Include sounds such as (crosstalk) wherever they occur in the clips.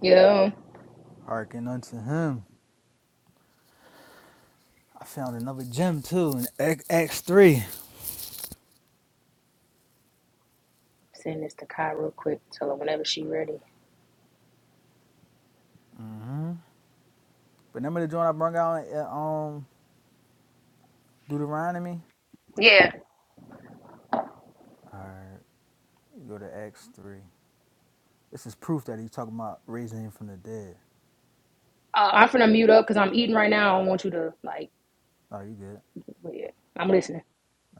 Yeah. Hearken unto him. I found another gem too in Acts 3 Send this to Kai real quick. Tell her whenever she ready. Mm-hmm. But remember the joint I brought out in um, Deuteronomy? Yeah. Alright, go to Acts 3 This is proof that he's talking about raising him from the dead. Uh, I'm finna mute up because I'm eating right now. I don't want you to, like, Oh, you good. yeah, I'm listening.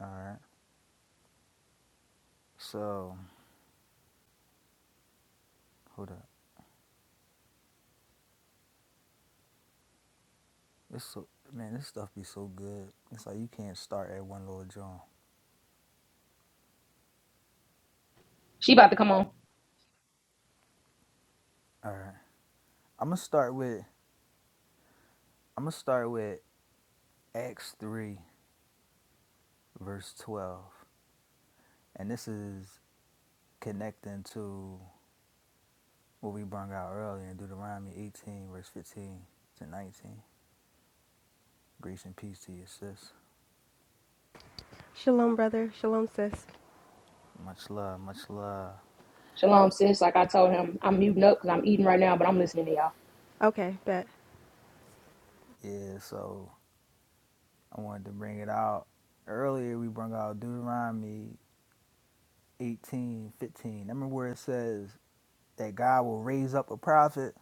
Alright. So, hold up. This so man, this stuff be so good. It's like you can't start at one little joint. She about to come on. Alright. I'm gonna start with I'm gonna start with Acts 3 verse 12. And this is connecting to what we brought out earlier in Deuteronomy 18, verse 15 to 19. Grace and peace to your sis. Shalom, brother. Shalom, sis. Much love, much love. Shalom, sis. Like I told him, I'm muting up because I'm eating right now, but I'm listening to y'all. Okay, bet. Yeah, so I wanted to bring it out. Earlier, we brought out Deuteronomy 18, 15. Remember where it says that God will raise up a prophet,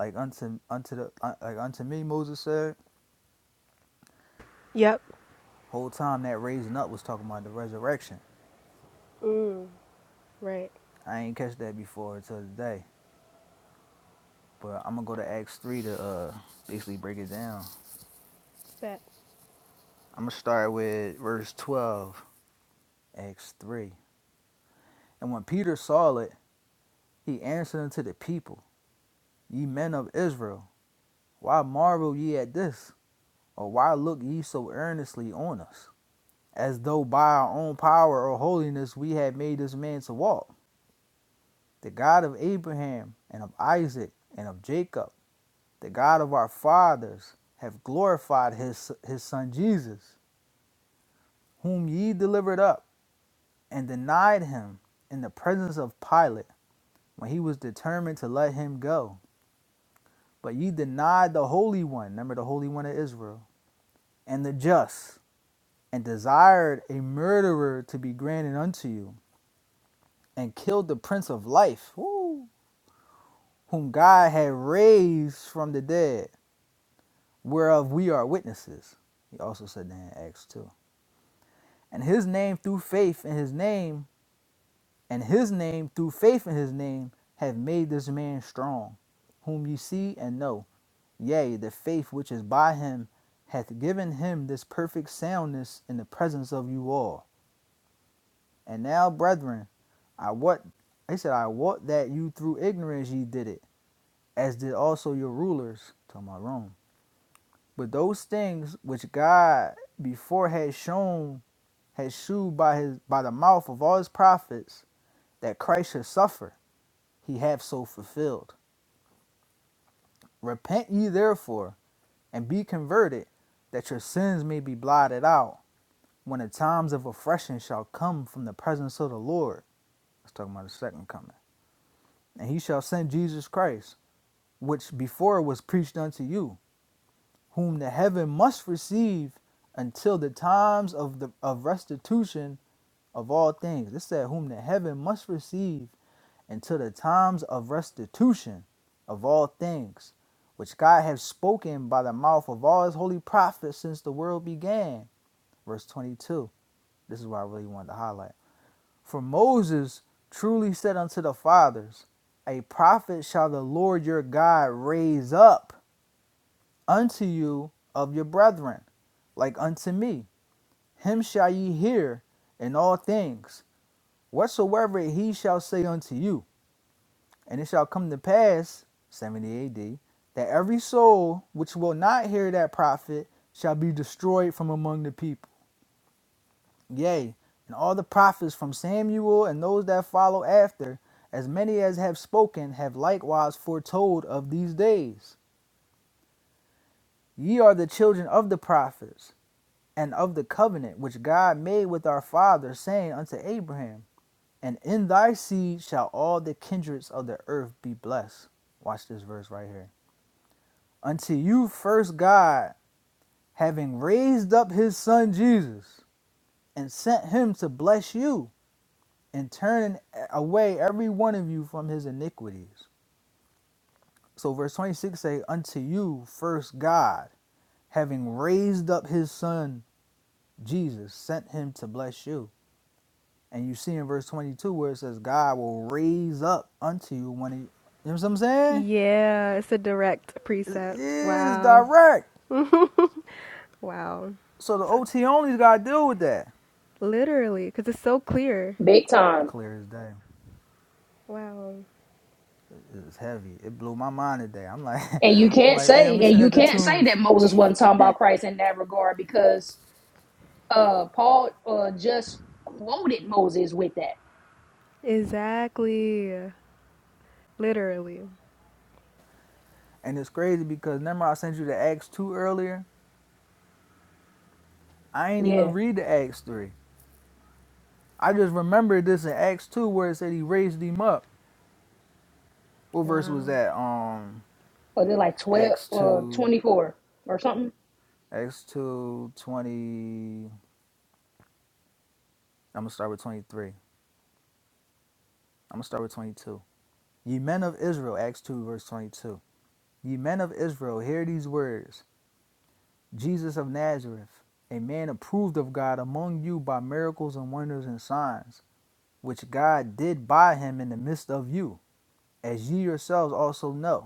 like unto unto the uh, like unto me, Moses said. Yep. Whole time that raising up was talking about the resurrection. Mm, right. I ain't catch that before until today. But I'm gonna go to Acts three to uh basically break it down. Bet. I'm going to start with verse 12, Acts 3. And when Peter saw it, he answered unto the people, Ye men of Israel, why marvel ye at this? Or why look ye so earnestly on us? As though by our own power or holiness we had made this man to walk. The God of Abraham, and of Isaac, and of Jacob, the God of our fathers, have glorified his, his son Jesus, whom ye delivered up and denied him in the presence of Pilate when he was determined to let him go. But ye denied the Holy One, remember the Holy One of Israel, and the just, and desired a murderer to be granted unto you, and killed the Prince of Life, woo, whom God had raised from the dead, whereof we are witnesses. He also said that in Acts 2. And his name through faith in his name, and his name through faith in his name, have made this man strong, whom ye see and know Yea, the faith which is by him hath given him this perfect soundness in the presence of you all. And now, brethren, I what he said, I wot that you through ignorance ye did it, as did also your rulers, talking about Rome. But those things which God before had shown, had shewed by his by the mouth of all his prophets, that Christ should suffer, he hath so fulfilled. Repent ye therefore, and be converted, that your sins may be blotted out when the times of refreshing shall come from the presence of the Lord. That's talking about the second coming. And he shall send Jesus Christ, which before was preached unto you, whom the heaven must receive until the times of the of restitution of all things. This said, whom the heaven must receive until the times of restitution of all things, which God hath spoken by the mouth of all his holy prophets since the world began. Verse 22. This is what I really wanted to highlight. For Moses truly said unto the fathers, A prophet shall the Lord your God raise up unto you of your brethren, like unto me. Him shall ye hear in all things, whatsoever he shall say unto you. And it shall come to pass, 70 AD, that every soul which will not hear that prophet shall be destroyed from among the people. Yea, and all the prophets from Samuel and those that follow after, as many as have spoken, have likewise foretold of these days. Ye are the children of the prophets, and of the covenant which God made with our father, saying unto Abraham, And in thy seed shall all the kindreds of the earth be blessed. Watch this verse right here. Unto you first God, having raised up his son Jesus, and sent him to bless you and turning away every one of you from his iniquities. So verse 26 say, Unto you first God, having raised up his son Jesus, sent him to bless you. And you see in verse 22 where it says, God will raise up unto you when he, you know what I'm saying? Yeah, it's a direct It precept. is Wow. direct. Wow. So the So, OT only's got to deal with that. literally, because it's so clear. Big time. Clear as day. Wow. It was heavy. It blew my mind today. I'm like, (laughs) And you I'm can't like, damn, let say, me and send you it to can't say that Tunes. Moses wasn't talking about Christ in that regard because uh Paul uh just quoted Moses with that. Exactly. Literally. And it's crazy because remember I sent you the Acts 2 earlier? I ain't Yeah. even read the Acts three. I just remembered this in Acts two where it said he raised him up. What verse Wow. was that? Um, or they're like 12 Acts uh two, 24 or something? Acts two twenty. I'm gonna start with twenty three. I'm gonna start with twenty two. Ye men of Israel, Acts two verse twenty two. Ye men of Israel, hear these words: Jesus of Nazareth, a man approved of God among you by miracles and wonders and signs, which God did by him in the midst of you, as ye yourselves also know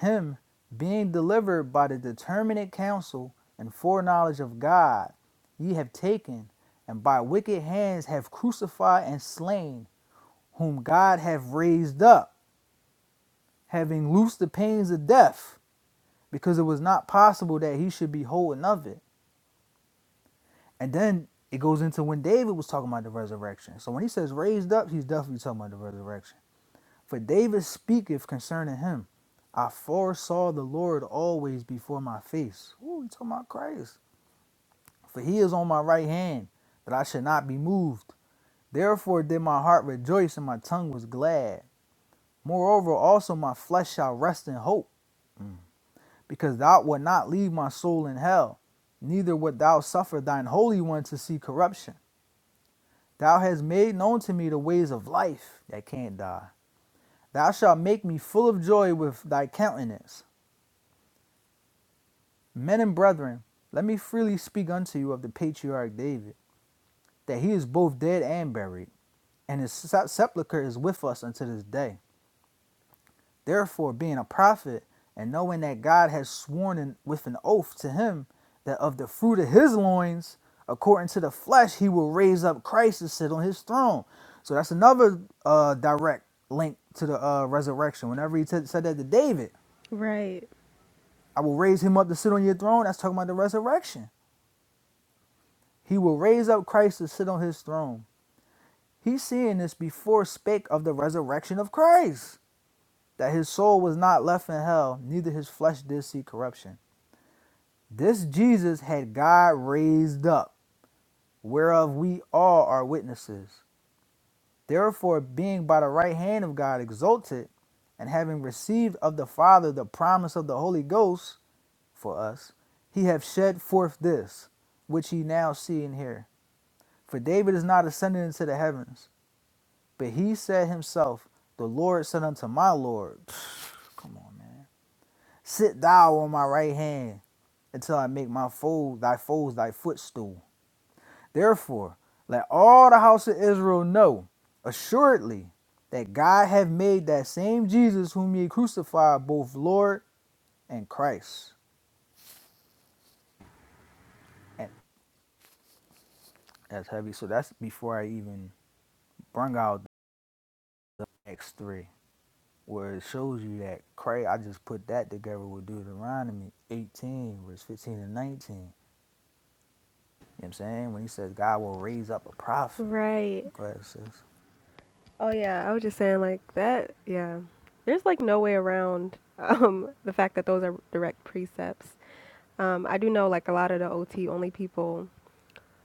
him being delivered by the determinate counsel and foreknowledge of God, ye have taken, and by wicked hands have crucified and slain, whom God hath raised up, having loosed the pains of death, because it was not possible that he should be holding of it. And then it goes into when David was talking about the resurrection. So when he says raised up, he's definitely talking about the resurrection. For David speaketh concerning him. I foresaw the Lord always before my face. Ooh, he talking about Christ. For he is on my right hand, that I should not be moved. Therefore did my heart rejoice, and my tongue was glad. Moreover, also my flesh shall rest in hope, because thou wilt not leave my soul in hell, neither wilt thou suffer thine holy one to see corruption. Thou hast made known to me the ways of life that can't die. Thou shalt make me full of joy with thy countenance. Men and brethren, let me freely speak unto you of the patriarch David, that he is both dead and buried, and his sepulchre is with us unto this day. Therefore, being a prophet, and knowing that God has sworn in, with an oath to him that of the fruit of his loins, according to the flesh, he will raise up Christ to sit on his throne. So that's another uh, direct link to the uh, resurrection. Whenever he said that to David, Right. I will raise him up to sit on your throne, that's talking about the resurrection. He will raise up Christ to sit on his throne. He's seeing this before spake of the resurrection of Christ, that his soul was not left in hell, neither his flesh did see corruption. This Jesus had God raised up, whereof we all are witnesses. Therefore, being by the right hand of God exalted, and having received of the Father the promise of the Holy Ghost for us, he hath shed forth this, which ye now see and hear. For David is not ascended into the heavens But he said himself, The Lord said unto my Lord, (sighs) Come on, man. Sit thou on my right hand until I make my foes, thy foes thy footstool. Therefore, let all the house of Israel know, assuredly, that God hath made that same Jesus whom ye crucified both Lord and Christ. And that's heavy. So that's before I even bring out the next 3 where it shows you that Christ, I just put that together with Deuteronomy 18, verse 15 and 19 You know what I'm saying? When he says God will raise up a prophet, Right. go ahead, sis. Oh, yeah. I was just saying, like, that, yeah. There's, like, no way around (laughs) um, the fact that those are direct precepts. Um, I do know, like, a lot of the OT only people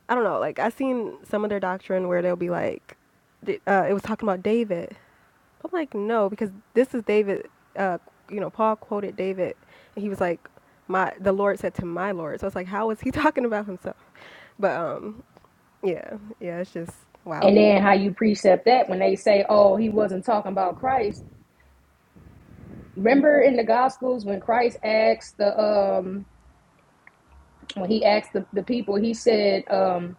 I don't know. Like I seen some of their doctrine where they'll be like, uh, it was talking about David. I'm like, no, because this is David. Uh, you know, Paul quoted David, and he was like, my the Lord said to my Lord. So it's like, how is he (laughs) talking about himself? But um, yeah, yeah, it's just wow. And then how you precept that when they say, "Oh, he wasn't talking about Christ." Remember in the Gospels when Christ asked the um when he asked the, the people, he said, um,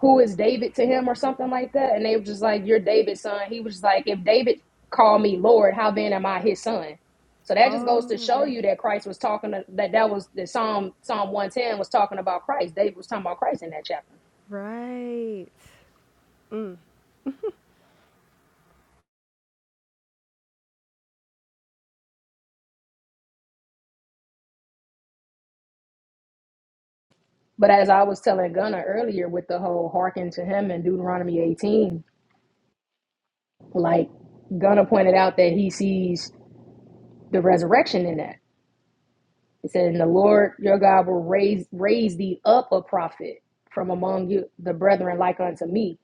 "Who is David to him?" or something like that, and they were just like, "You're David's son." He was just like, "If David called me Lord, how then am I his son?" So that just goes to Oh show you right, that Christ was talking to, that that was the Psalm Psalm one ten was talking about Christ. David was talking about Christ in that chapter. right. Mm. But as I was telling Gunnar earlier with the whole hearken to him in Deuteronomy 18, Like Gunnar pointed out that he sees the resurrection in that. It said, "And the Lord your God will raise raise thee up a prophet from among you, the brethren, like unto me."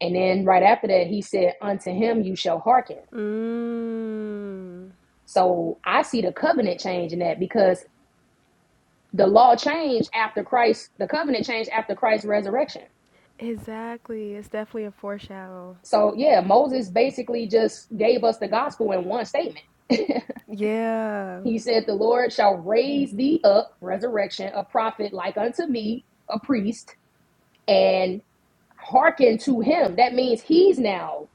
And then right after that, he said, "Unto him you shall hearken." Mm. So I see the covenant change in that because the law changed after Christ. The covenant changed after Christ's resurrection. Exactly. It's definitely a foreshadow. So yeah, Moses basically just gave us the gospel in one statement. (laughs) Yeah. He said, The Lord shall raise thee up, resurrection, a prophet like unto me, a priest, and hearken to him. That means he's now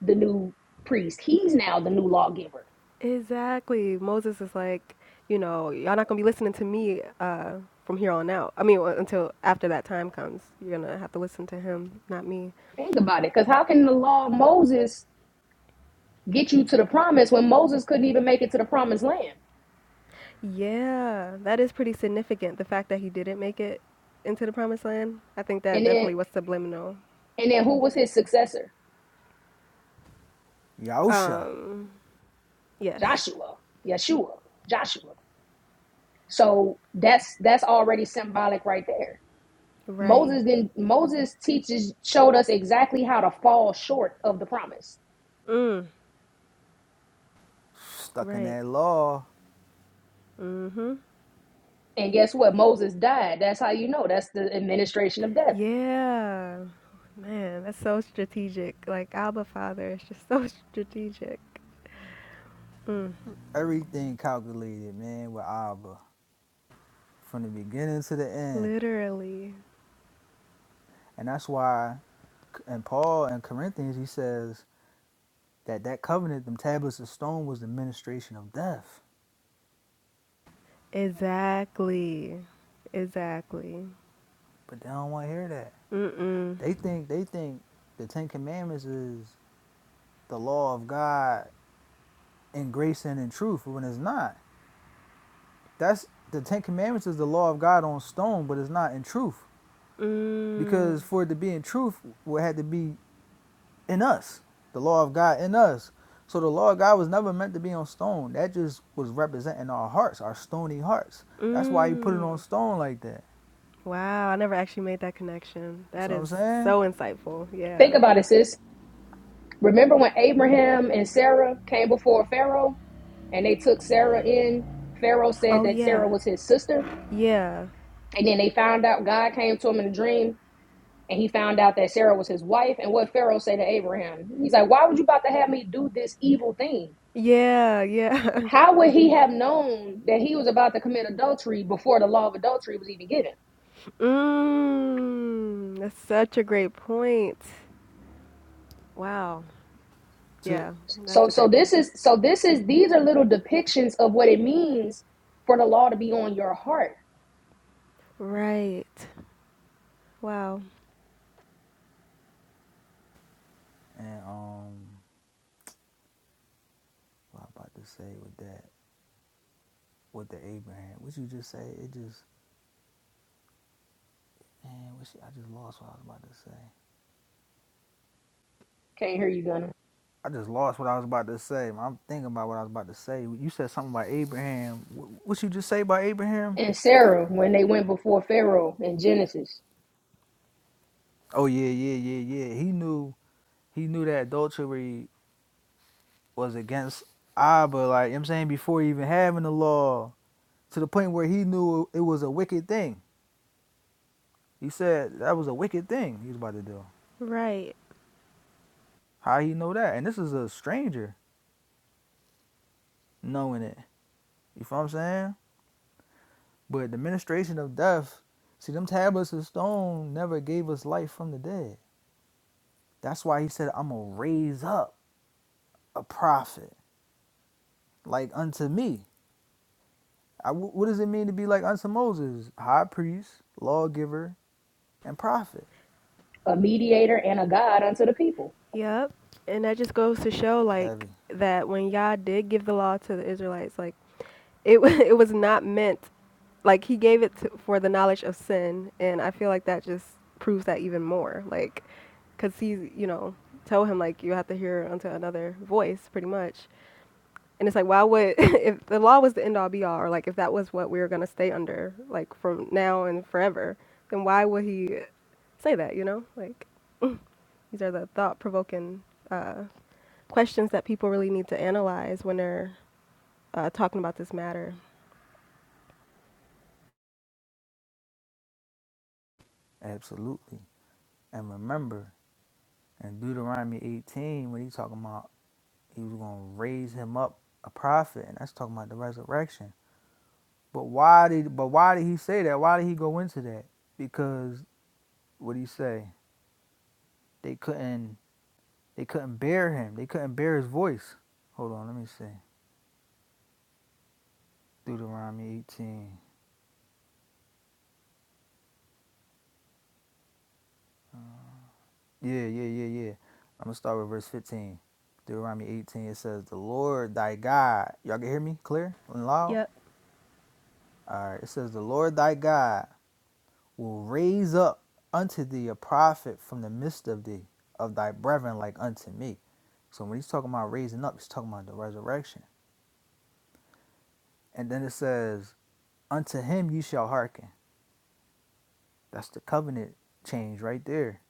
the new priest. He's now the new lawgiver. Exactly. Moses is like, you know, y'all not gonna be listening to me uh, from here on out. I mean, well, until after that time comes, you're gonna have to listen to him, not me. Think about it. Because how can the law of Moses get you to the promise when Moses couldn't even make it to the promised land? Yeah, that is pretty significant. The fact that he didn't make it into the promised land, I think And that then definitely was subliminal. and then who was his successor? Yahusha, Um, yes. Joshua. Yeshua. Joshua. So that's that's already symbolic right there Right. Moses then Moses teaches showed us exactly how to fall short of the promise. Mm. stuck in Right. that law. Mhm. And guess what? Moses died. That's how you know. That's the administration of death. Yeah. Man, that's so strategic. Like Abba Father is just so (laughs) strategic. Mm. Everything calculated, man, with Abba from the beginning to the end. Literally. And that's why in Paul and Corinthians, he says that that covenant, them tablets of stone, was the ministration of death. Exactly. Exactly. But they don't want to hear that. Mm-mm. They think they think the Ten Commandments is the law of God in grace and in truth, when it's not. That's the Ten Commandments is the law of God on stone, but it's not in truth. Mm. because for it to be in truth, it had to be in us, the law of God in us. So the law of God was never meant to be on stone. That just was representing our hearts, our stony hearts. That's why he put it Mm. on stone like that. Wow, I never actually made that connection. You see That what I'm is saying? so insightful. Yeah. Think about it, sis. Remember when Abraham and Sarah came before Pharaoh and they took Sarah in? Pharaoh said Oh that yeah. Sarah was his sister, Yeah. and then they found out God came to him in a dream and he found out that Sarah was his wife. And what Y- Pharaoh said to Abraham, he's like, Why would you about to have me do this evil thing? Yeah, yeah. (laughs) How would he have known that he was about to commit adultery before the law of adultery was even given? Mmm. That's such a great point. Wow. To Yeah, So that's a so great this point. is so this is these are little depictions of what it means for the law to be on your heart. Right. Wow. and um, what I am about to say with that, with the Abraham, what you just say, it just man, what shit, I just lost what I was about to say. Can't hear you, Gunna. I just lost what I was about to say. I'm thinking about what I was about to say. You said something about Abraham. Wh- What you just say about Abraham? And Sarah, when they went before Pharaoh in Genesis, Oh yeah, yeah, yeah, yeah. He knew he knew that adultery was against Abba, like you know what I'm saying, before even having the law, to the point where he knew it was a wicked thing. He said that was a wicked thing he was about to do. Right. How he know that? And this is a stranger knowing it. You feel what I'm saying? But the ministration of death, see them tablets of stone never gave us life from the dead. That's why he said, I'm gonna raise up a prophet, like unto me. I, what does it mean to be like unto Moses? High priest, lawgiver, and prophet. a mediator and a God unto the people. Yep. And that just goes to show like Heavy. that when Yah did give the law to the Israelites, like it wa- (laughs) it was not meant like he gave it to, for the knowledge of sin and i feel like that just proves that even more like because he's you know told him like you have to hear unto another voice pretty much and it's like why would (laughs) if the law was the end all be all or like if that was what we were going to stay under like from now and forever then why would he say that you know like these are the thought provoking uh, questions that people really need to analyze when they're uh, talking about this matter Absolutely. And remember, in Deuteronomy 18, when he's talking about he was going to raise him up a prophet, and that's talking about the resurrection. But why did but why did he say that? Why did he go into that? Because what did he say? They couldn't they couldn't bear him. They couldn't bear his voice. Hold on, let me see. Deuteronomy 18. Yeah, yeah, yeah, yeah. I'm gonna start with verse 15. Deuteronomy 18. It says, "The Lord thy God." Y'all can hear me clear and loud. Yep, All right. It says, "The Lord thy God will raise up unto thee a prophet from the midst of thee, of thy brethren, like unto me." So when he's talking about raising up, he's talking about the resurrection. And then it says, "Unto him you shall hearken." That's the covenant change right there.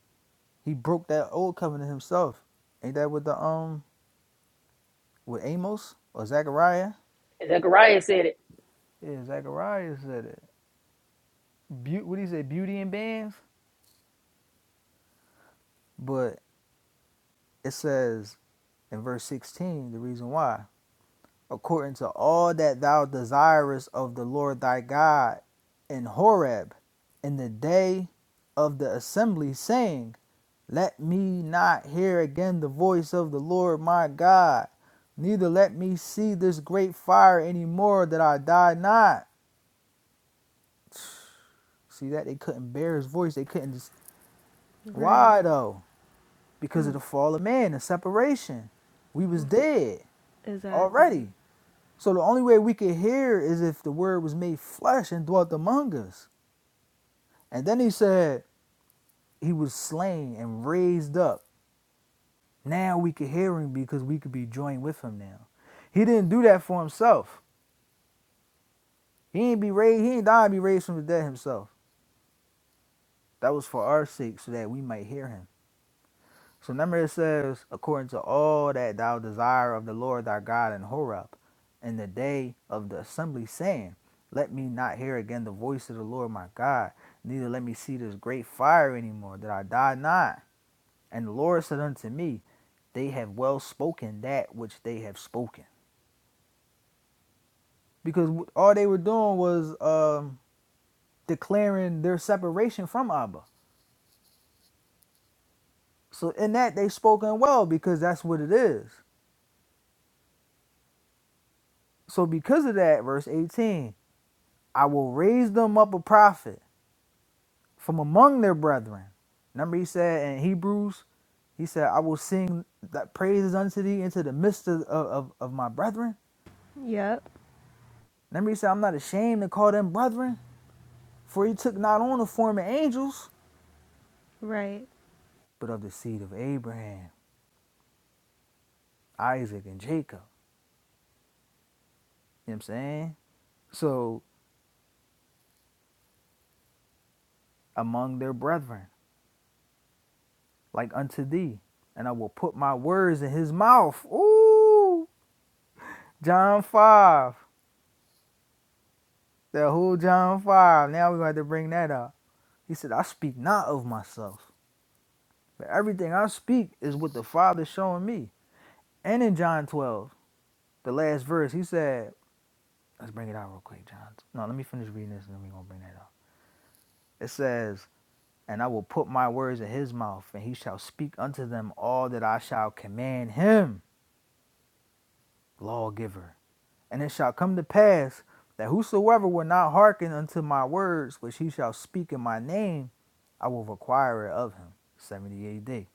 He broke that old covenant himself. Ain't that with the um with Amos or Zechariah? Zechariah said it. Yeah, Zechariah said it. Be- what do you say? Beauty and bands? But it says in verse 16, the reason why. According to all that thou desirest of the Lord thy God in Horeb, in the day of the assembly, saying, Let me not hear again the voice of the Lord my God, neither let me see this great fire any more, that I die not. See that? They couldn't bear his voice. They couldn't. right. Why though? because of the fall of man the separation. We was dead Exactly. already. So the only way we could hear is if the word was made flesh and dwelt among us. And then he said he was slain and raised up. Now we could hear him because we could be joined with him now. He didn't do that for himself. He ain't be raised, he ain't die and be raised from the dead himself. That was for our sake so that we might hear him. So remember it says, according to all that thou desire of the Lord thy God in Horeb, in the day of the assembly, saying, Let me not hear again the voice of the Lord my God, neither let me see this great fire anymore, that I die not. And the Lord said unto me, They have well spoken that which they have spoken. Because all they were doing was um, declaring their separation from Abba. So in that they spoken well because that's what it is. So because of that, verse 18. I will raise them up a prophet from among their brethren. Remember, he said in Hebrews, he said, I will sing that praises unto thee into the midst of, of, of my brethren. Yep. Remember, he said, I'm not ashamed to call them brethren, for he took not on the form of angels, Right. but of the seed of Abraham, Isaac, and Jacob. You know what I'm saying? So, among their brethren, like unto thee, and I will put my words in his mouth. Ooh, John 5. The whole John 5. Now we're going to have to bring that up. He said, I speak not of myself, but everything I speak is what the Father's showing me. And in John 12, the last verse, he said, Let's bring it out real quick, John. No, let me finish reading this and then we're going to bring that up. It says, And I will put my words in his mouth, and he shall speak unto them all that I shall command him, lawgiver. And it shall come to pass that whosoever will not hearken unto my words, which he shall speak in my name, I will require it of him. 70 AD. You know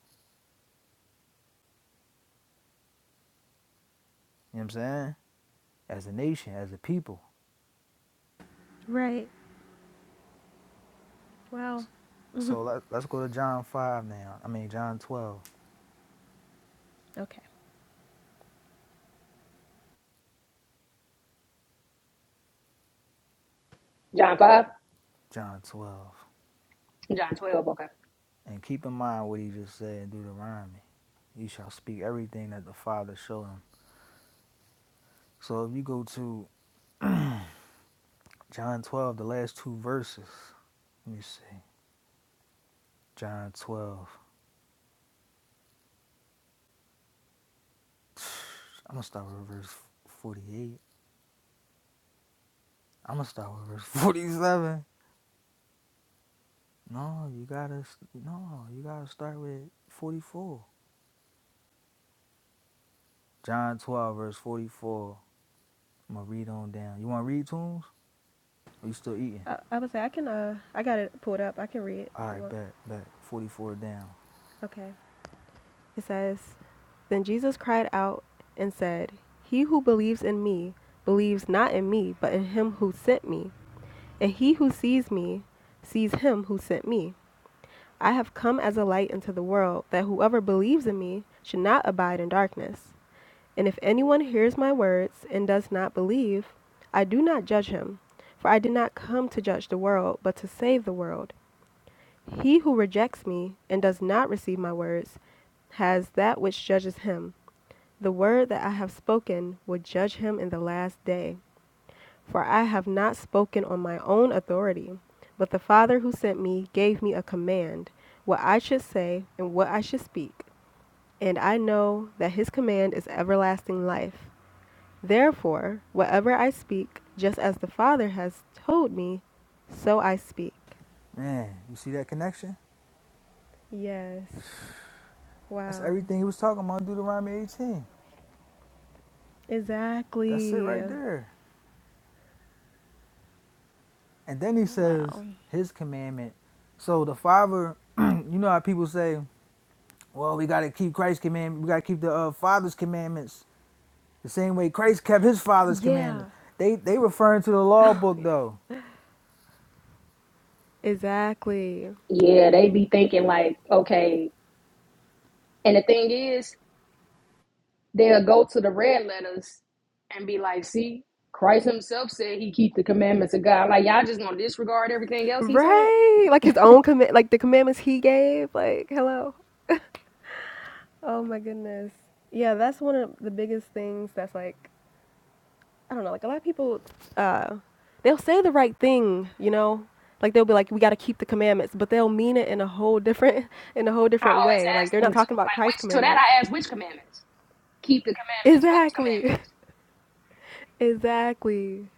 what I'm saying? As a nation, as a people. Right. Wow. So let, let's go to John 5 now. I mean, John 12. Okay. John 5, John 12. John 12, okay. And keep in mind what he just said in Deuteronomy. You shall speak everything that the Father showed him. So if you go to John 12, the last two verses, let me see. John 12. (sighs) I'm going to start with verse 48. I'm going to start with verse (laughs) 47. No, you got to, no, you got to start with 44. John 12, verse 44. I'm going to read on down. You want to read to 'em? Or you still eating? I, I would say I can. Uh, I got it pulled up. I can read it if All you right, want. bet, bet. 44 down. Okay. It says, "Then Jesus cried out and said, 'He who believes in me believes not in me, but in him who sent me. And he who sees me sees him who sent me. I have come as a light into the world, that whoever believes in me should not abide in darkness." And if anyone hears my words and does not believe, I do not judge him, for I did not come to judge the world, but to save the world. He who rejects me and does not receive my words has that which judges him. The word that I have spoken will judge him in the last day. For I have not spoken on my own authority, but the Father who sent me gave me a command, what I should say and what I should speak. And I know that his command is everlasting life. Therefore, whatever I speak, just as the Father has told me, so I speak. Man, you see that connection? Yes. That's Wow. everything he was talking about in Deuteronomy 18. That's it Exactly. right there. And then he says Wow. his commandment. So the father, (clears throat) you know how people say, well, we got to keep Christ's commandment. We got to keep the uh, father's commandments the same way Christ kept his father's Yeah. (laughs) commandments. They they referring to the law Oh, book yeah. though. Exactly. Yeah, they be thinking like, okay. And the thing is, they'll go to the red letters and be like, see, Christ himself said he keep the commandments of God. Like, y'all just gonna disregard everything else he said? Right. Like his own commit like the commandments he gave. Like, hello. Oh my goodness. Yeah, that's one of the biggest things that's like I don't know, like a lot of people, uh, they'll say the right thing, you know, like they'll be like, we got to keep the commandments, but they'll mean it in a whole different, (laughs) in a whole I different always way. Like ask they're them, to, like, not talking about Christ's which, to that commandments. I ask, which commandments? Keep the commandments. Whose Exactly, commandments? (laughs) exactly.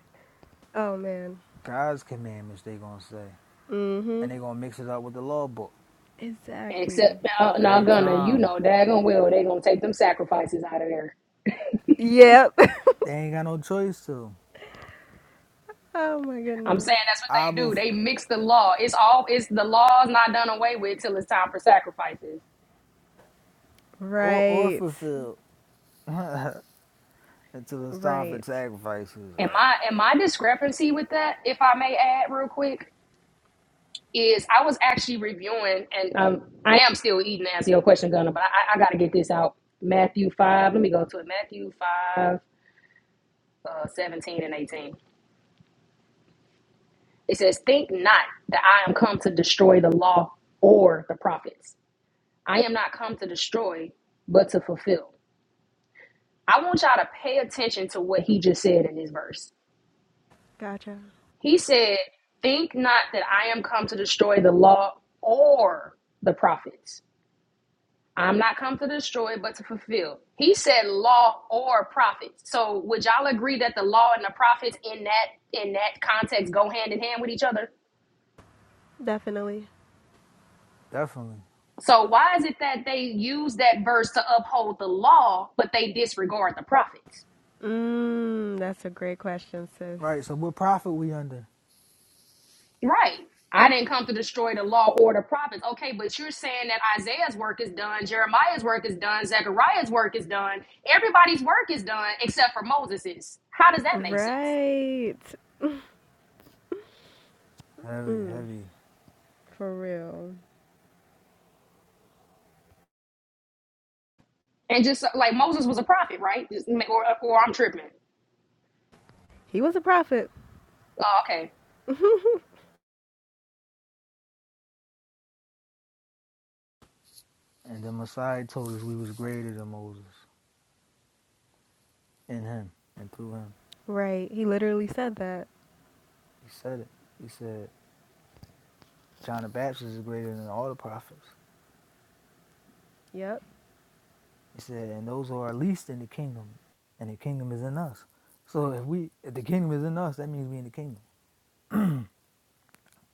Oh man. God's commandments they gonna say, Mm-hmm. and they gonna mix it up with the law book Exactly. Except, now, now every gonna, you time. know, daggone well, they gonna take them sacrifices out of there. Yep. (laughs) They ain't got no choice to. Oh my I'm goodness. saying that's what they Abba do. They mix the law. It's all, it's the law's not done away with till it's time for sacrifices. or or Right. fulfill. until it's time for Right. sacrifices. Am Like I, am I discrepancy with that, if I may add real quick? is I was actually reviewing, and um, I am still eating to answer your question, Gunner, but I, I got to get this out. Matthew 5, let me go to it. Matthew 5, uh, 17 and 18. It says, Think not that I am come to destroy the law or the prophets. I am not come to destroy, but to fulfill. I want y'all to pay attention to what he just said in this verse. Gotcha. He said, Think not that I am come to destroy the law or the prophets. I'm not come to destroy, but to fulfill. He said law or prophets. So would y'all agree that the law and the prophets in that in that context go hand in hand with each other? Definitely. definitely So why is it that they use that verse to uphold the law, but they disregard the prophets? Mm, that's a great question, sis. Right. So what prophet we under? Right. I didn't come to destroy the law or the prophets. Okay, but you're saying that Isaiah's work is done, Jeremiah's work is done, Zechariah's work is done, everybody's work is done except for Moses's. How does that make sense? Right. heavy, heavy. For real. And just uh, like Moses was a prophet, right? Just Or, or I'm tripping. He was a prophet. Oh, okay. (laughs) And then Messiah told us we was greater than Moses in Him and through Him. Right. He literally said that. He said it. He said John the Baptist is greater than all the prophets. Yep, He said, and those who are least in the kingdom, and the kingdom is in us. So if we, if the kingdom is in us, that means we in the kingdom.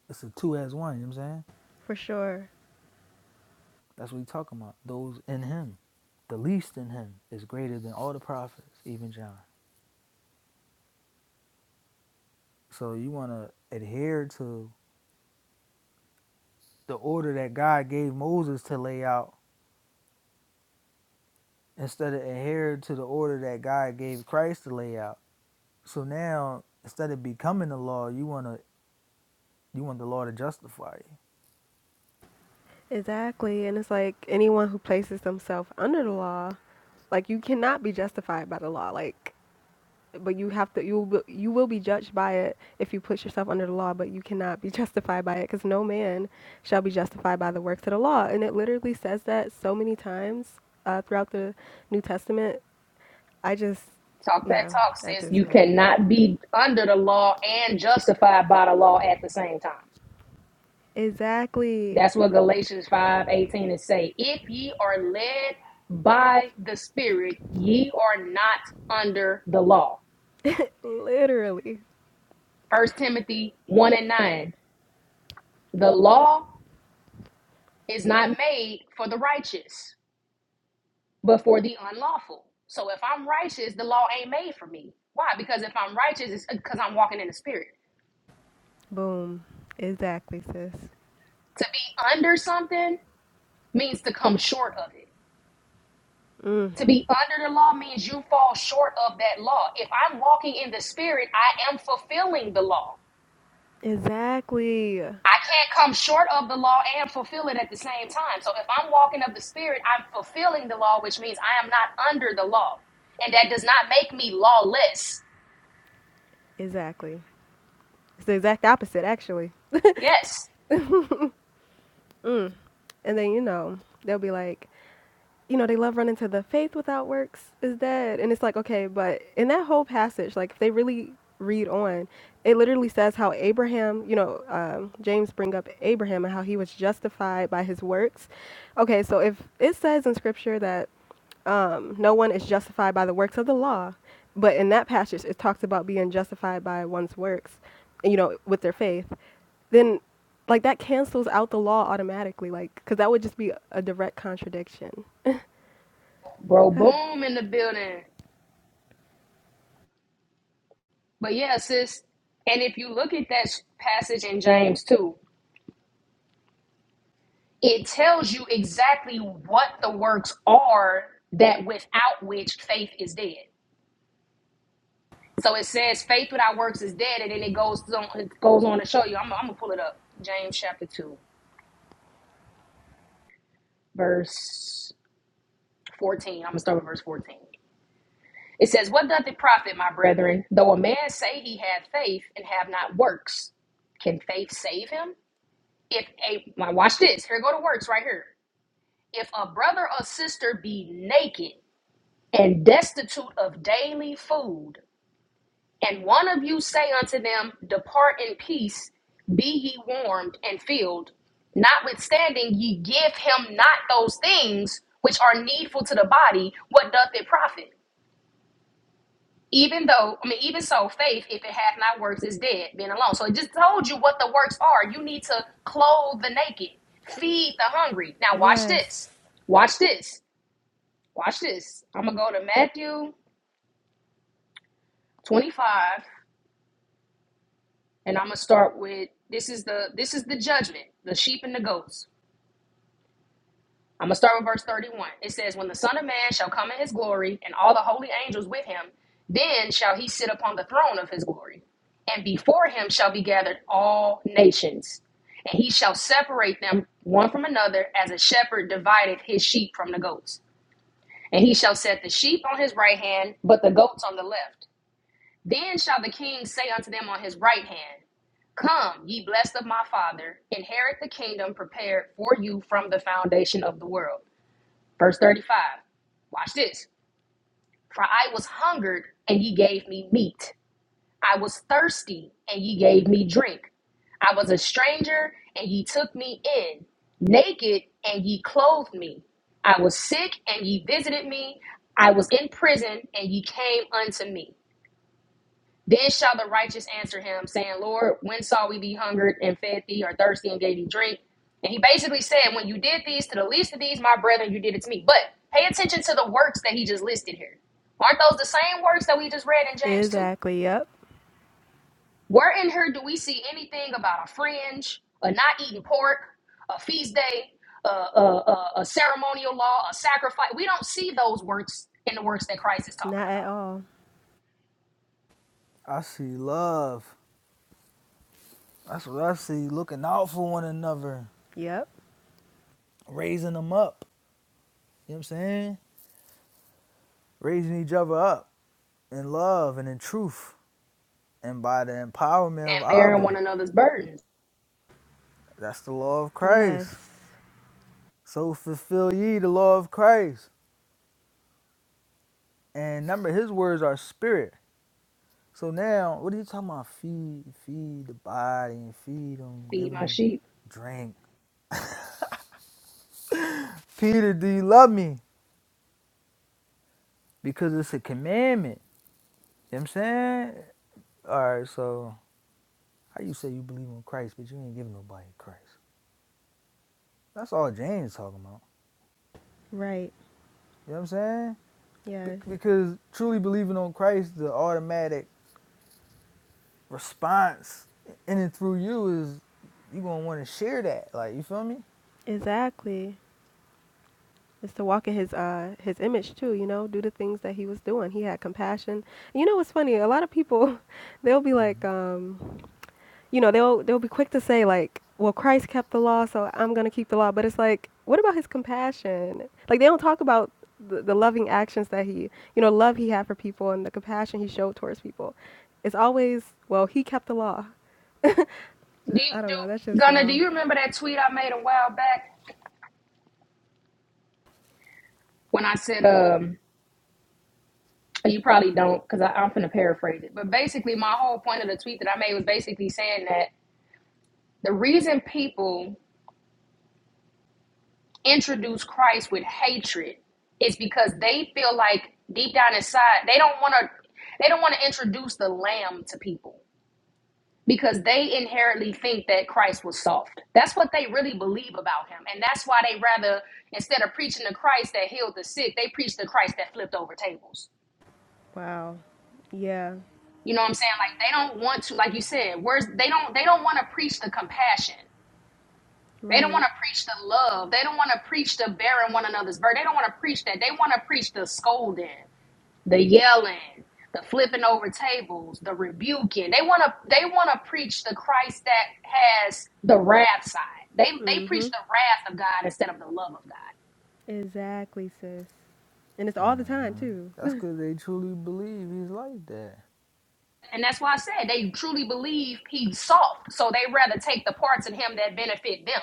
It's a two as one. You know what I'm saying? for sure. That's what we talking about. Those in Him, the least in Him, is greater than all the prophets, even John. So you want to adhere to the order that God gave Moses to lay out instead of adhere to the order that God gave Christ to lay out. So now instead of becoming the law, you want to you want the law to justify you. Exactly. And it's like anyone who places themselves under the law, like you cannot be justified by the law. Like, but you have to. You will, you will be judged by it if you put yourself under the law. But you cannot be (laughs) justified by it because no man shall be justified by the works of the law. And it literally says that so many times uh, throughout the New Testament. I just, Talk that yeah, talk, I sis. just You man. cannot be under the law and justified by the law at the same time. Exactly. That's what Galatians five eighteen is saying. If ye are led by the Spirit, ye are not under the law. (laughs) literally. First Timothy 1 and 9. The law is not made for the righteous, but for the unlawful. So if I'm righteous, the law ain't made for me. Why? Because if I'm righteous, it's because I'm walking in the spirit. Boom. Exactly, sis. To be under something means to come short of it. Mm. To be under the law means you fall short of that law. If I'm walking in the spirit, I am fulfilling the law. Exactly. I can't come short of the law and fulfill it at the same time. So if I'm walking of the spirit, I'm fulfilling the law, which means I am not under the law. And that does not make me lawless. Exactly. It's the exact opposite, actually. Yes. Mm. And then, you know, they'll be like, you know, they love running to the faith without works is dead. And it's like, okay, but in that whole passage, like if they really read on, it literally says how Abraham, you know, um, James bring up Abraham and how he was justified by his works. Okay, so if it says in scripture that um, no one is justified by the works of the law, but in that passage it talks about being justified by one's works, you know, with their faith, then like that cancels out the law automatically, like, because that would just be a direct contradiction. Bro, (sighs) boom in the building. But yeah, sis, and if you look at that passage in James 2, it tells you exactly what the works are that without which faith is dead. So it says faith without works is dead, and then it goes on, it goes on to show you. I'm, I'm gonna pull it up. James chapter 2, verse 14. I'm gonna start with verse 14. It says, What doth it profit, my brethren, though a man say he hath faith and have not works? Can faith save him? If a, now watch this, here go the works right here If a brother or sister be naked and destitute of daily food, and one of you say unto them, Depart in peace, be ye warmed and filled, notwithstanding ye give him not those things which are needful to the body, what doth it profit? Even though, I mean, even so, faith, if it hath not works, is dead, being alone. So it just told you what the works are. You need to clothe the naked, feed the hungry. Now, watch yes. this. Watch this Watch this. I'm gonna go to Matthew 25, and I'm gonna start with this is the this is the judgment, the sheep and the goats. I'm gonna start with verse 31. It says, "When the Son of Man shall come in his glory, and all the holy angels with him, then shall he sit upon the throne of his glory, and before him shall be gathered all nations, and he shall separate them one from another, as a shepherd divideth his sheep from the goats." And he shall set the sheep on his right hand, but the goats on the left. Then shall the king say unto them on his right hand, Come, ye blessed of my father, inherit the kingdom prepared for you from the foundation of the world. Verse 35. Watch this. For I was hungered, and ye gave me meat. I was thirsty, and ye gave me drink. I was a stranger, and ye took me in. Naked, and ye clothed me. I was sick, and ye visited me. I was in prison, and ye came unto me. Then shall the righteous answer him, saying, Lord, when saw we thee hungered and fed thee, or thirsty and gave thee drink? And he basically said, When you did these to the least of these, my brethren, you did it to me. But pay attention to the works that he just listed here. Aren't those the same works that we just read in James 2? Exactly. Yep. Where in here do we see anything about a fringe, a not eating pork, a feast day, a, a, a, a ceremonial law, a sacrifice? We don't see those works in the works that Christ is talking Not at about. all. I see love. That's what I see. Looking out for one another, Yep. raising them up. You know what I'm saying? Raising each other up in love and in truth and by the empowerment of And bearing one Abba. another's burdens, That's the law of Yes. Christ. So fulfill ye the law of Christ. And number his words are spirit. So now, what are you talking about? Feed, feed the body, and feed them, give feed my them sheep. drink. Peter, do you love me? Because it's a commandment. You know what I'm saying? All right, so how you say you believe in Christ, but you ain't giving nobody Christ? That's all James talking about. Right. You know what I'm saying? Yes. Be- because truly believing on Christ, the automatic response in and through you is you gonna want to share that. Like you feel me? Exactly. It's to walk in his uh his image too, you know, do the things that he was doing. He had compassion. You know what's funny? A lot of people (laughs) they'll be like, um, you know, they'll they'll be quick to say like, well, Christ kept the law, so I'm going to keep the law. But it's like, what about his compassion? Like they don't talk about the, the loving actions that he, you know, love he had for people and the compassion he showed towards people. It's always, well, he kept the law. (laughs) I Do, don't know. That's do, just Gunna, do wow. you remember that tweet I made a while back when I said, um, you probably don't, because I'm gonna paraphrase it. But basically, my whole point of the tweet that I made was basically saying that the reason people introduce Christ with hatred is because they feel like deep down inside they don't want to, they don't want to introduce the Lamb to people. because they inherently think that Christ was soft. That's what they really believe about him. And that's why they rather, instead of preaching the Christ that healed the sick, they preach the Christ that flipped over tables. Wow. Yeah. You know what I'm saying? Like they don't want to, like you said, where's they don't they don't want to preach the compassion. They don't want Right. to preach the love. They don't want to preach the bearing one another's burden. They don't want to preach that. They want to preach the scolding. the yelling, the flipping over tables, the rebuking. They want to they want to preach the Christ that has the wrath side. They they mm preach Mhm. the wrath of God instead of the love of God. Exactly, sis. And it's all the time hmm too. That's because they truly believe he's like that. And that's why I said they truly believe he's soft, so they rather take the parts in him that benefit them.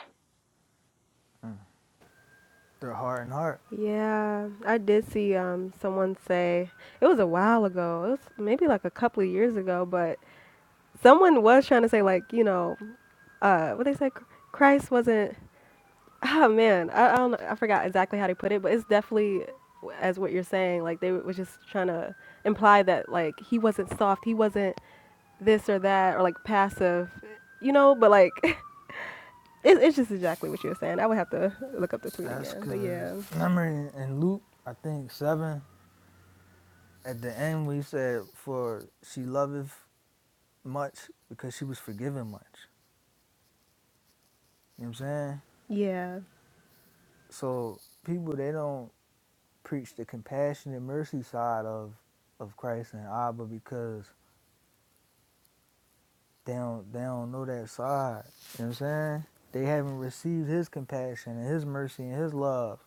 Their heart and heart. Yeah, I did see um someone say it was a while ago. It was maybe like a couple of years ago, but someone was trying to say like you know uh what they said christ wasn't (laughs) oh man i, I don't know, i forgot exactly how they put it but it's definitely as what you're saying like they was just trying to imply that like he wasn't soft he wasn't this or that or like passive you know but like (laughs) it, it's just exactly what you were saying i would have to look up the tweet That's again because, but yeah remember in, in Luke, I think 7, at the end we said, for she loveth much because she was forgiven much. You know what I'm saying? yeah So people, they don't preach the compassionate mercy side of of Christ and Abba because they don't they don't know that side. You know what I'm saying? They haven't received his compassion and his mercy and his love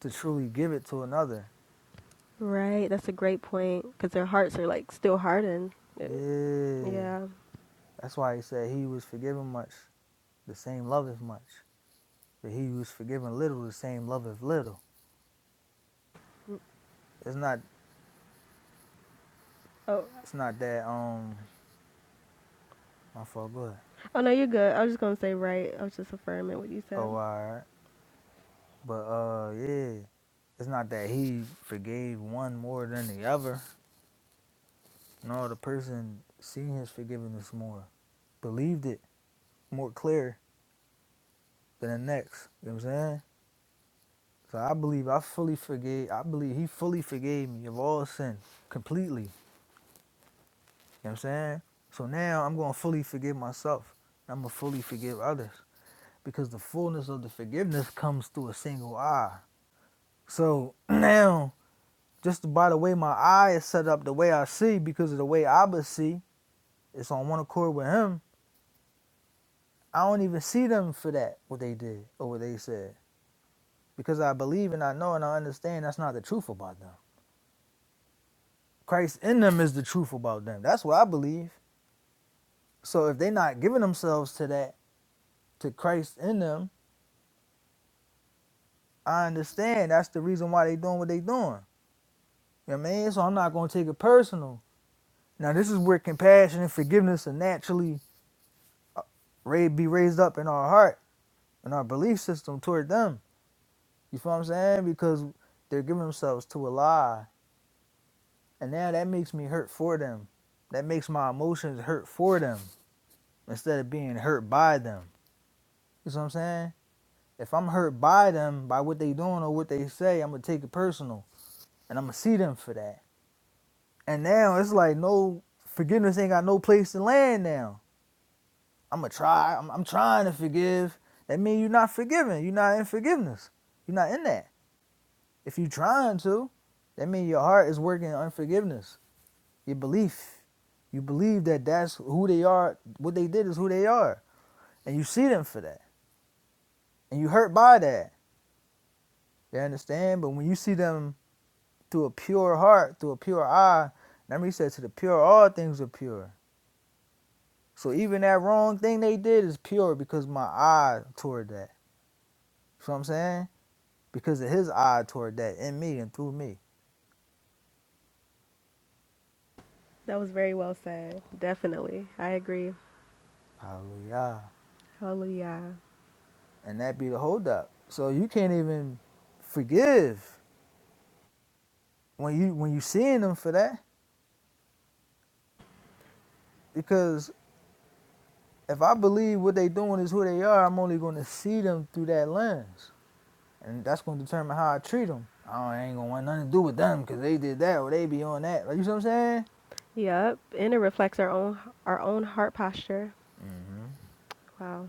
to truly give it to another. right that's a great point because their hearts are like still hardened Yeah. yeah That's why he said he was forgiven much, the same loveth much. But he was forgiven little, the same loveth little. It's not oh it's not that um my fault, go ahead. oh no you're good i was just gonna say right i was just affirming what you said Oh alright. But uh yeah. It's not that he forgave one more than the other. No, the person seeing his forgiveness more, believed it more clear than the next. You know what I'm saying? So I believe I fully forgave I believe he fully forgave me of all sin completely. You know what I'm saying? So now I'm going to fully forgive myself. I'm going to fully forgive others because the fullness of the forgiveness comes through a single eye. So (clears throat) now, just by the way my eye is set up, the way I see, because of the way I but see, it's on one accord with him. I don't even see them for that, what they did or what they said. Because I believe and I know and I understand that's not the truth about them. Christ in them is the truth about them. That's what I believe. So if they're not giving themselves to that, to Christ in them, I understand that's the reason why they doing what they doing. You know what I mean? So I'm not gonna take it personal. Now this is where compassion and forgiveness are naturally uh, ra- be raised up in our heart and our belief system toward them. You feel what I'm saying? Because they're giving themselves to a lie, and now that makes me hurt for them. That makes my emotions hurt for them instead of being hurt by them. You see what I'm saying? If I'm hurt by them by what they doing or what they say, I'm gonna take it personal, and I'm gonna see them for that. And now it's like no forgiveness ain't got no place to land now. I'ma try. I'm, I'm trying to forgive. That mean you're not forgiving. You're not in forgiveness. You're not in that. If you are trying to, that mean your heart is working on unforgiveness. Your belief. You believe that that's who they are. What they did is who they are, and you see them for that, and you hurt by that. You understand? But when you see them through a pure heart, through a pure eye, remember he said, "To the pure, all things are pure." So even that wrong thing they did is pure because my eye toward that. You know what I'm saying? Because of his eye toward that in me and through me. That was very well said. Definitely. I agree. Hallelujah. Hallelujah. And that be the hold up. So you can't even forgive when you when you seeing them for that. Because if I believe what they doing is who they are, I'm only gonna see them through that lens. And that's gonna determine how I treat them. I ain't gonna want nothing to do with them because they did that or they be on that. Like, you see what I'm saying? Yep. And it reflects our own our own heart posture. hmm Wow.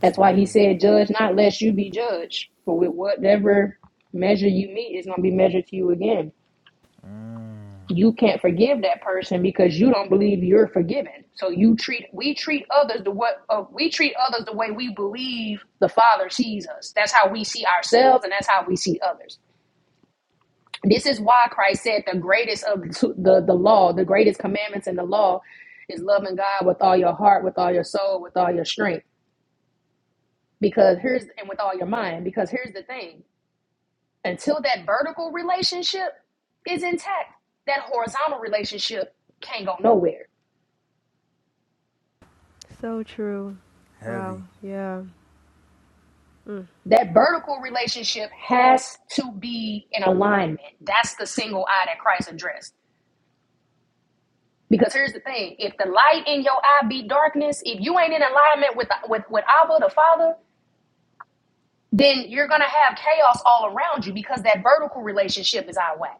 That's why he said, "Judge not, lest you be judged." For with whatever measure you meet, it's gonna be measured to you again. Mm, you can't forgive that person because you don't believe you're forgiven. So you treat we treat others the what uh, we treat others the way we believe the Father sees us. That's how we see ourselves, and that's how we see others. This is why Christ said the greatest of the the law, the greatest commandments in the law, is loving God with all your heart, with all your soul, with all your strength. Because here's and with all your mind. Because here's the thing: until that vertical relationship is intact, that horizontal relationship can't go nowhere So true. heavy. Wow. Yeah. Mm. that vertical relationship has to be in alignment. That's the single eye that Christ addressed. Because here's the thing: if the light in your eye be darkness, if you ain't in alignment with with with Abba the Father, then you're gonna have chaos all around you because that vertical relationship is out of whack.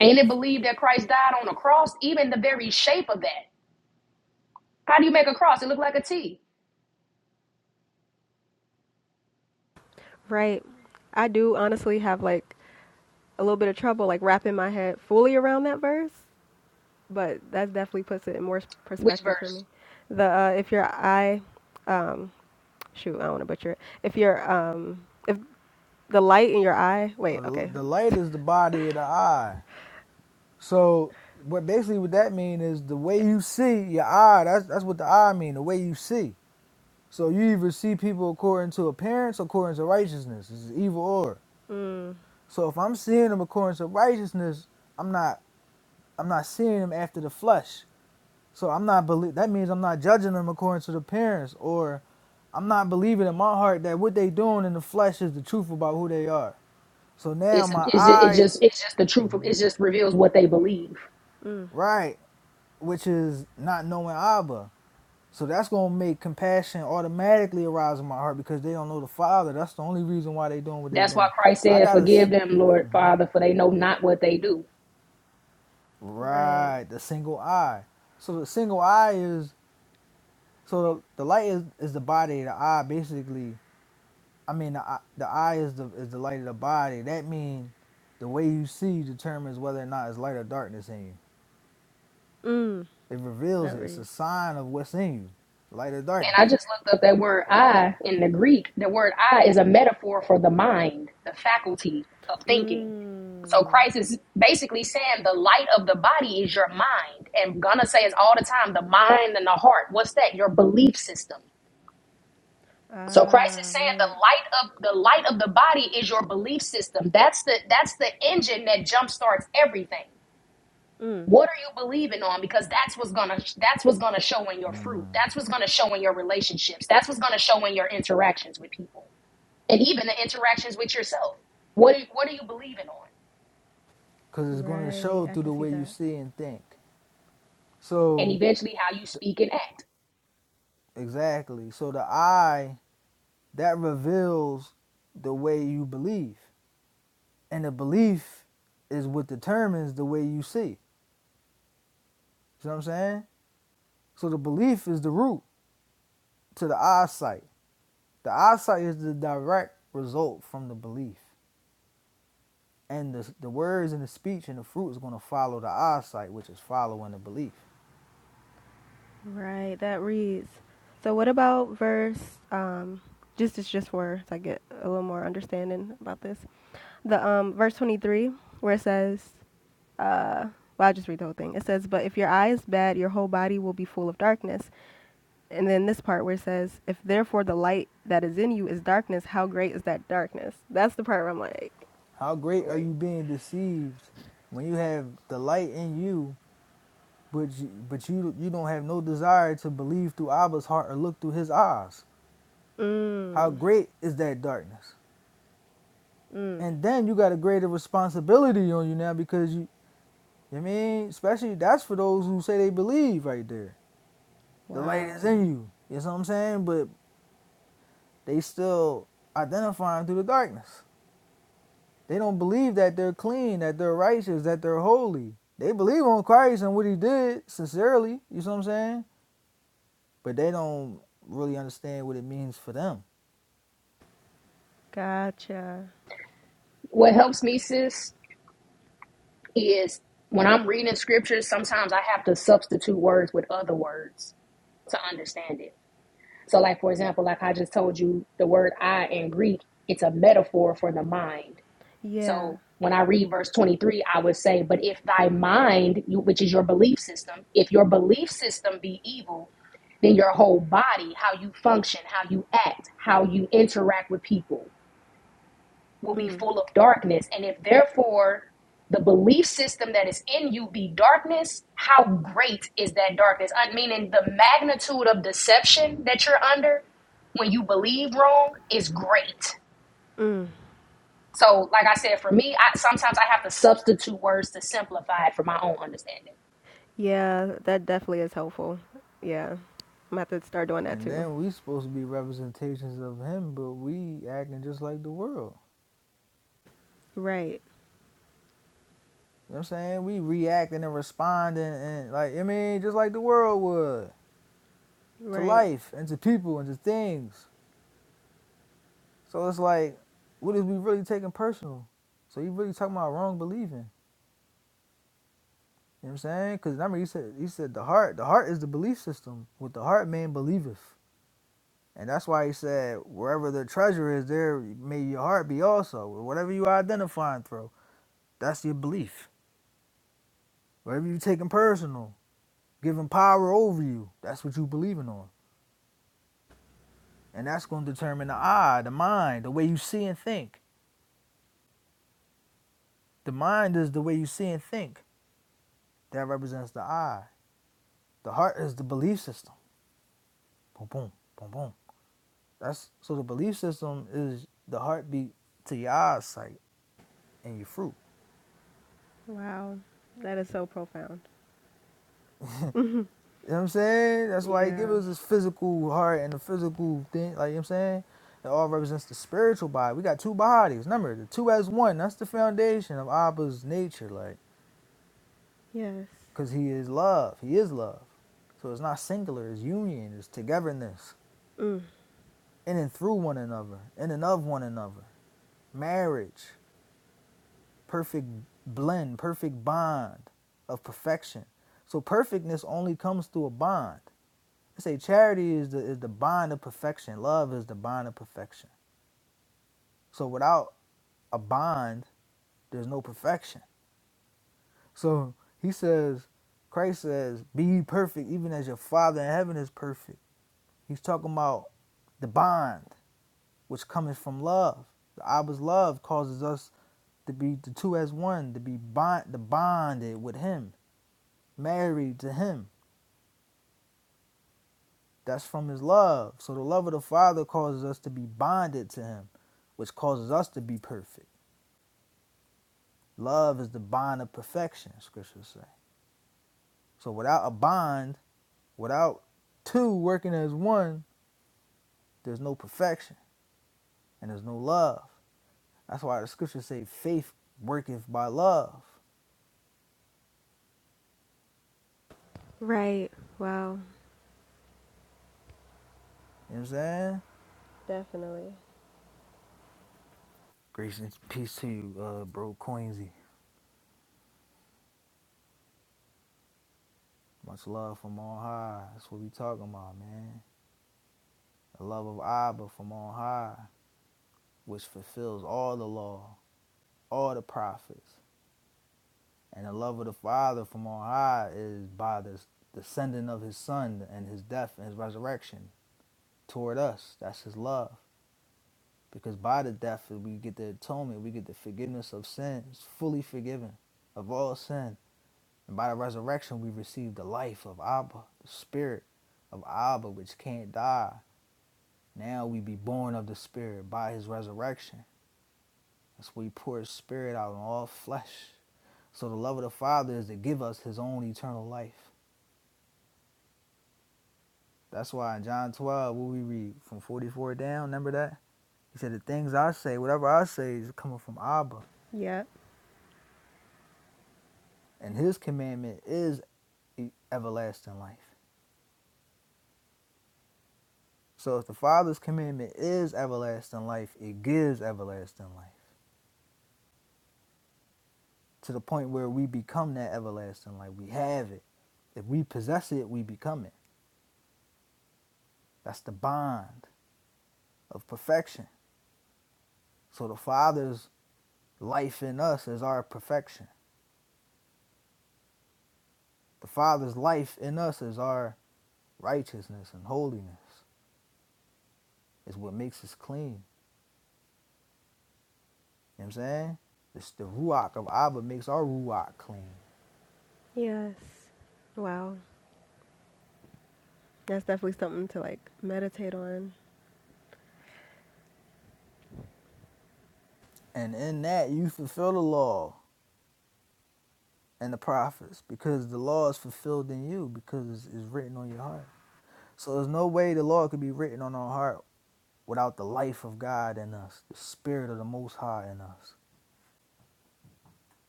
Ain't it believed that Christ died on a cross? Even the very shape of that. How do you make a cross? It look like a T. Right. I do honestly have like a little bit of trouble like wrapping my head fully around that verse, but that definitely puts it in more Which perspective for verse? me. The uh, if your eye um shoot, I don't want to butcher it. If your um if the light in your eye, wait, okay. The light is the body of the eye. So what basically what that mean is the way you see your eye. That's that's what the eye mean. The way you see. So you either see people according to appearance, or according to righteousness. It's evil or. Mm, So if I'm seeing them according to righteousness, I'm not I'm not seeing them after the flesh. So I'm not believe. That means I'm not judging them according to the appearance, or I'm not believing in my heart that what they doing in the flesh is the truth about who they are. So now It's, my it's it eye, just it's just the truth. Of, it just reveals what they believe. mm, right? which is not knowing Abba. So that's gonna make compassion automatically arise in my heart because they don't know the Father. That's the only reason why they doing what they That's why doing. Christ I said, gotta Forgive them, Lord Father, for they know not what they do. right. right the single eye. So the single eye is so the, the light is, is the body. The eye basically. I mean the eye- the eye is the is the light of the body. That means the way you see determines whether or not it's light or darkness in you. Mm. It reveals it. That It's reads. a sign of what's in you, light or darkness, And I just looked up that word I in the Greek. The word I is a metaphor for the mind, the faculty of thinking. So Mm. Christ is basically saying the light of the body is your mind. And gonna say is all the time the mind and the heart. What's that? Your belief system. So Christ Ah, is saying the right. light of the light of the body is your belief system. That's the that's the engine that jumpstarts everything. Mm. What are you believing on? Because that's what's gonna that's what's gonna show in your fruit. That's what's gonna show in your relationships. That's what's gonna show in your interactions with people, and even the interactions with yourself. What are- what are you believing on? because it's gonna Right. show I through the can see way you that. see and think. And So eventually, how you speak and act. exactly. So the eye that reveals the way you believe, and the belief is what determines the way you see. You know what I'm saying? So the belief is the root to the eyesight. The eyesight is the direct result from the belief, and the the words and the speech and the fruit is going to follow the eyesight, which is following the belief. Right. That reads. So what about verse um just it's just for so I get a little more understanding about this. The um verse 23 where it says uh well, I'll just read the whole thing. It says, But if your eye is bad, your whole body will be full of darkness. And then this part where it says, If therefore the light that is in you is darkness, how great is that darkness? That's the part where I'm like, How great are Wait. you being deceived when you have the light in you But you, but you you don't have no desire to believe through Abba's heart or look through his eyes. How Mm, great is that darkness? mm, And then you got a greater responsibility on you now because you, I mean, especially that's for those who say they believe right there. The light is wow. in you. You know what I'm saying? But they still identifying through the darkness. They don't believe that they're clean, that they're righteous, that they're holy. They believe on Christ and what he did sincerely, you know what I'm saying? But they don't really understand what it means for them. Gotcha. What helps me, sis, is when I'm reading scriptures. Sometimes I have to substitute words with other words to understand it. So, like for example, like I just told you, the word "I" in Greek, it's a metaphor for the mind Yeah. So when I read verse 23, I would say, But if thy mind, you- which is your belief system, if your belief system be evil, then your whole body, how you function, how you act, how you interact with people, will be Mm, full of darkness. And if therefore the belief system that is in you be darkness, how great is that darkness? I meaning the magnitude of deception that you're under when you believe wrong is great mm. so, like I said, for me, I, sometimes I have to substitute words to simplify it for my own understanding. Yeah, that definitely is helpful. Yeah. I'm about to start doing that And too. then we supposed to be representations of him, but we acting just like the world. Right. You know what I'm saying? We reacting and responding and like I mean, just like the world would. To Right. life and to people and to things. So it's like, what is we really taking personal? So you really talking about wrong believing. You know what I'm saying? Because remember he said he said the heart, the heart is the belief system. With the heart man believeth. And that's why he said, wherever the treasure is, there may your heart be also. Whatever you identifying through, that's your belief. Whatever you taking personal, giving power over you, that's what you believing on. And that's going to determine the eye, the mind, the way you see and think. The mind is the way you see and think. That represents the eye. The heart is the belief system. Boom, boom, boom, boom. That's so the belief system is the heartbeat to your eyesight and your fruit. Wow. That is so profound. (laughs) You know what I'm saying? That's why he gives yeah. us this physical heart and the physical thing. Like, you know what I'm saying? It all represents the spiritual body. We got two bodies. Remember, the two as one. That's the foundation of Abba's nature. Like, Yes. because he is love. He is love. So it's not singular. It's union. It's togetherness. Mm. In and through one another. In and of one another. Marriage. Perfect blend. Perfect bond of perfection. So perfectness only comes through a bond. I say charity is the is the bond of perfection. Love is the bond of perfection. So without a bond, there's no perfection. So he says, Christ says, be ye perfect, even as your Father in heaven is perfect. He's talking about the bond which comes from love. The Abba's love causes us to be the two as one, to be bond, the bonded with Him, married to Him. That's from His love. So the love of the Father causes us to be bonded to Him, which causes us to be perfect. Love is the bond of perfection, scriptures say. So without a bond, without two working as one, there's no perfection and there's no love. That's why the scriptures say faith worketh by love. Right. Wow. You know what I'm saying? Definitely. Grace and peace to you, uh, bro Queensy. Much love from on high. That's what we talking about, man. The love of Abba from on high, which fulfills all the law, all the prophets. And the love of the Father from on high is by the the sending of his son and his death and his resurrection toward us. That's his love. Because by the death we get the atonement, we get the forgiveness of sins, fully forgiven of all sin. And by the resurrection we receive the life of Abba, the spirit of Abba, which can't die. Now we be born of the spirit by his resurrection. That's where he pours spirit out on all flesh. So the love of the Father is to give us his own eternal life. That's why in John 12, what we read from 44 down, remember that? He said, The things I say, whatever I say, is coming from Abba, Yep. and his commandment is e- everlasting life. So if the Father's commandment is everlasting life, it gives everlasting life to the point where we become that everlasting life. We have it. If we possess it, we become it. That's the bond of perfection. So the Father's life in us is our perfection. The Father's life in us is our righteousness and holiness. Is what makes us clean. You know what I'm saying? It's the ruach of Abba makes our ruach clean. Yes. Wow. That's definitely something to like meditate on. And in that, you fulfill the law and the prophets because the law is fulfilled in you because it's written on your heart. So there's no way the law could be written on our heart without the life of God in us, the spirit of the Most High in us.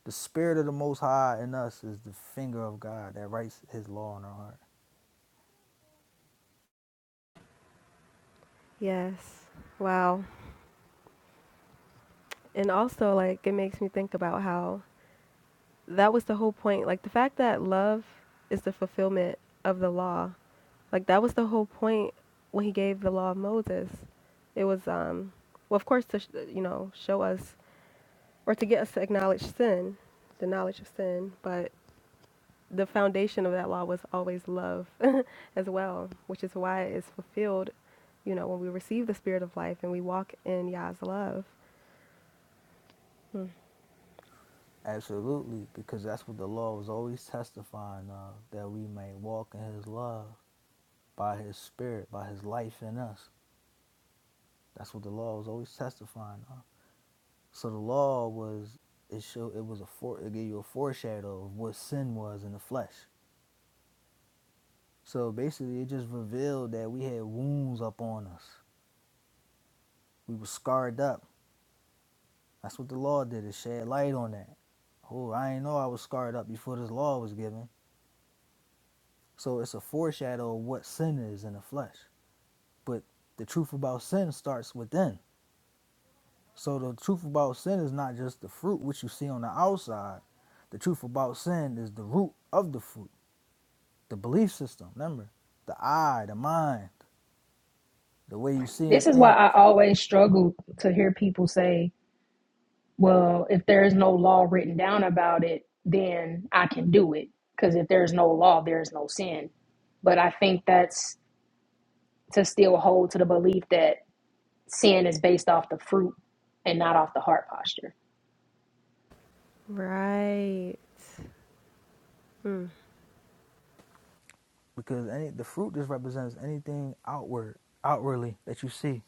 The spirit of the Most High in us is the finger of God that writes His law in our heart. Yes. Wow. And also like it makes me think about how that was the whole point. Like the fact that love is the fulfillment of the law. Like that was the whole point when he gave the law of Moses. It was um well of course to sh- you know show us or to get us to acknowledge sin, the knowledge of sin, but the foundation of that law was always love (laughs) as well, which is why it's fulfilled, you know, when we receive the spirit of life and we walk in Yah's love. Mm. Absolutely, because that's what the law was always testifying of, that we may walk in His love by his spirit, by his life in us. That's what the law was always testifying of. So the law was it showed it was a fore, it gave you a foreshadow of what sin was in the flesh. So basically it just revealed that we had wounds up on us. We were scarred up. That's what the law did, it shed light on that. Oh, I ain't know I was scarred up before this law was given. So it's a foreshadow of what sin is in the flesh. But the truth about sin starts within. So the truth about sin is not just the fruit which you see on the outside. The truth about sin is the root of the fruit, the belief system. Remember, the eye, the mind, the way you see This and is why think. I always struggle to hear people say, well, if there is no law written down about it, then I can do it. Because if there's no law, there's no sin. But I think that's to still hold to the belief that sin is based off the fruit and not off the heart posture. Right. Mm. Because any the fruit just represents anything outward, outwardly that you see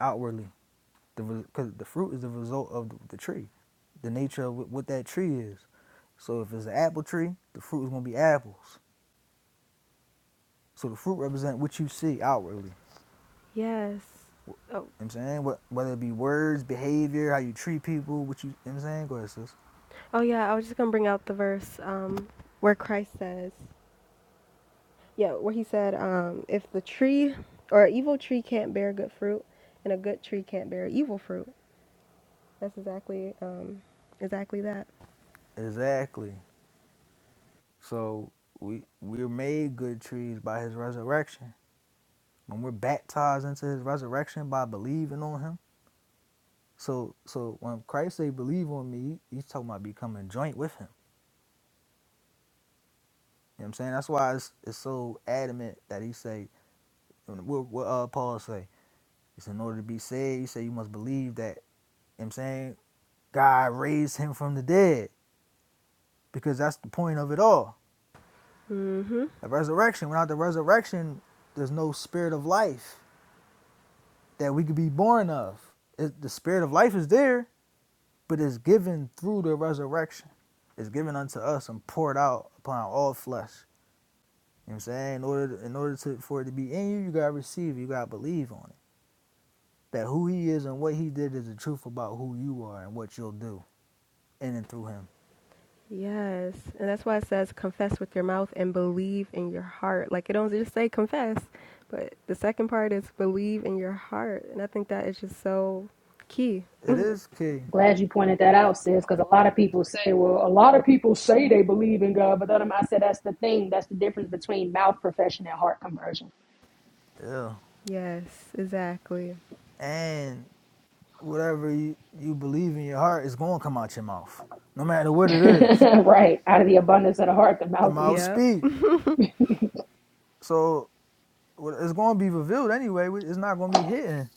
outwardly. because the the fruit is the result of the, the tree, the nature of what that tree is. So if it's an apple tree, the fruit is gonna be apples. So the fruit represents what you see outwardly Yes. Oh, You know what I'm saying? What, whether it be words, behavior, how you treat people, what you, you know what I'm saying? Go ahead, sis. Oh yeah, I was just gonna bring out the verse um, where Christ says, yeah, where he said, um, if the tree or an evil tree can't bear good fruit, and a good tree can't bear evil fruit. That's exactly um, exactly that. Exactly. So we we're made good trees by his resurrection. When we're baptized into his resurrection by believing on him. So so when Christ say believe on me, he's talking about becoming joint with him. You know what I'm saying? That's why it's, it's so adamant that he say what, what uh, Paul say. It's in order to be saved, he say you must believe that you know what I'm saying God raised him from the dead because that's the point of it all. Mm-hmm. The resurrection. Without the resurrection, there's no spirit of life that we could be born of. It, the spirit of life is there, but it's given through the resurrection. It's given unto us and poured out upon all flesh. You know what I'm saying? In order, in order to, for it to be in you, you gotta receive. it. You gotta believe on it. That who He is and what He did is the truth about who you are and what you'll do in and through Him. Yes, and that's why it says confess with your mouth and believe in your heart. Like it don't just say confess, but the second part is believe in your heart, and I think that is just so key. It is key. Glad you pointed that out, sis, because a lot of people say, well, a lot of people say they believe in God, but then I said that's the thing. That's the difference between mouth profession and heart conversion. Yeah. Yes, exactly. And whatever you, you believe in your heart is gonna come out your mouth, no matter what it is. (laughs) right. Out of the abundance of the heart, the the mouth mouth speaks. Yep. speak. So it's going to be revealed anyway. It's not going to be hidden.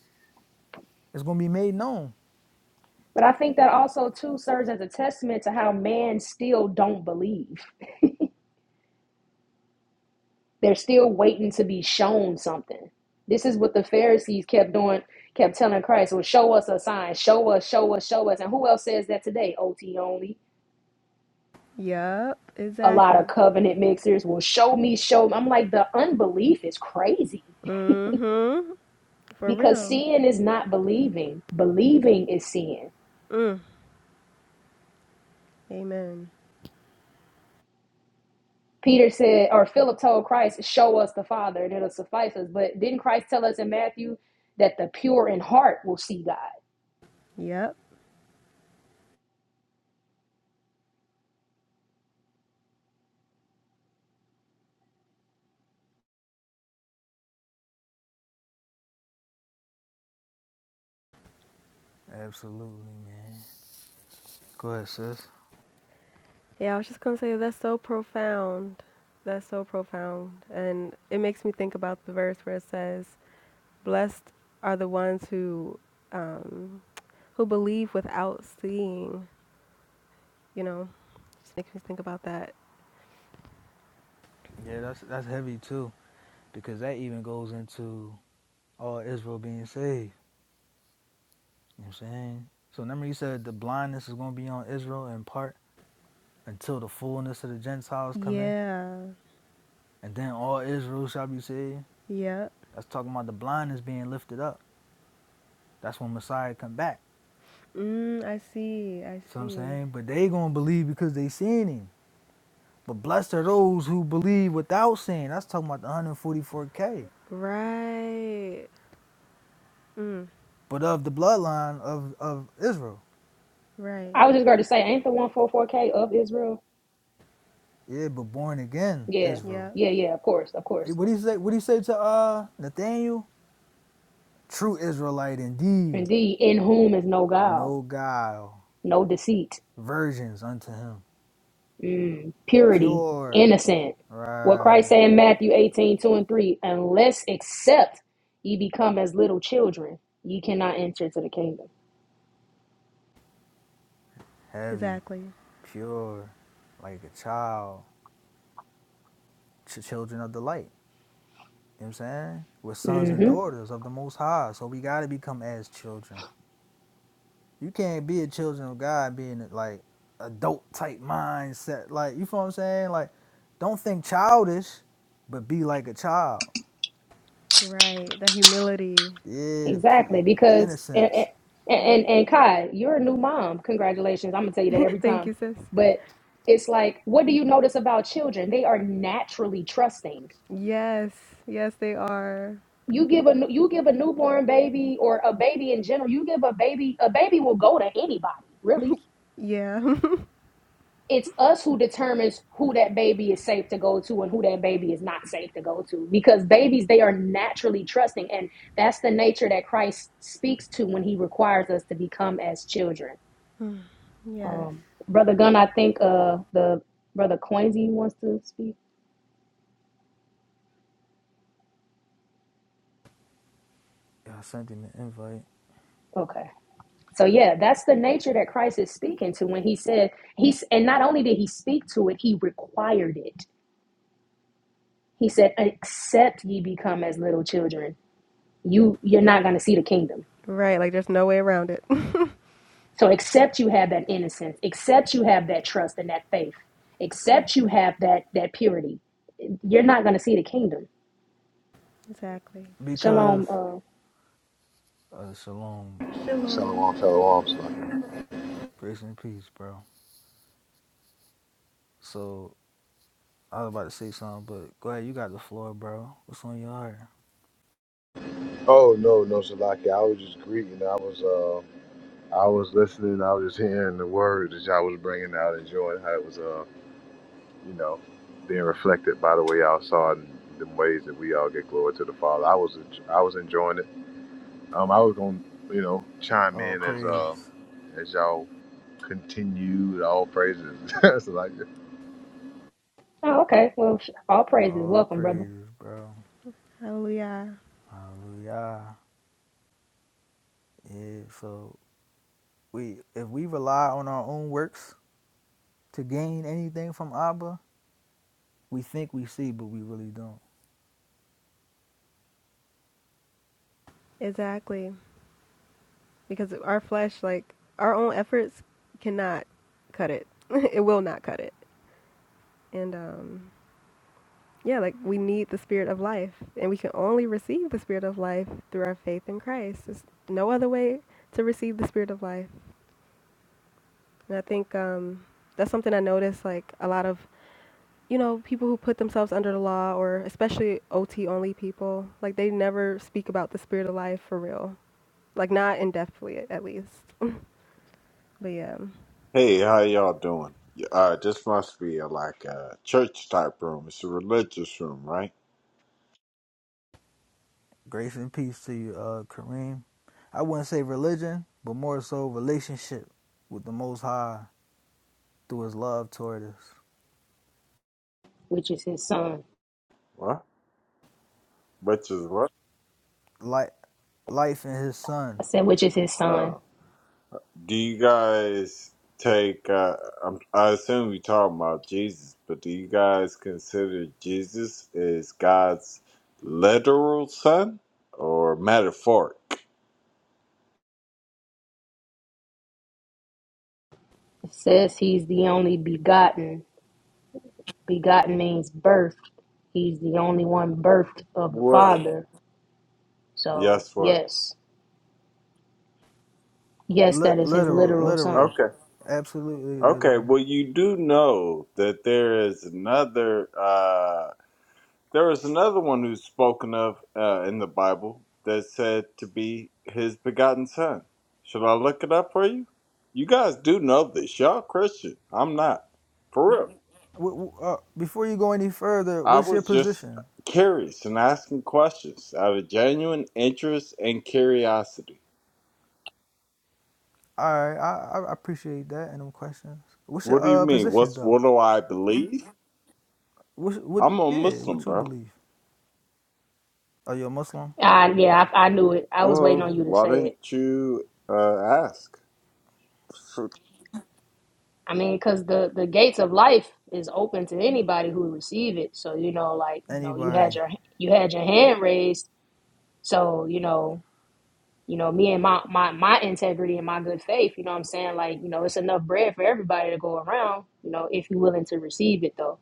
It's going to be made known. But I think that also too serves as a testament to how man still don't believe. They're still waiting to be shown something. This is what the Pharisees kept doing, kept telling Christ, well, show us a sign, show us, show us, show us. And who else says that today? OT only. Yep. a lot Exactly. of covenant mixers will show me, show me. I'm like, the unbelief is crazy Mm-hmm. For because real. seeing is not believing, believing is seeing. Mm. Amen. Peter said, or Philip told Christ, show us the Father and it'll suffice us. But didn't Christ tell us in Matthew that the pure in heart will see God? Yep. Absolutely, man. Go ahead, sis. Yeah, I was just gonna say that's so profound. That's so profound. And it makes me think about the verse where it says, Blessed are the ones who um, who believe without seeing, you know. Just makes me think about that. Yeah, that's that's heavy too, because that even goes into all Israel being saved. You know what I'm saying? So remember, you said the blindness is going to be on Israel in part until the fullness of the Gentiles come in, Yeah. and then all Israel shall be saved. Yep. That's talking about the blindness being lifted up. That's when Messiah come back. Mm, I see, I You know what I'm see. saying? But they gonna believe because they seen him. But blessed are those who believe without seeing. That's talking about the 144k. Right. Mm, But of the bloodline of of Israel. right. I was just going to say, ain't the 144K of Israel? Yeah, but born again Yeah, Israel. Yep. yeah, yeah, of course, of Eh, course. What do you say? What do you say to uh Nathaniel? True Israelite indeed, Indeed, in whom is no guile, no guile, no deceit. virgins unto him, purity, pure, innocent. What Christ right, said in Matthew 18 2 and 3, unless except ye become as little children, ye cannot enter to the kingdom. heavy, Exactly. pure, like a child, ch- children of the light. You know what I'm saying? We're sons and hmm daughters of the Most High, so we gotta become as children. You can't be a children of God being like adult type mindset. Like you feel what I'm saying? Like don't think childish, but be like a child. Right. The humility. Yeah, the Exactly. pu- the Because, and, and, innocence. Yep. and and Kai, you're a new mom. Congratulations. I'm going to tell you that every (laughs) Thank time. you, sis. But it's like, what do you notice about children? They are naturally trusting. Yes, yes, they are. You give a you give a newborn baby or a baby in general. You give a baby a baby will go to anybody, really Yeah, it's us who determines who that baby is safe to go to and who that baby is not safe to go to because babies they are naturally trusting and that's the nature that christ speaks to when he requires us to become as children (laughs) yes. um, brother gunn i think uh, the brother Coinsy wants to speak Yeah, I sent him an invite okay so yeah that's the nature that christ is speaking to when he said he's and not only did he speak to it he required it he said except ye become as little children you you're not going to see the kingdom Right, like there's no way around it. (laughs) So except you have that innocence, except you have that trust and that faith, except you have that that purity, you're not going to see the kingdom. exactly. because Shalom. Uh, uh, shalom, Shalom. Shalom, shalom, Salaki. grace and peace, bro. So I was about to say something, but go ahead. You got the floor, bro. What's on your heart? Oh no, no, Salaki. I was just greeting. I was uh, I was listening. I was just hearing the word that y'all was bringing out, enjoying how it was uh, you know, being reflected by the way y'all saw it and the ways that we all get glory to the Father. I was I was enjoying it. Um, I was gonna you know chime All in as uh praises, as y'all continued all praises. (laughs) Salaki. oh, okay. Well, all praise is all welcome, brother. praises, bro. Hallelujah. Hallelujah. Yeah. So we if we rely on our own works to gain anything from Abba, we think we see, but we really don't. Exactly. Because our flesh, like our own efforts, cannot cut it. (laughs) it will not cut it. And um, yeah, like we need the spirit of life, and we can only receive the spirit of life through our faith in Christ. There's no other way to receive the spirit of life. And I think um, that's something I noticed like a lot of you know, people who put themselves under the law or especially OT only people, like they never speak about the spirit of life for real. Like not in depthly at at least. (laughs) but yeah. Hey, how y'all doing? Uh, this must be a, like a church type room. It's a religious room, right? Grace and peace to you, uh, Kareem. I wouldn't say religion, but more so relationship with the Most High through His love toward us, Which is his son. What? Which is what? like life in His I Son. said, which is his son. Uh, do you guys take? Uh, I'm, I assume you're talking about Jesus, but do you guys consider Jesus is God's literal son or metaphoric? It says he's the only begotten. Begotten means birthed. He's the only one birthed of the What? Father. So Yes, what? yes, yes, Li- that is his literal, literal son. literal, Okay. absolutely Okay. literal. Well, you do know that there is another. uh. There is another one who's spoken of uh, in the Bible that's said to be his begotten son. Should I look it up for you? You guys do know this. Y'all Christian. I'm not. For real. W- w- uh, before you go any further, I what's your was just position? curious and asking questions out of genuine interest and curiosity. All right, I, I appreciate that and them questions. What's your What do you uh mean? position What's though? what do I believe? What what I'm a yeah? Muslim, What you bro. believe? Are you a Muslim? I, yeah, I, I knew it. I was waiting Okay. Well, on you to why say it. didn't you uh, ask? I mean, because the the gates of life is open to anybody who receive it. So you know, like you know, you anybody. had your you had your hand raised. So you know, you know, me and my my my integrity and my good faith. You know, what I'm saying like you know, it's enough bread for everybody to go around. You know, if you're willing to receive it, though.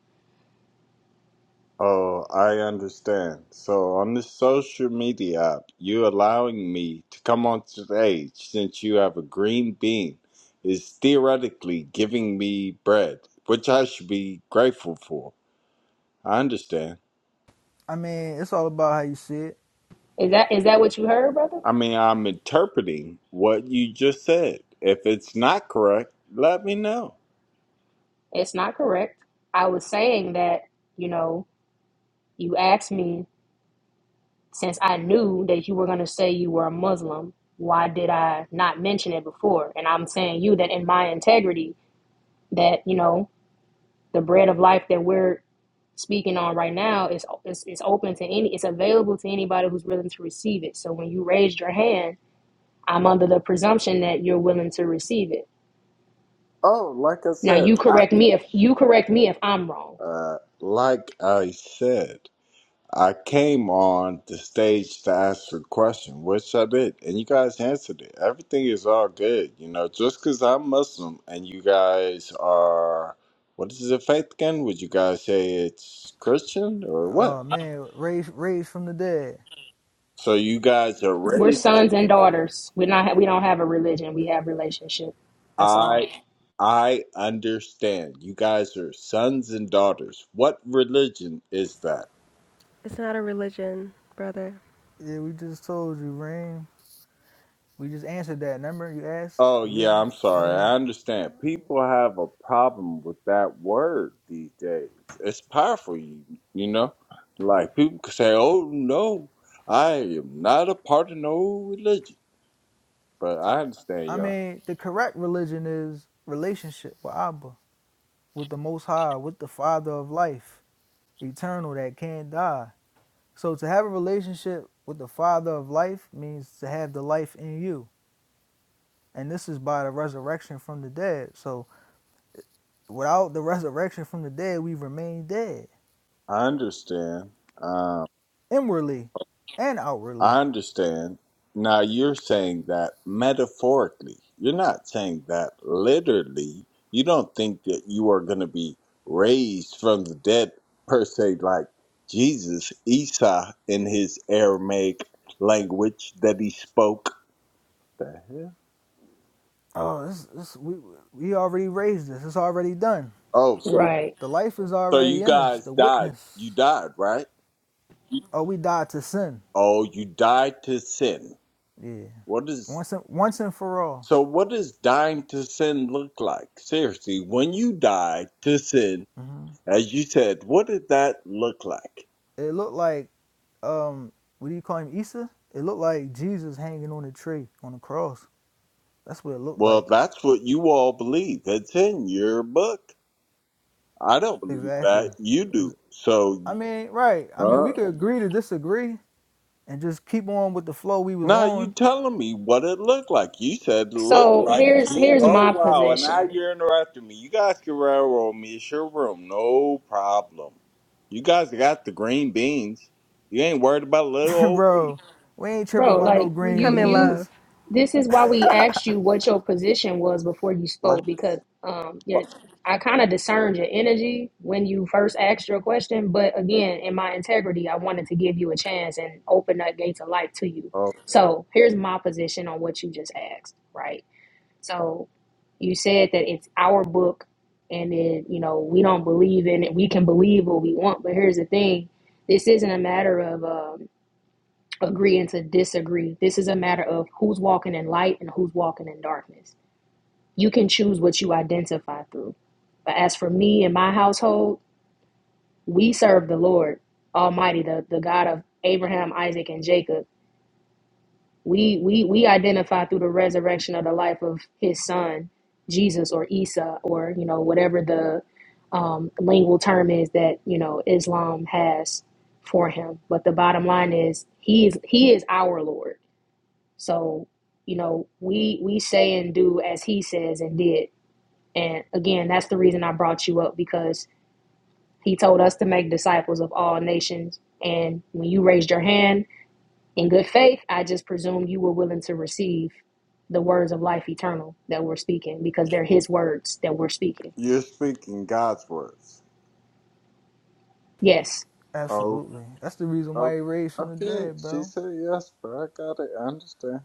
Oh, I understand. So on the social media app, you allowing me to come on stage since you have a green bean is theoretically giving me bread, which I should be grateful for. I understand. I mean, it's all about how you see it. Is that is that what you heard, brother? I mean, I'm interpreting what you just said. If it's not correct, let me know. It's not correct. I was saying that you know, you asked me Since I knew that you were going to say you were a Muslim, why did I not mention it before? And I'm saying you that in my integrity, that, you know, the bread of life that we're speaking on right now is, is, is open to any, it's available to anybody who's willing to receive it. So when you raised your hand, I'm under the presumption that you're willing to receive it. Oh, like I Now said, you correct me if you correct me if I'm wrong. uh, like I said. I came on the stage to ask a question, which I did, and you guys answered it. Everything is all good, you know. Just because I'm Muslim and you guys are, what is the faith again? Would you guys say it's Christian or Oh, what? Uh man, raised raised from the dead. So you guys are We're raised. sons and daughters. We're not. We don't have a religion. We have relationship. That's all. I, I understand. You guys are sons and daughters. What religion is that? It's not a religion, brother. Yeah, we just told you, Rain. We just answered that. Remember, you asked Oh yeah, religion. I'm sorry. I And understand. People have a problem with that word these days. It's powerful, you you know. Like people could say, "Oh no, I am not a part of no religion." But I, I understand, I y'all. mean, the correct religion is relationship with Abba, with the Most High, with the Father of life, eternal that can't die. So to have a relationship with the Father of life means to have the life in you, and this is by the resurrection from the dead. So without the resurrection from the dead, we remain dead. I understand. um, inwardly and outwardly. I understand. Now you're saying that metaphorically. You're not saying that literally. You don't think that you are going to be raised from the dead per se, like Jesus, Esau, in his Aramaic language that he spoke. The hell? Oh, this, this, we, we already raised this. It's already done. Oh, so, Right. The life is so you already in us, guys the died. You witness. died, right? Oh, we died to sin. Oh, you died to sin. Yeah. What is Once and, once and for all. so? What does dying to sin look like? Seriously, when you die to sin As you said, what did that look like? It looked like, um, what do you call him, Isa? It looked like Jesus hanging on a tree, on the cross. That's what it looked Well, like. that's what you all believe. It's in your book. I don't believe Exactly. that. You do. So, I mean, right. I mean, we uh, could agree to disagree and just keep on with the flow we was now you on. telling me what it looked like. You said it looked So like, here's you, here's oh, my wow, and now position, you're interrupting me. You guys can railroad me. It's your room. No problem. You guys got the green beans. You ain't worried about little (laughs) old me. Bro, we ain't tripping bro. by no Like We green you come in you, love. beans. this is why we asked you what your position was before you Like, spoke because um yeah, I kind of discerned your energy when you first asked your question, but again, in my integrity, I wanted to give you a chance and open up gates of light to you. oh, So here's my position on what you just asked, right? So you said that it's our book and then, you know, we don't believe in it. We can believe what we want, but here's the thing. This isn't a matter of um, agreeing to disagree. This is a matter of who's walking in light and who's walking in darkness. You can choose what you identify through. But as for me and my household, we serve the Lord Almighty, the, the God of Abraham, Isaac, and Jacob We we we identify through the resurrection of the life of his son, Jesus or Isa or you know whatever the um, lingual term is that you know Islam has for him. But the bottom line is he is he is our Lord. So you know we we say and do as he says and did. And again, that's the reason I brought you up because he told us to make disciples of all nations. And when you raised your hand, in good faith, I just presume you were willing to receive the words of life eternal that we're speaking because they're his words that we're speaking. you're speaking God's words. Yes. Oh, Absolutely. That's the reason why Oh, he raised from the okay. dead, She bro. said yes, but I got it. I understand.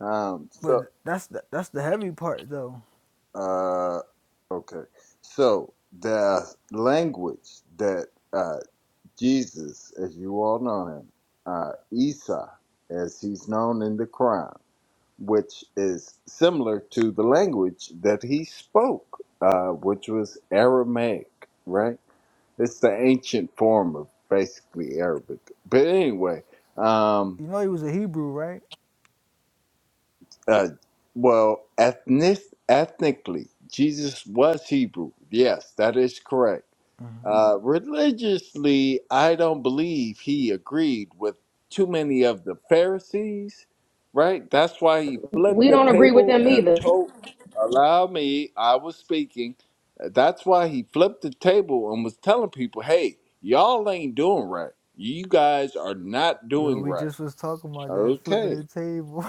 Um, But so, that's the, that's the heavy part, though. uh, okay. So the language that uh, Jesus, as you all know him, uh, Esau, as he's known in the Quran, which is similar to the language that he spoke, uh, which was Aramaic, right? It's the ancient form of basically Arabic. But anyway, um, You know he was a Hebrew, right? Uh, well, ethnic, ethnically, Jesus was Hebrew. Yes, that is correct. Uh, religiously, I don't believe he agreed with too many of the Pharisees, right? That's why he flipped We the don't agree with table them and either. told, allow me, I was speaking. Uh, That's why he flipped the table and was telling people, hey, y'all ain't doing right. You guys are not Yo, doing we right. just was talking about that, flipping Okay. the table.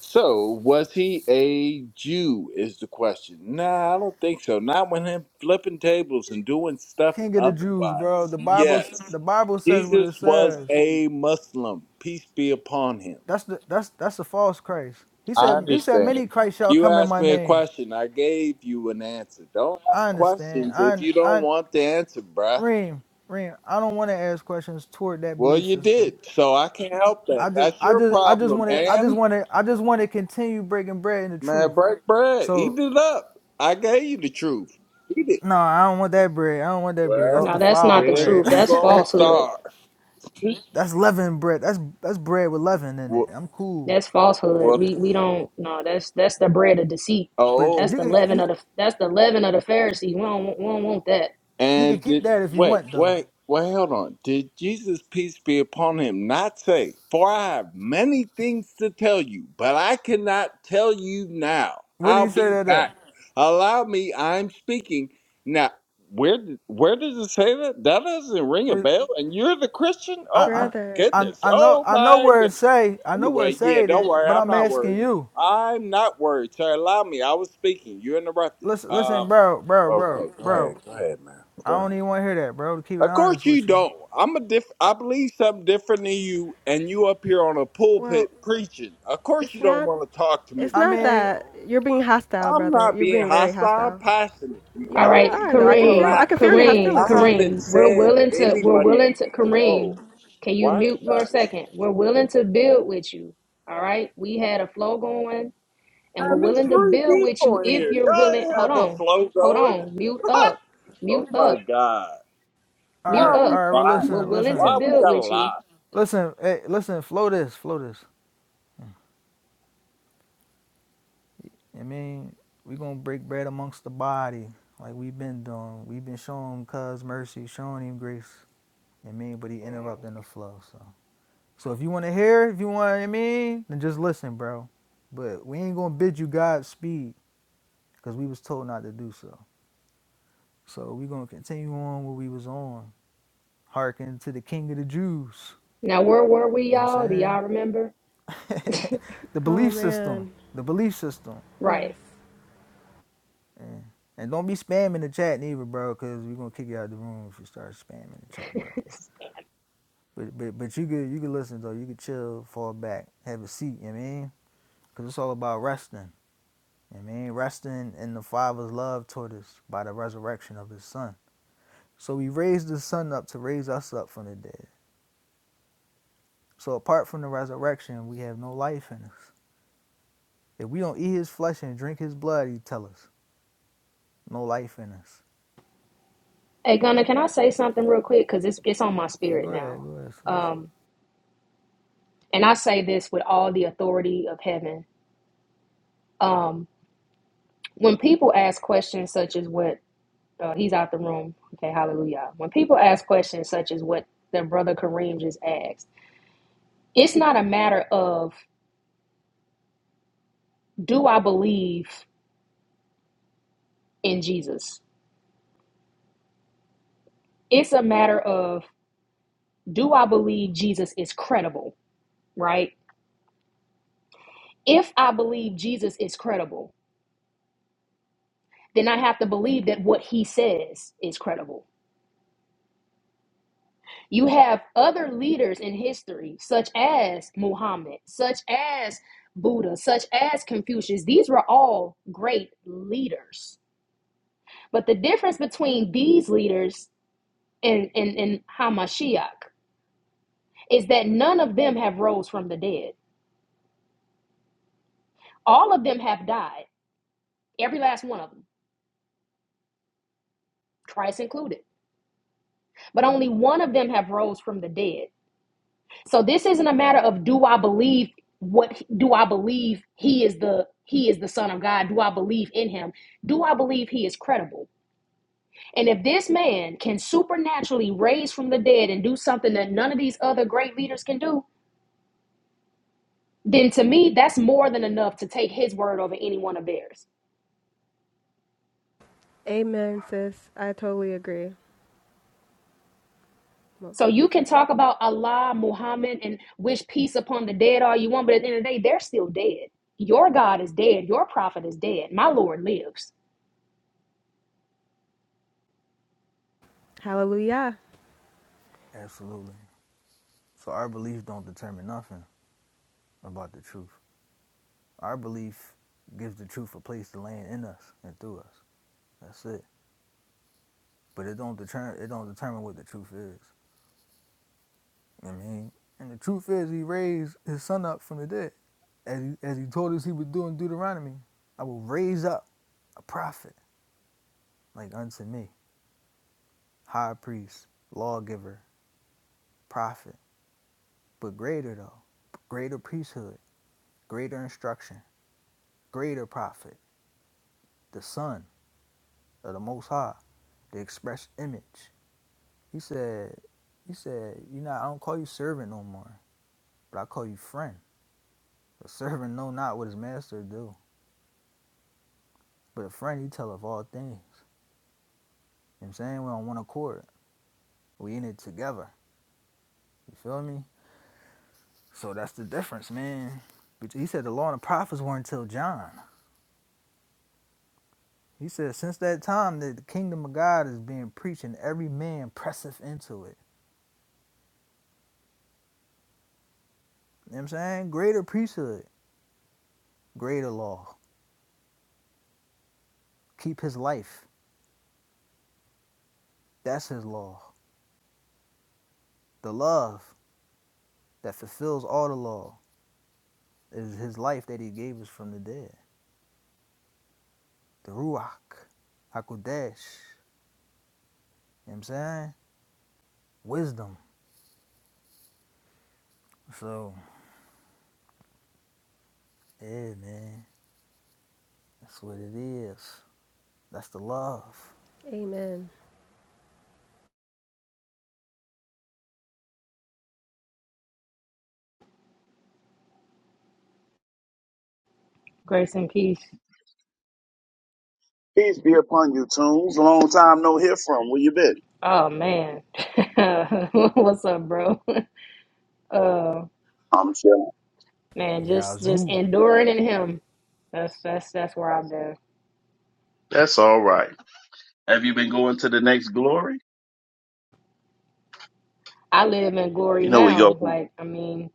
So, was he a Jew? Is the question. Nah, I don't think so. Not when him flipping tables and doing (laughs) stuff Can't get the Jews, bro. otherwise. The Bible Yes. the Bible says what Jesus it was says. a Muslim. Peace be upon him. That's the that's that's a false Christ. He I said he said many understand. Christ shall You come in asked my me a name. question. I gave you an answer. Don't I ask understand. questions if I you don't I want the answer, bruh. Reem, Reem, I don't want to ask questions toward that Well, belief you system. did. So I can't help that. I just That's I your just I just problem, want to I just man. want to I just want to continue breaking bread in the Man, truth. break bread. So Eat it up. I gave you the truth. Eat it. No, I don't want that bread. I don't want that bread. That's Well, No, that's not defiled the then bread. truth. you That's gonna falsehood. starve. (laughs) that's leaven bread. That's that's bread with leaven in it. What? I'm cool. That's falsehood. what We we don't no, that's that's the bread of deceit. But That's oh, you the could leaven you, of the that's the leaven of the Pharisees. We don't we don't want that. you could and keep did that if you wait, want though. wait, wait. Hold on. Did Jesus, peace be upon him, not say, "For I have many things to tell you, but I cannot tell you now. Where do I'll you say be that at? back. Allow me. I'm speaking now." Where did- where does it say that? That doesn't ring a Where, bell. And you're the Christian? Oh my. I, Brother. I I goodness. I know Oh I know my where it goodness. say I know where it Anyway, yeah, say don't that, worry. but I'm I'm not asking worried. you. I'm not worried. Sir, allow me. I was speaking. You interrupted. Listen listen, Um, bro, bro, bro, okay, go ahead. bro. Go ahead, man. Go I don't ahead. even want to hear that, bro. To keep it Of course honest you with you, don't. I'm a diff. I believe something different than you, and you up here on a Well, pulpit preaching. Of course it's you don't not want to talk to it's me. I not Man. mean, all that you're being hostile, I'm brother. not You're being being very hostile. I'm hostile. passionate. You You All kinda guys, right, are though. I can feel Kareem, I relax. can feel your Kareem, I hostility. haven't Kareem. We're said willing to, we're anybody. willing to, Whoa. Kareem. Can Why? you are you mute for a guys? second? We're willing to build with you. All right, we had a flow going, and we're Man, there's willing to three build with people you in if here. you're Y'all ain't willing. Hold had no on, flow hold going. on. Mute (laughs) up, oh mute my up, god. right, Why mute all are we up. right. Well, lying? We're listen, willing to listen, Why we build gotta with you. lie? listen, hey, listen. Flow this, flow this. I mean, we gonna break bread amongst the body, like we've been doing. We've been showing him cuz mercy, showing him grace. I mean, but he interrupting the flow. So, so if you want to hear, if you want, I mean, then just listen, bro. But we ain't gonna bid you Godspeed, cause we was told not to do so. So we gonna continue on where we was on, hearken to the King of the Jews. Now, where were we, You know what I'm y'all? Do saying? y'all remember? (laughs) the Oh belief system, man. the belief system. Yes. Right. Yeah. And don't be spamming the chat neither, bro, because we're gonna kick you out of the room if you start spamming the chat, bro. (laughs) But but but you could you could listen though. You could chill, fall back, have a seat. You know what I mean? Because it's all about resting. You know what I mean, resting in the Father's love toward us by the resurrection of His Son. So He raised His Son up to raise us up from the dead. So apart from the resurrection, we have no life in us. If we don't eat His flesh and drink His blood, He tell us no life in us. Hey, Gunna, can I say something real quick? Cause it's it's on my Go spirit ahead, now. go ahead, sis. Um, and I say this with all the authority of heaven. Um, when people ask questions such as what uh, he's out the room, okay, hallelujah. When people ask questions such as what their brother Kareem just asked, it's not a matter of do I believe in Jesus. It's a matter of do I believe Jesus is credible, right? If I believe Jesus is credible, then I have to believe that what he says is credible You have other leaders in history, such as Muhammad, such as Buddha, such as Confucius. These were all great leaders. But the difference between these leaders and, and, and Hamashiach is that none of them have rose from the dead. All of them have died, every last one of them, Christ included. But only one of them have rose from the dead. So this isn't a matter of do I believe what do I believe he is the he is the son of God? Do I believe in him? Do I believe he is credible? And if this man can supernaturally raise from the dead and do something that none of these other great leaders can do, then to me that's more than enough to take his word over any one of theirs. Amen, sis. I totally agree. Well, So you can talk about Allah, Muhammad, and wish peace upon the dead all you want, but at the end of the day, they're still dead. Your God is dead. Your prophet is dead. My Lord lives. hallelujah. Absolutely. So our beliefs don't determine nothing. about the truth. Our belief gives the truth a place to land in us and through us. That's it. But it don't determine it don't determine what the truth is. You know what I mean, and the truth is, he raised his son up from the dead, as he, as he told us he would do in Deuteronomy. I will raise up a prophet like unto me, high priest, lawgiver, prophet, but greater though, greater priesthood, greater instruction, greater prophet, the son of the Most High, the express image He said, he said, you know, I don't call you servant no more, but I call you friend. A servant know not what his master do, but a friend he tell of all things. You know what I'm saying? We're on one accord. We in it together. You feel me? So that's the difference, man. But he said the law and the prophets weren't until John. He said since that time that the kingdom of God is being preached and every man presseth into it. You know what I'm saying? Greater priesthood, greater law. Keep his life. That's his law. The love that fulfills all the law." is his life that he gave us from the dead. The Ruach, Hakodesh, you know what I'm saying? Wisdom. So, yeah, man, that's what it is. That's the love. Amen. Grace and peace. Peace be upon you, Tunes. Long time no hear from. Where you been? Oh man. (laughs) What's up, bro? (laughs) Uh I'm chilling. man, just just Yazoo. enduring in him. That's that's that's where I've been. That's all right. Have you been going to the next glory? I live in glory You know we go now. from Like, I mean,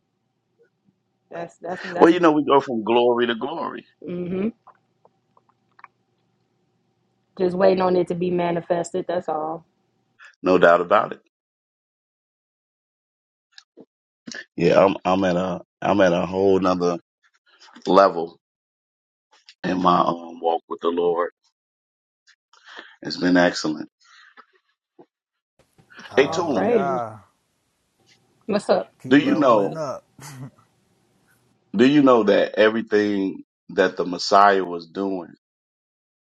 that's that's well, that's you know we go from glory to glory. mm-hmm. Just waiting on it to be manifested, that's all. No doubt about it. Yeah, I'm I'm at a I'm at a whole nother level in my um, walk with the Lord. It's been excellent. Hey, All Tune, praises. Hallelujah. What's up? do Keep you know leveling up. do you know that everything that the Messiah was doing,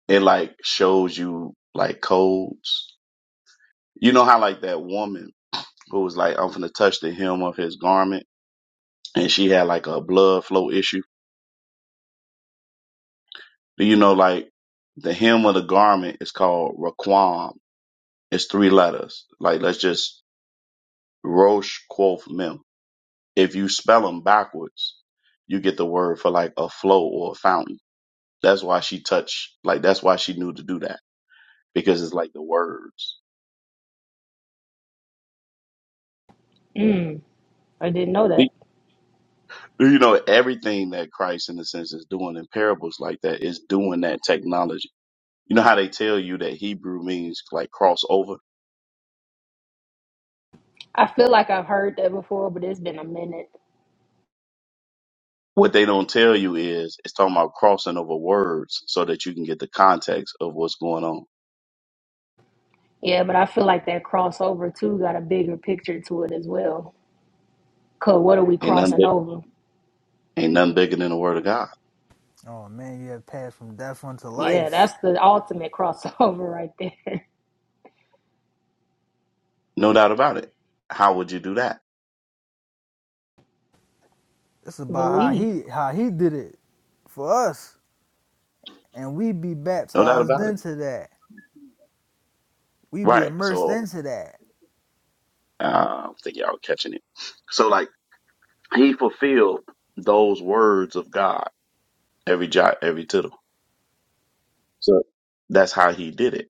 it like shows you like codes? You know how like that woman who was like, I'm finna touch the hem of his garment. And she had like a blood flow issue. Do you know like the hem of the garment is called Raquam. It's three letters. Like let's just Rosh Quoth Mem. If you spell them backwards, you get the word for like a flow or a fountain. That's why she touched, like that's why she knew to do that because it's like the words. Mm, I didn't know that. Do You know, everything that Christ in a sense is doing in parables like that is doing that technology You know how they tell you that Hebrew means like cross over? I feel like I've heard that before, but it's been a minute. What they don't tell you is it's talking about crossing over words so that you can get the context of what's going on. Yeah, but I feel like that crossover too got a bigger picture to it as well. Cause what are we Ain't nothing crossing big, over? ain't nothing bigger than the word of God. Oh, man, you have passed from death unto Yeah, that's life. the ultimate crossover right there. No doubt about it. How would you do that? This is (laughs) about how Believe. he how he did it for us. And we be No doubt baptized about it. into that. We be Right. immersed So into that. uh, I think y'all are catching it. So like he fulfilled those words of God every jot, every tittle. So that's how he did it.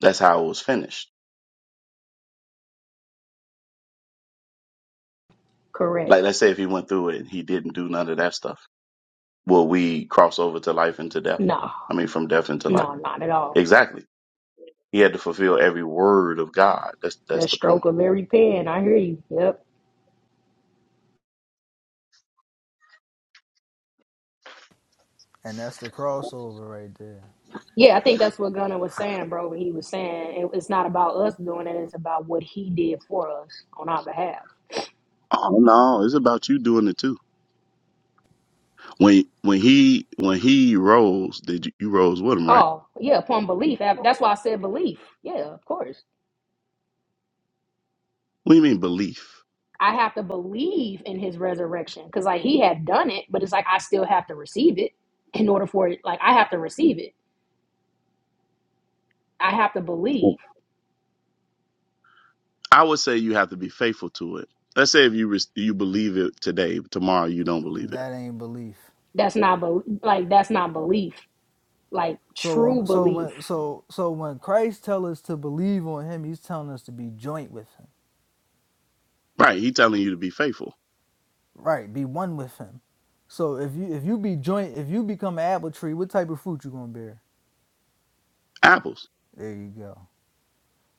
That's how it was finished. Like Correct. let's say if he went through it and he didn't do none of that stuff will we cross over to life and to death? No, I mean, from death into life. no, not at all. Exactly. He had to fulfill every word of God. That's that's The the point. stroke of every pen. I hear you. Yep. And that's the crossover right there. Yeah, I think that's what Gunner was saying, bro. When he was saying it, it's not about us doing it, it's about what he did for us on our behalf. Oh no, it's about you doing it too. When when he when he rose, did you, you rose with him, right? Oh, yeah, upon belief. That- That's why I said belief. Yeah, of course. What do you mean belief? I have to believe in his resurrection because, like, he had done it, but it's like I still have to receive it in order for it. Like, I have to receive it. I have to believe. I would say you have to be faithful to it. Let's say if you res- you believe it today, tomorrow you don't believe it. That ain't belief. That's not bel like that's not belief. Like So true when so belief. when so so when Christ tells us to believe on him, he's telling us to be joint with him. Right? He telling you to be faithful. Right, be one with him. So if you if you be joint if you become an apple tree, what type of fruit you gonna bear? Apples. There you go.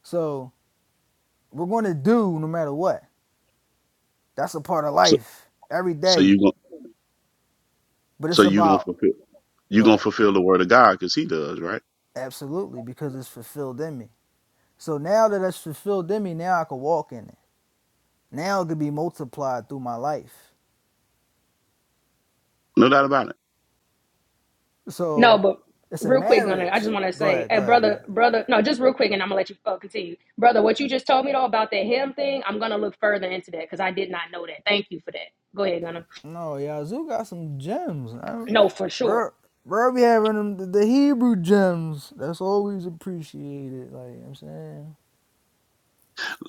So we're gonna do no matter what. That's a part of So life every so day. you going But so it's you gonna about fulfill you go gonna ahead. fulfill the word of God because he does, right? Absolutely, because it's fulfilled in me. So now that it's fulfilled in me, now I can walk in it. Now it could be multiplied through my life. No doubt about it. So No, but it's a real quick, Gunner, I marriage. just want to Go say, ahead, hey, go ahead, go brother, ahead. brother, no, just real quick, and I'm gonna let you uh, continue, brother. What you just told me though about that him thing, I'm gonna look further into that because I did not know that. Thank you for that. Go ahead, Gunner. No, y'all got some gems. I, No, for sure. bro, bro be having them, the, the Hebrew gems. That's always appreciated. Like, you know what I'm saying?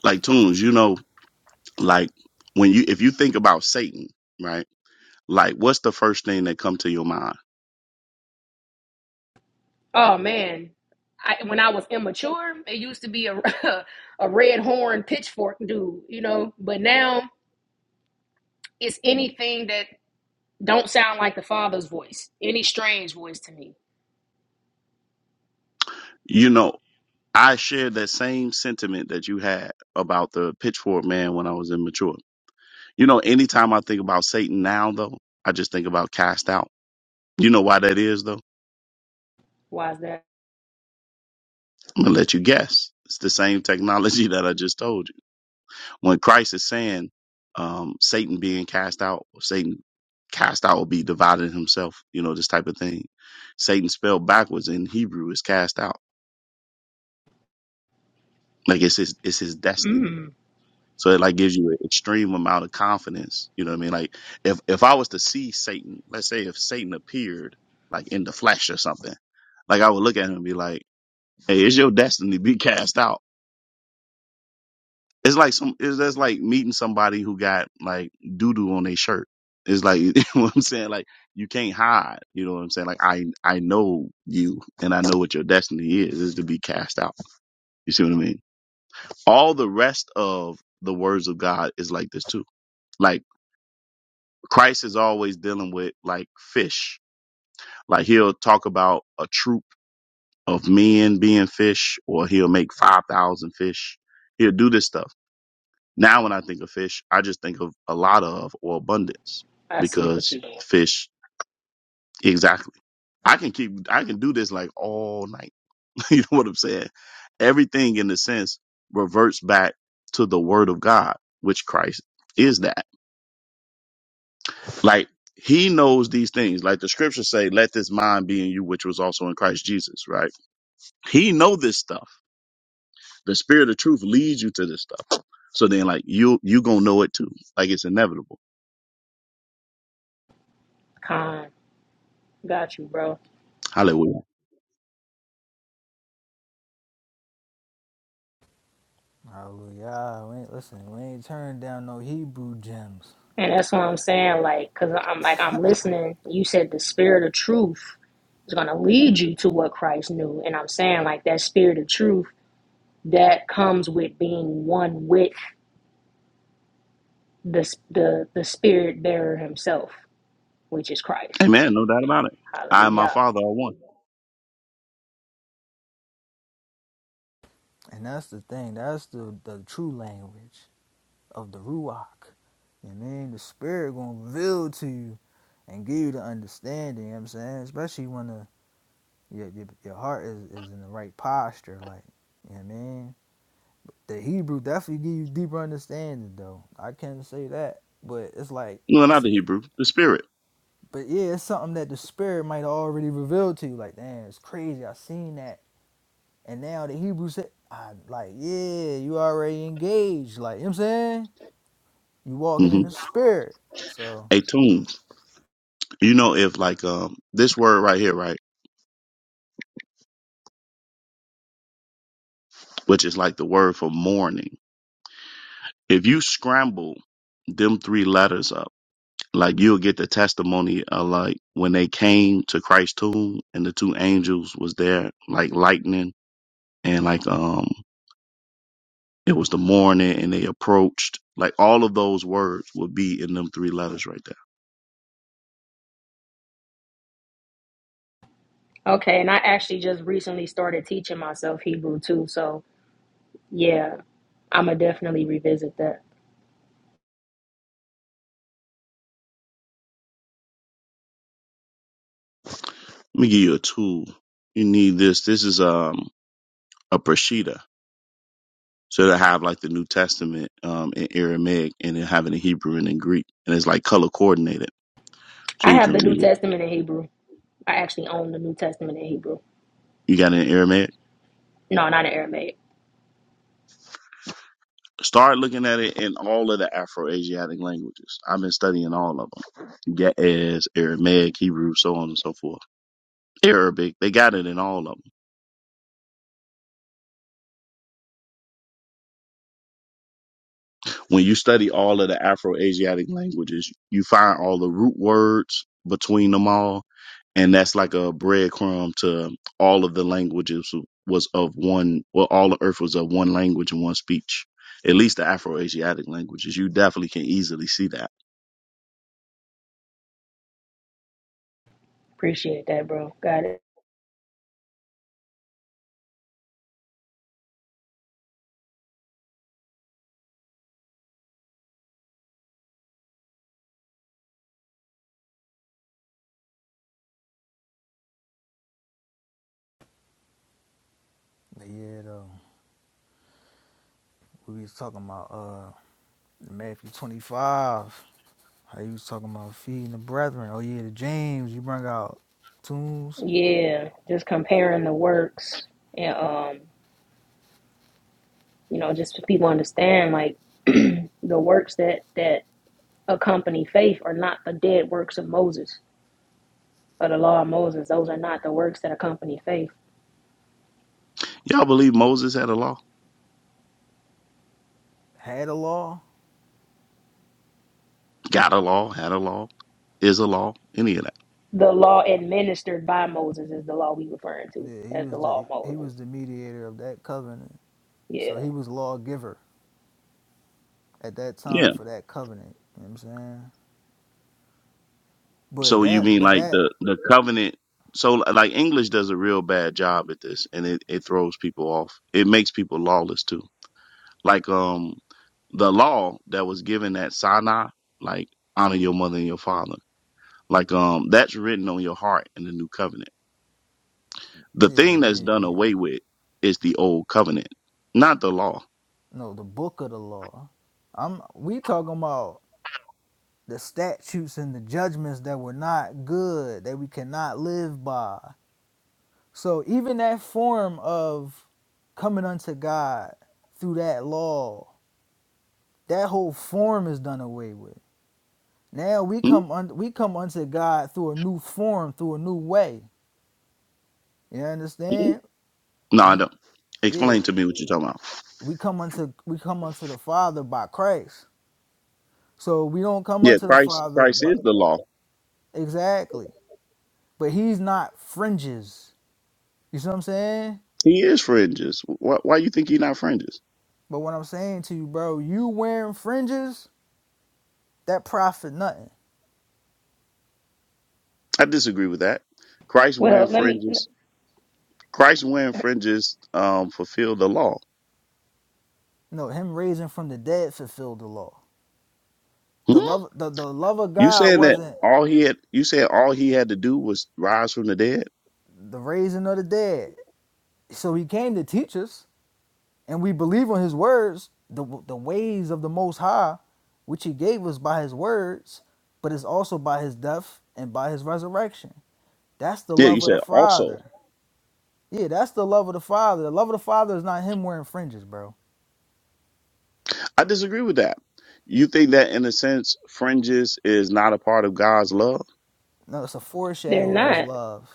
Like tunes, you know Like when you if you think about Satan, right? Like what's the first thing that come to your mind? Oh man, I, when I was immature, it used to be a (laughs) a red horn pitchfork dude, you know. But now it's anything that don't sound like the father's voice, any strange voice to me. You know, I shared that same sentiment that you had about the pitchfork man when I was immature. You know, anytime I think about Satan now though, I just think about cast out. You know why that is though? Why is that? I'm gonna let you guess. It's the same technology (laughs) that I just told you. When Christ is saying um, Satan being cast out, Satan cast out will be divided himself, you know, this type of thing. Satan spelled backwards in Hebrew is cast out. Like it's his it's his destiny. Mm, So it like gives you an extreme amount of confidence. You know what I mean? Like if if I was to see Satan, let's say if Satan appeared like in the flesh or something, like I would look at him and be like, Hey, it's your destiny to be cast out It's like some. It's that's like meeting somebody who got like doo doo on their shirt. It's like (laughs) you know what I'm saying. Like you can't hide. You know what I'm saying. Like I I know you and I know what your destiny is. Is to be cast out. You see what I mean. All the rest of the words of God is like this too. Like Christ is always dealing with like fish. Like he'll talk about a troop of men being fish, or he'll make five thousand fish. He'll do this stuff Now, when I think of fish, I just think of a lot of or abundance I see what because you're doing. fish, exactly. I can keep, I can do this like all night. (laughs) you know what I'm saying? Everything in a sense reverts back to the word of God, which Christ is that. Like he knows these things. Like the scriptures say, let this mind be in you, which was also in Christ Jesus, right? He know this stuff. The spirit of truth leads you to this stuff. So then like you, you gonna know it too. Like it's inevitable. Con, got you, bro. Hallelujah. Hallelujah. We ain't, listen, we ain't turning down no Hebrew gems. And that's what I'm saying, like, cause I'm like I'm listening. You said the spirit of truth is gonna lead you to what Christ knew, and I'm saying like that spirit of truth that comes with being one with the the the spirit bearer himself, which is Christ. Amen. No doubt about it. I and my Hallelujah. father are one. And that's the thing. That's the, the true language of the Ruach. You know what I mean? The Spirit going to reveal to you and give you the understanding. You know what I'm saying? Especially when the, your, your, your heart is, is in the right posture. Like, you know what I mean? the Hebrew definitely give you deeper understanding though. I can't say that, but it's like No, not that's the Hebrew, the spirit. but yeah, it's something that the spirit might have already reveal to you. Like, damn, it's crazy. I seen that, and now the Hebrew said, I like, yeah, you already engaged. Like, you know what I'm saying you walking hmm in the spirit. So, A tomb. You know, if like um this word right here, right, which is like the word for mourning. If you scramble them three letters up, like you'll get the testimony of like when they came to Christ's tomb and the two angels was there, like lightning and like um it was the morning and they approached. Like all of those words would be in them three letters right there. Okay, and I actually just recently started teaching myself Hebrew too, so yeah, I'm gonna definitely revisit that. Let me give you a tool. You need this. This is um a Brashida. So it'll have like the New Testament um in Aramaic and it'll have it in Hebrew and in Greek. And it's like color coordinated. So I you have can the New read it. Testament in Hebrew. I actually own the New Testament in Hebrew. You got it in Aramaic? No, not in Aramaic. Start looking at it in all of the Afro Asiatic languages. I've been studying all of them. Ge'ez, Aramaic, Hebrew, so on and so forth. Arabic, they got it in all of them. When you study all of the Afro-Asiatic languages, you find all the root words between them all, and that's like a breadcrumb to all of the languages was of one. Well, all of Earth was of one language and one speech. At least the Afro-Asiatic languages. You definitely can easily see that. Appreciate that, bro. Got it. but yeah, though we was talking about uh Matthew 25. How you was talking about feeding the brethren? Oh yeah, the James you bring out tombs Yeah, just comparing the works and um, you know, just so people understand like (clears throat) the works that that accompany faith are not the dead works of Moses or the law of Moses. Those are not the works that accompany faith. Y'all believe Moses had a law? had a law Got a law? Had a law? Is a law? Any of that? The law administered by Moses is the law we referring to Yeah, he as the was law the of he Moses. was the mediator of that covenant. So Yeah. he was lawgiver at that time for that covenant. You know what I'm saying? But So you that mean but like that the the covenant? So like English does a real bad job at this, and it it throws people off. It makes people lawless too. Like um the law that was given at Sinai, like honor your mother and your father, like um that's written on your heart in the new covenant. The yeah, thing that's done yeah, yeah. away with is the old covenant, not the law. No, the book of the law. I'm we talking about the statutes and the judgments that were not good, that we cannot live by. So even that form of coming unto God through that law, that whole form is done away with. Now we Hmm? come un- we come unto God through a new form, through a new way. You Hmm? understand? No, I We don't. yeah, Explain to me what you're talking about. we come unto we come unto the Father by Christ. So we don't come Yeah, unto the Christ Father Christ by is the law. exactly. But he's not fringes. You see what I'm saying? He is fringes. Why why you think he not fringes? But what I'm saying to you, bro, you wearing fringes, that profit nothing. I disagree with that. Christ wearing Well, let me. fringes. Christ wearing fringes um, fulfilled the law. No, him raising from the dead fulfilled the law. The Hmm? love the, the love of You God saying that wasn't all he had? You said all he had to do was rise from the dead? the raising of the dead. So he came to teach us. and we believe on his words, the the ways of the most high, which he gave us by his words, but it's also by his death and by his resurrection. That's the Yeah, you love of the said also. Father. Yeah, that's the love of the Father. The love of the Father is not him wearing fringes, bro. I disagree with that. You think that in a sense fringes is not a part of God's love? No, it's a They're foreshadow of his not. love.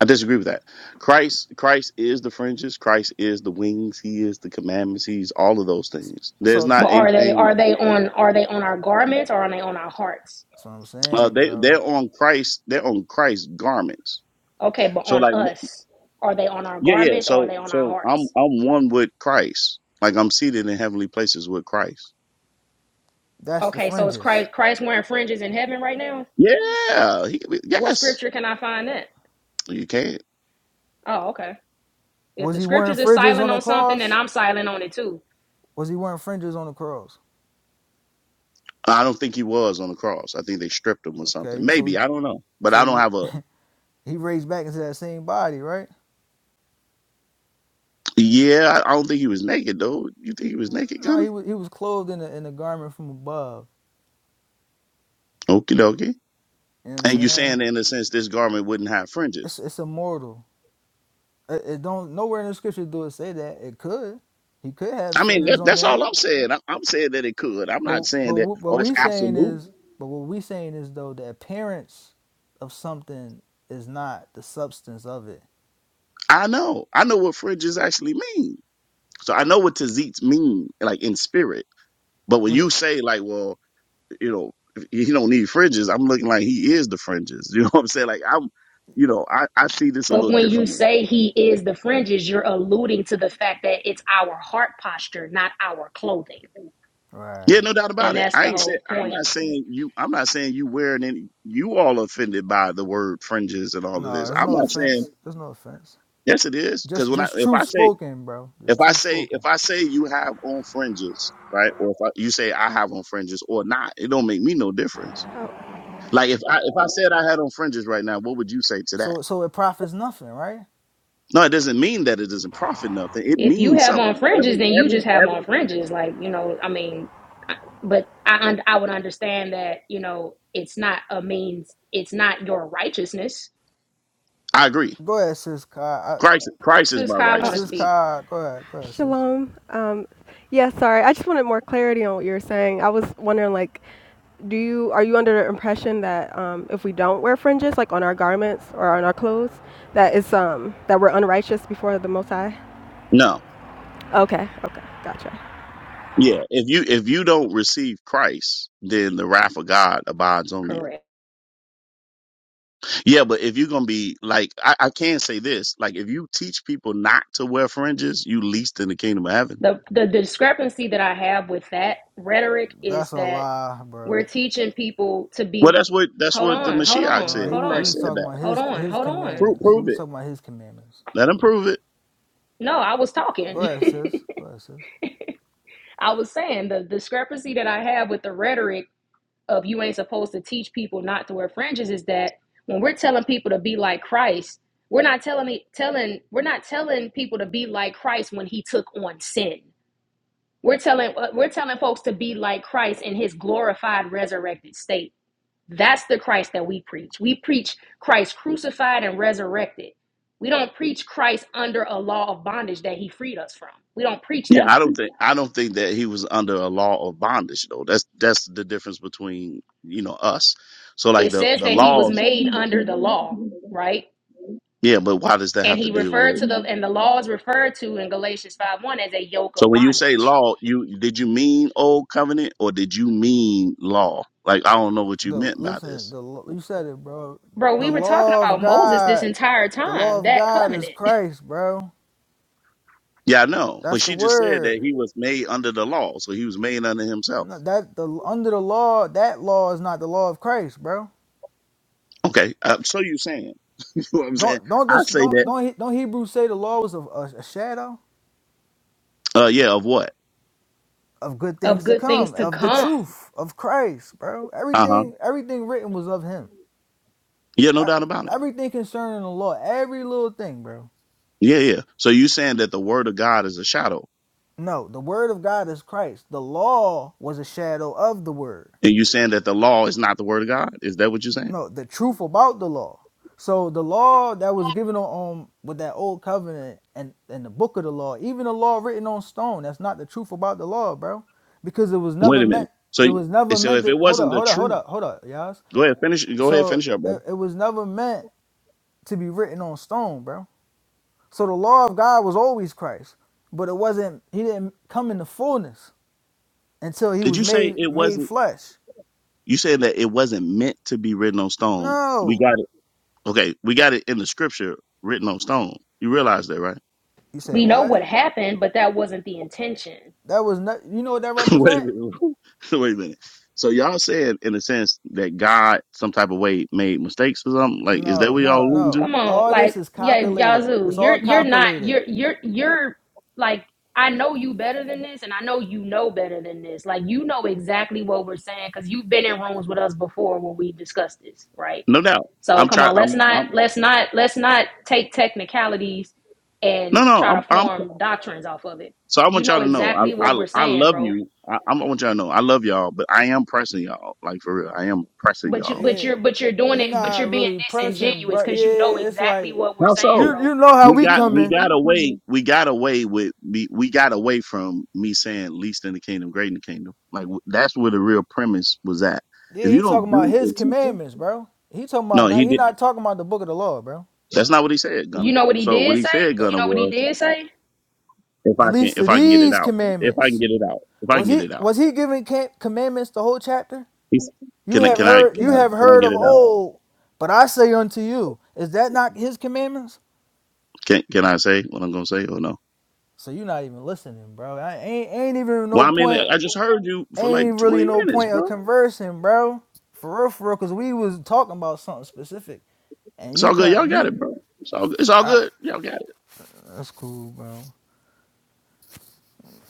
I disagree with that. Christ Christ is the fringes, Christ is the wings, he is the commandments, he's all of those things. There's So But not a are they? thing Are they on? Are they on our garments or are they on our hearts? that's what I'm uh, saying, they bro. they're on Christ, they're on Christ's garments. Okay, but So on like us, are they on our Yeah, yeah. garments or are So, they on our so I'm hearts? I'm one with Christ. Like I'm seated in heavenly places with Christ. That's the Okay, so is fringes. Christ Christ wearing fringes in heaven right now? Yeah. He, What yes. scripture can I find that? You can't. Oh, okay. If Was the he wearing scriptures is fringes on silent the on something, then cross? I'm silent on it too. Was he wearing fringes on the cross? I don't think he was on the cross. I think they stripped him or something. Okay, so Maybe I don't know. But I don't so have a. he (laughs) he raised back into that same body, right? Yeah, I I don't think he was naked though. You think he was naked, No, Gunner? he was he was clothed in a in a garment from above. Okie dokie. You know what I'm And you're saying saying? in a sense this garment wouldn't have It's fringes. it's immortal. It, it don't nowhere in the scripture do it say that. It could. He could have I mean, fringes that, on that's all there. I'm saying. I, I'm saying that it could. I'm not But saying but that. wh- what Oh, it's we saying absolute. is but what we saying is though the appearance of something is not the substance of it. I know. I know what fringes actually mean. So I know what tzitzit mean, like in spirit. But when Would you it? say like, well, you know, he don't need fringes, I'm looking like he is the fringes. (laughs) You know what I'm saying? Like I'm, you know, I, I see this a But little when you differently. say he is the fringes, you're alluding to the fact that it's our heart posture, not our clothing. Yeah, Right. no doubt about And it. that's I the ain't said whole I'm point. not saying you. I'm not saying you wearing any. You all offended by the word fringes and all of No, this. there's I'm no not saying offense. There's no offense. yes, it is because Just when I just if I truth say spoken, bro. Just if I truth say spoken. if I say you have on fringes, right, or if I, you say I have on fringes or not, it don't make me no difference. Like if I if I said I had on fringes right now, what would you say to that? So so it profits nothing, right? No, it doesn't mean that it doesn't profit nothing. It If you means have on something. fringes, Every then you every just have on every. fringes. Like, you know, I mean, but I, I would understand that, you know, it's not a means, it's not your righteousness. I agree. Go ahead, sis. Kai. Christ Christ is Sis my Kai Uh, want to Sis righteousness. speak. Kai, go ahead, go ahead, sis. Shalom. Um, yeah, sorry. I just wanted more clarity on what you were saying. I was wondering, like, do you are you under the impression that um, if we don't wear fringes, like on our garments or on our clothes, that it's um that we're unrighteous before the Most High? No, Okay. Okay. Gotcha. yeah. If you if you don't receive Christ, then the wrath of God abides on you. Correct. Yeah, but if you're gonna be like, I, I can say this: like if you teach people not to wear fringes, you least in the kingdom of heaven. The, the discrepancy that I have with that rhetoric is That's a that lie, we're bro. teaching people to Well, be, that's what that's hold what the on, hold Mashiach on, No, said. he hold was he Christ on, was said talking about that. hold his on, his hold on. Prove commandments. He prove was it. talking about his commandments. Let him prove it. No, I was Go talking. ahead, sis. (laughs) Go ahead, sis. I was saying the discrepancy that I have with the rhetoric of you ain't supposed to teach people not to wear fringes is that when we're telling people to be like Christ, we're not telling telling we're not telling people to be like Christ when he took on sin. We're telling uh, we're telling folks to be like Christ in his glorified resurrected state. That's the Christ that we preach. We preach Christ crucified and resurrected. We don't preach Christ under a law of bondage that he freed us from. We don't preach Yeah, that I one. don't think I don't think that he was under a law of bondage though. That's that's the difference between you know us. So like It the says the that he was laws. made under the law, right? Yeah, but why does that And have to he do referred with? to the and the laws referred to in Galatians 5 1 as a yoke So of when you say bondage. law, you did you mean old covenant or did you mean law? Like I don't know what you The meant by listen, this. the you said it, bro. Bro, we The were talking law of about Moses this God, entire the time, law of that God is covenant Christ, bro. Yeah, I That, know, but that's the she just said that word. he was made under the law, so he was made under himself. No, That the under the law, that law is not the law of Christ, bro. Okay, uh, so you saying? (laughs) You know what I'm saying? Don't don't I this say don't that. don't He- don't Hebrews say the law was a, a, a shadow? Uh, yeah, of what? of good of things to good things come, to of the come. truth of Christ, bro. Uh huh. Everything, everything written was of Him. Yeah, no E- doubt about it. Everything concerning the law, every little thing, bro. Yeah, yeah. So you saying that the word of God is a shadow, No, the Word of God is Christ. The law was a shadow of the Word. and you saying that the law is not the word of God? Is that what you're saying? No, the truth about the law. So the law that was given on, on with that old covenant and and the book of the law, even the law written on stone, that's not the truth about the law, bro, because it was Wait never a minute. meant. So, It was never so meant if it to. Hold wasn't up, the hold up, hold truth, up, hold up, y'all. go ahead, finish. Go ahead, So finish up, brother. it, it was never meant to be written on stone, bro. So the law of God was always Christ, but it wasn't. He didn't come in the fullness until he Did was you say made it made wasn't? flesh. You said that it wasn't meant to be written on stone. We No, got it. Okay, we got it in the scripture written on stone. You realize that, right? you say We know what? what happened, but that wasn't the intention. That was not. You know what that (laughs) Wait a represent? minute. (laughs) Wait a minute. So y'all said in a sense that God, some type of way, made mistakes or something. Like, is that No, what y'all no, alluding no. to? Come on, All like, this is yeah, calculated. Yazoo, It's you're all you're not calculated. you're you're you're like I know you better than this, and I know you know better than this. Like you know exactly what we're saying because you've been in rooms with us before when we discussed this, right? No doubt. So I'm come trying. on, I'm. let's not I'm let's not let's not take technicalities no, and try to no. I'm. I'm form doctrines off of it. So I You want y'all know to know, exactly I what I, we're I saying, love bro. you. I, I want y'all to know, I love y'all, but I am pressing y'all, like for real. I am pressing But you y'all. but Yeah, you're but you're doing you're it, but you're not being really pressing, disingenuous bro. because you know Yeah, it's exactly like what we're How saying, you so? bro. you know how We we got we coming. got away we got away with me we got away from me saying least in the kingdom, great in the kingdom. Like w- that's where the real premise was at. Yeah, If you he don't talking about do his it, commandments, bro. He talking no, about not. he He did. not talking about the book of the law, bro. That's not what he said, Gunner. You know what he So what did he say? said, That, You Gunner, know what he was did say? if I The can least if of I can get it these out, if I can commandments. get it out, if I can Was get he it out. was he giving commandments the whole chapter? He's, You can I have can I can heard you I have can I heard get of it out? old, but I say unto you, is that not his commandments? Can can I say what I'm gonna say or no? So you're not even listening, bro. I ain't ain't even Well, no I mean, point. I just heard you for like Ain't really 20 no minutes, point of bro. conversing, bro. For real, for real, cause we was talking about something specific, and It's you all can good. Y'all not got you. it, bro. It's all, it's all All right, good. Y'all got it. that's cool, bro.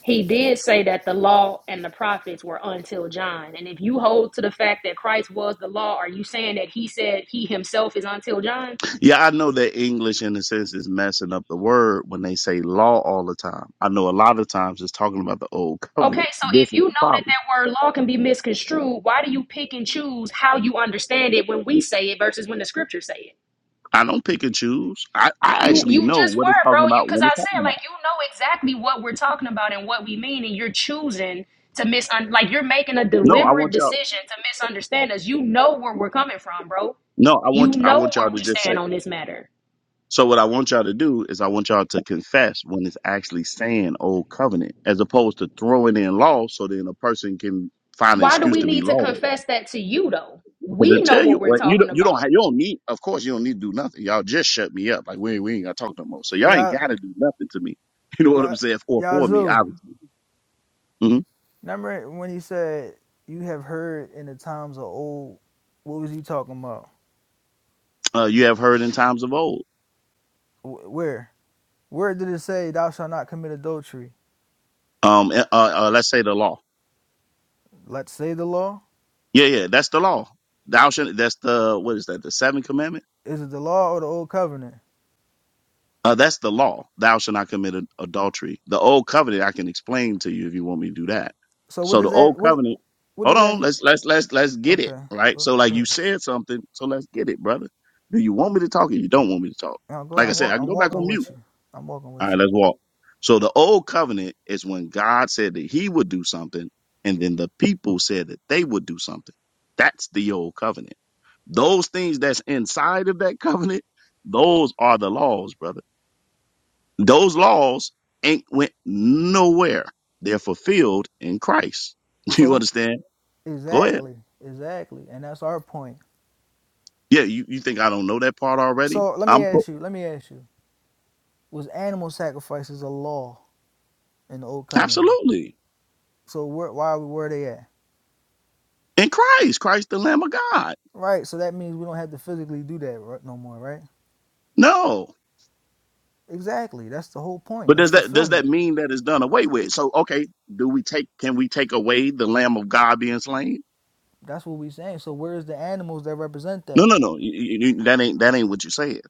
He did say that the law and the prophets were until John. And if you hold to the fact that Christ was the law, are you saying that he said he himself is until John? Yeah, I know that English, in a sense, is messing up the word when they say law all the time. I know a lot of times it's talking about the old Okay, covenant. so This if is you know the that problem. that word law can be misconstrued, why do you pick and choose how you understand it when we say it versus when the scriptures say it? I don't pick and choose. I, I You actually you know just what it's were, bro. talking You about because when it's I said talking about. like you know exactly what we're talking about and what we mean, and you're choosing to misun like you're making a No, I deliberate want y'all. decision to misunderstand us. You know where we're coming from, bro. No, I want You I know want y'all where to we just say. stand on this matter. So what I want y'all to do is I want y'all to confess when it's actually saying old covenant, as opposed to throwing in law, so then a person can find an Why do excuse we to be need to lawless. confess that to you though? But to We know tell you what we're what, you don't, talking you don't about. have, you don't need. Of course, you don't need to do nothing. Y'all just shut me up. Like we ain't- we ain't gotta talk no more. So y'all ain't Yeah, gotta do nothing to me. (laughs) You know what yeah, I'm saying? For for me, Yazoo. obviously. hmm Remember when you said you have heard in the times of old? What was you talking about? Uh, you have heard in times of old. Wh- Where? Where did it say thou shalt not commit adultery? Um, eh, uh, uh, let's say the law. Let's say the law. Yeah, yeah, that's the law. Thou shalt. That's the what is that? The seventh commandment. Is it the law or the old covenant? Uh, that's the law. Thou shalt not commit ad- adultery. The old covenant I can explain to you if you want me to do that. So what So the does that? old What? covenant. What Hold does on. that? Let's let's let's let's get it Okay. right. Go, So like go you ahead. said something. So let's get it, brother. Do you want me to talk or you don't want me to talk? No, go ahead. Like I I'm said, walk, I can I'm go back on walking mute. with you. I'm walking All with right, you. let's walk. So the old covenant is when God said that He would do something, and then the people said that they would do something. That's the old covenant. Those things that's inside of that (laughs) covenant, those are the laws, brother those laws ain't went nowhere. They're fulfilled in Christ. (laughs) So You let me, understand? Go ahead. exactly, exactly, and that's our point. Yeah, you, you think I don't know that part already? So let me I'm pro- ask you. Let me ask you. Was animal sacrifices a law in the old covenant? absolutely So where, why were they at? in Christ, Christ the Lamb of God. Right, so that means we don't have to physically do that no more, right? No. Exactly. That's the whole point But of does that does that fulfillment. mean that it's done away with? So okay, do we take can we take away the Lamb of God being slain? That's what we're saying. So where's the animals that represent No, that? no, no. You- you- you- that ain't that ain't what you said.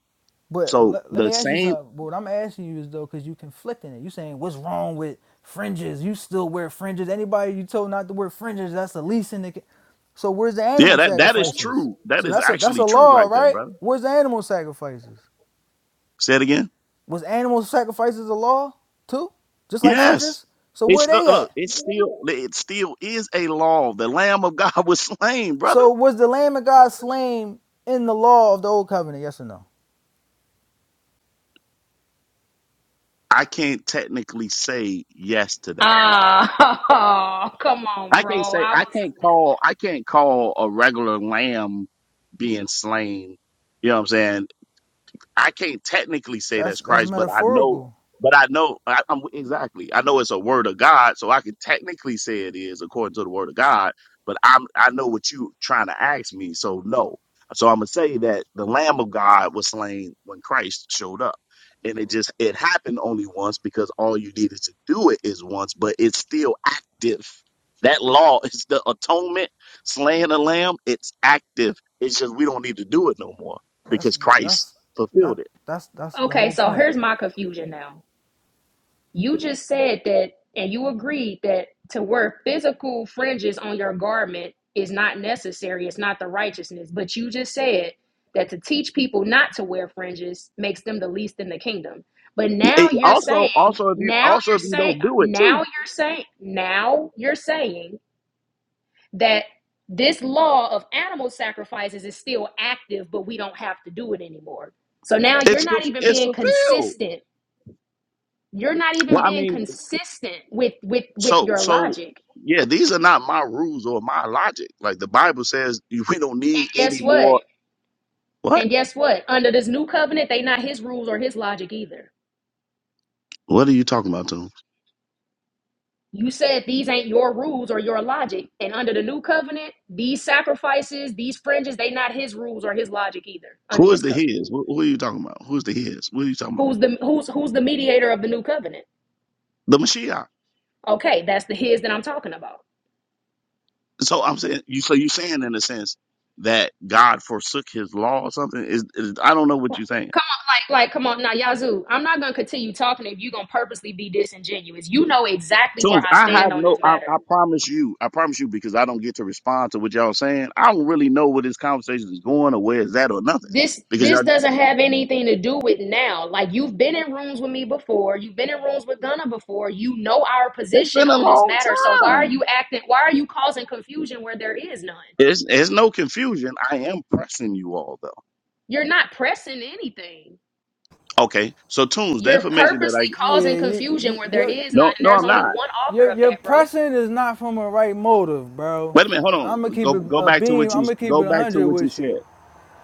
But So let, let the me ask you same, something. What I'm asking you is though, because you conflicting it. You saying what's wrong with fringes? You still wear fringes? Anybody you told not to wear fringes? That's the least in the. ca- So where's the yeah. animal That that is sacrifices? true. That So is that's a that's actually a true, law, right there, right? brother. Where's the animal sacrifices? Say it again. Was animal sacrifices a law too? Just like Yes. fringes? So It's where still they at? look, it's still it still is a law. The Lamb of God (laughs) was slain, brother. So was the Lamb of God slain in the law of the old covenant? Yes or no? I can't technically say yes to that. Ah, (laughs) come on, I can't bro. say I I was can't call I can't call a regular lamb being slain. You know what I'm saying? I can't technically say That's that's that's Christ, but I know, metaphorical. but I know, I, I'm exactly. I know it's a word of God, so I can technically say it is according to the word of God. But I'm, I know what you trying to ask me, so no. So I'm gonna say that the Lamb of God was slain when Christ showed up, and it just it happened only once because all you needed to do it is once, but it's still active. That law (laughs) is the atonement, slaying a lamb. It's active. It's just we don't need to do it no more That's because Christ that's that fulfilled it. that's that's the Okay, whole so point. here's my confusion now. You just said that, and you agreed that to wear physical fringes on your garment is not necessary, it's not the righteousness. But you just said that to teach people not to wear fringes makes them the least in the kingdom. But now It- you're saying, Also, also if you now also you're if you saying, don't do it now too, you're saying, now you're saying that this law of animal sacrifices is still active, but we don't have to do it anymore. So now you're it's not fu- even it's being fulfilled. consistent you're not even Well, I being mean, consistent with with with so your so logic yeah, these are not my rules or my logic. Like the Bible says, (laughs) you- we don't need and guess any what more. What? and guess what under this new covenant they not his rules or his logic either What are you talking about, Tom? you said these ain't your rules or your logic and under the new covenant these sacrifices these fringes they not his rules or his logic either under Who is this the covenant his? Who, who are you talking about? Who's the his? What are you talking about? who's the who's who's the mediator of the new covenant The Mashiach. okay that's the his that i'm talking about So I'm saying, you so you saying in a sense that God forsook His law or something? Is, is I don't know what Like, you're saying. come on like like come on now yazoo i'm not gonna continue talking if you're gonna purposely be disingenuous you know exactly where Tunes, i I stand have on no. this I, matter I promise you. I promise you because I don't get to respond to what y'all saying. I don't really know where this conversation is going or where it's at or nothing this because this y'all. doesn't have anything to do with now like you've been in rooms with me before you've been in rooms with gunna before you know our It's been position a on this long matter so why are time. you acting why are you causing confusion where there is none It's it's no confusion. I am pressing you all though. you're not pressing anything Okay, so Tunes, the you're information that I purposely causing Yeah, you, confusion you, where there your is none no and no there's I'm only not. one author your of your that bro pressing is not from a right motive, bro. Wait a minute. Hold I'm gonna on. Go keep it go a back to beam. what you I'm gonna keep go it a back to hundred what you with you. said.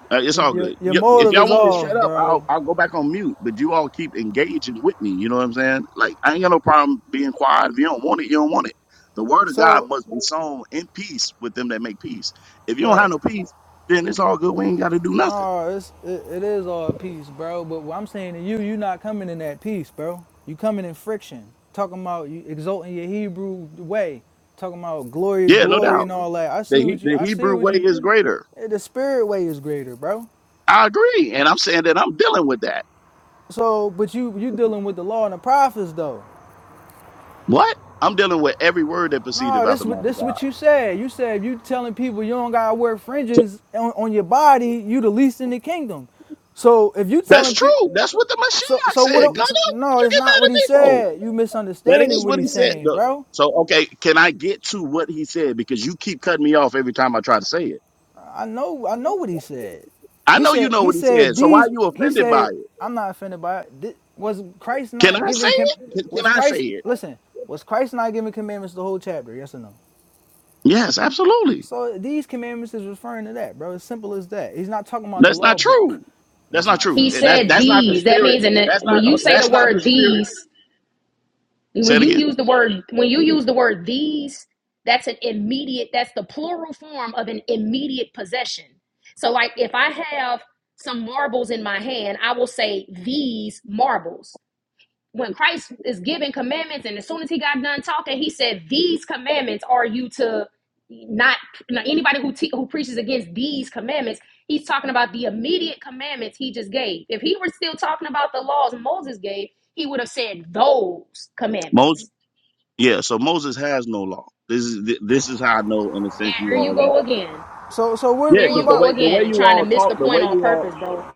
Uh, it's all Your, your good. your Y- If motive y'all is want me to shut off, up, I'll bro. I'll go back on mute. But you all keep engaging with me. You know what I'm saying? Like I ain't got no problem being quiet. If you don't want it, you don't want it. The word of God So must be sown in peace with them that make peace. If you don't right. have no peace, then it's all good. We ain't got to do nothing. No, it's it, it is all peace, bro. But what I'm saying to you, you not coming in that peace, bro. You coming in friction. Talking about you exalting your Hebrew way. Talking about glory to Yeah, no glory doubt. and all that. I The see he, what you the I see Hebrew what way you is greater. eh, the spirit way is greater, bro. I agree, and I'm saying that I'm dealing with that. So but you you dealing with the law and the prophets though. What? I'm dealing with every word that proceedeth No, out this the what mouth of this what God. you said. You said if you telling people you don't gotta wear So, fringes on, on your body, you the least in the kingdom. So if you that's telling true. people That's what the So Mashiach so what? said. God, so- what no, you it's get mad not what at he me for? said. You That misunderstanding is what what he he's said. saying, Look, bro. so okay, can I get to what he said? Because you keep cutting me off every time I try to say it. I know I know what he said. I He know you said know he what he said said, so why are these. you He offended by said it? I'm not offended by it. Thi- was Christ Can not I say giving? Com- it? Can, was can I say Christ it? listen? Was Christ not giving commandments the whole chapter? Yes or no? Yes, absolutely. So these commandments is referring to that, bro. As simple as that. He's not talking about the That's not law book. true. That's That's not not true, he true. and that's said that's Okay, not the these that okay. spirit. means and That's when not you uh, say the that's not the word spirit. these Say When it you again, use the word when you use the word these, that's an immediate that's the plural form of an immediate possession. So like if I have some marbles in my hand, I will say these marbles. When Christ is giving commandments and as soon as he got done talking, he said these commandments are you to not, now anybody who te- who preaches against these commandments, he's talking about the immediate commandments he just gave. If he were still talking about the laws Moses gave, he would have said those commandments Moses. Yeah, so Moses has no law. This is this is how I know, in a sense, you Here you all are. go again. So so what, Yeah, Here what you because the about? go way the way again, you trying to all miss talk, the the way point on you all purpose, bro.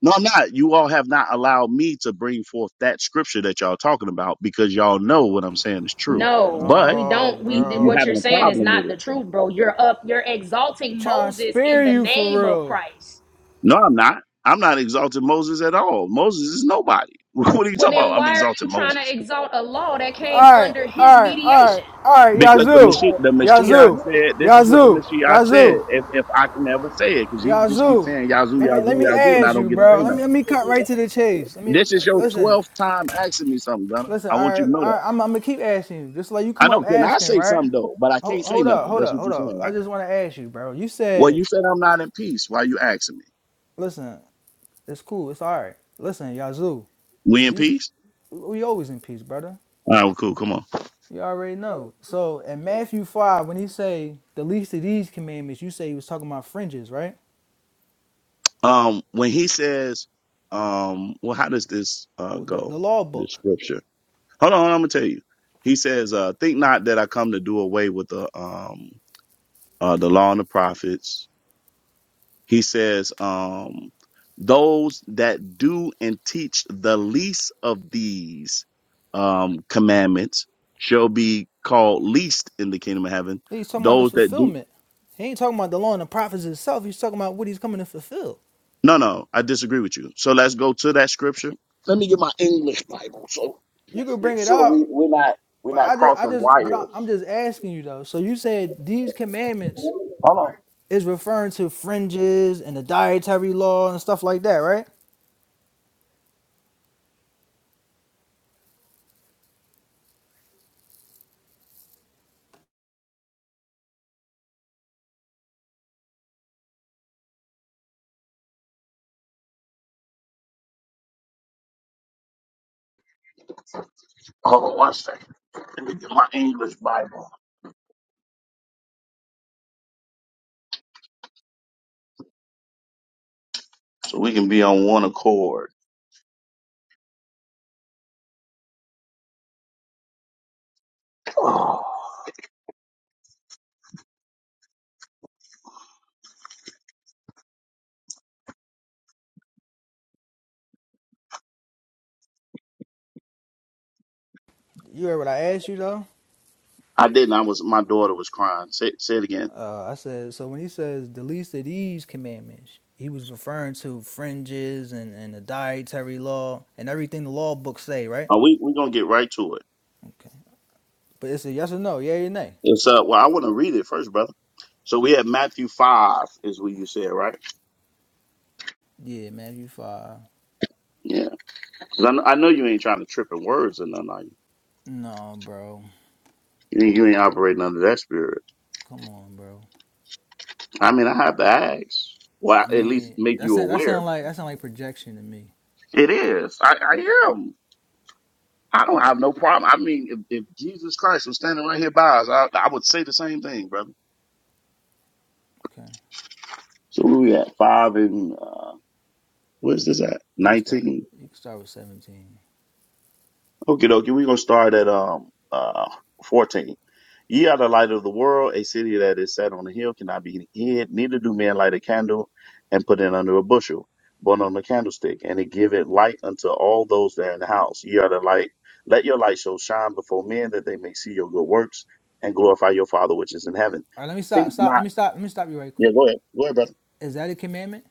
No, I'm not. You all have not allowed me to bring forth that scripture that y'all talking about because y'all know what I'm saying is true. No, But we No, don't. you, We you what bro. you're having a saying is problem not with the it. truth, bro. You're up. You're exalting Trying to Moses in spare the you for name of real. Christ. No, I'm not. I'm not exalting Moses at all. Moses is nobody. (laughs) What are you Well, talking then about? I'm why are exalting you trying to Moses. exalt a law that came Alright, under his alright, alright, mediation? alright, Because the Yazoo, Mashiach, the Mashiach Yazoo, said, this is what the Yazoo, Mashiach said, Yazoo, if, if I can ever say it, because he just keeps Yazoo. saying Yazoo, Let me let Yazoo, me Yazoo, and I ask don't you, get to say bro. Let me let nothing. me cut right to the chase. Let me This is your listen, 12th time asking me something, Gunner. listen. I want you to Alright, know that. alright I'm, I'm gonna keep asking you, just like you I come up know. Can I asking, say right? something though? But I Hold, can't say hold up, nothing. hold That's up, what hold you're up. saying, I right? just want to ask you, bro. You Well, said, you said I'm not in peace. Why you asking me? listen, it's cool, it's alright. Listen, Yazoo. We So in you, peace? we always in peace, brother. All right, well, cool. Come on. You already know. So in Matthew five, when he say the least of these commandments, you say he was talking about fringes, right? Um, when he says, um, well, how does this uh Well, The, go? the law This book. scripture. Hold on, I'm gonna tell you. He says, uh, think not that I come to do away with the um uh the law and the prophets. He says, um, those that do and teach the least of these um, commandments shall be called least in the kingdom of heaven. He's talking about the Those that do, fulfillment. He ain't talking about the law and the prophets itself. He's talking about what he's coming to fulfill. no, no, I disagree with you. So let's go to that scripture. Let me get my, hold You could bring it up, but I just, I just, but I, I'm just asking you though. So you said these commandments is referring to fringes and the dietary law and stuff like that, right? on one second. Let me get my English Bible so we can be on one accord. I You heard what I asked you though. didn't. I was, my daughter was crying. Say, say it again. Uh, I said, so when he says the least of these commandments, he was referring to fringes and, and the dietary law and everything the law books say, right? Uh, we, we're going to get right to it. Okay. But it's a yes or no, yeah or nay. It's uh well I want to read it first, brother. So we have Matthew five is what you said, right? Yeah, Matthew 5. Yeah. 'Cause I, kn- I know you ain't trying to trip in words and nothing, are you? No, bro. You ain't, you ain't operating under that spirit. Come on, bro. I mean, I have to ask. Well, I at least mean, make that you sound, that aware. sound like that sound like projection to me. It is. I, I am. I don't have no problem. I mean, if, if Jesus Christ was standing right here by us, I, I would say the same thing, brother. Okay. So where we at five and uh, You where's can, this at? you can start Nineteen. you can start with 17. Okay, dokie, we're gonna start at um uh fourteen. Ye are the light of the world, a city that is set on a hill cannot be hid, neither do men light a candle and put it under a bushel, but on a candlestick, and it giveth light unto all those that are in the house. Ye are the light, let your light so shine before men that they may see your good works and glorify your father which is in heaven. All right, let me stop Think stop let not me stop let me stop you right yeah, quick. go ahead. Go ahead, brother. Is that a commandment?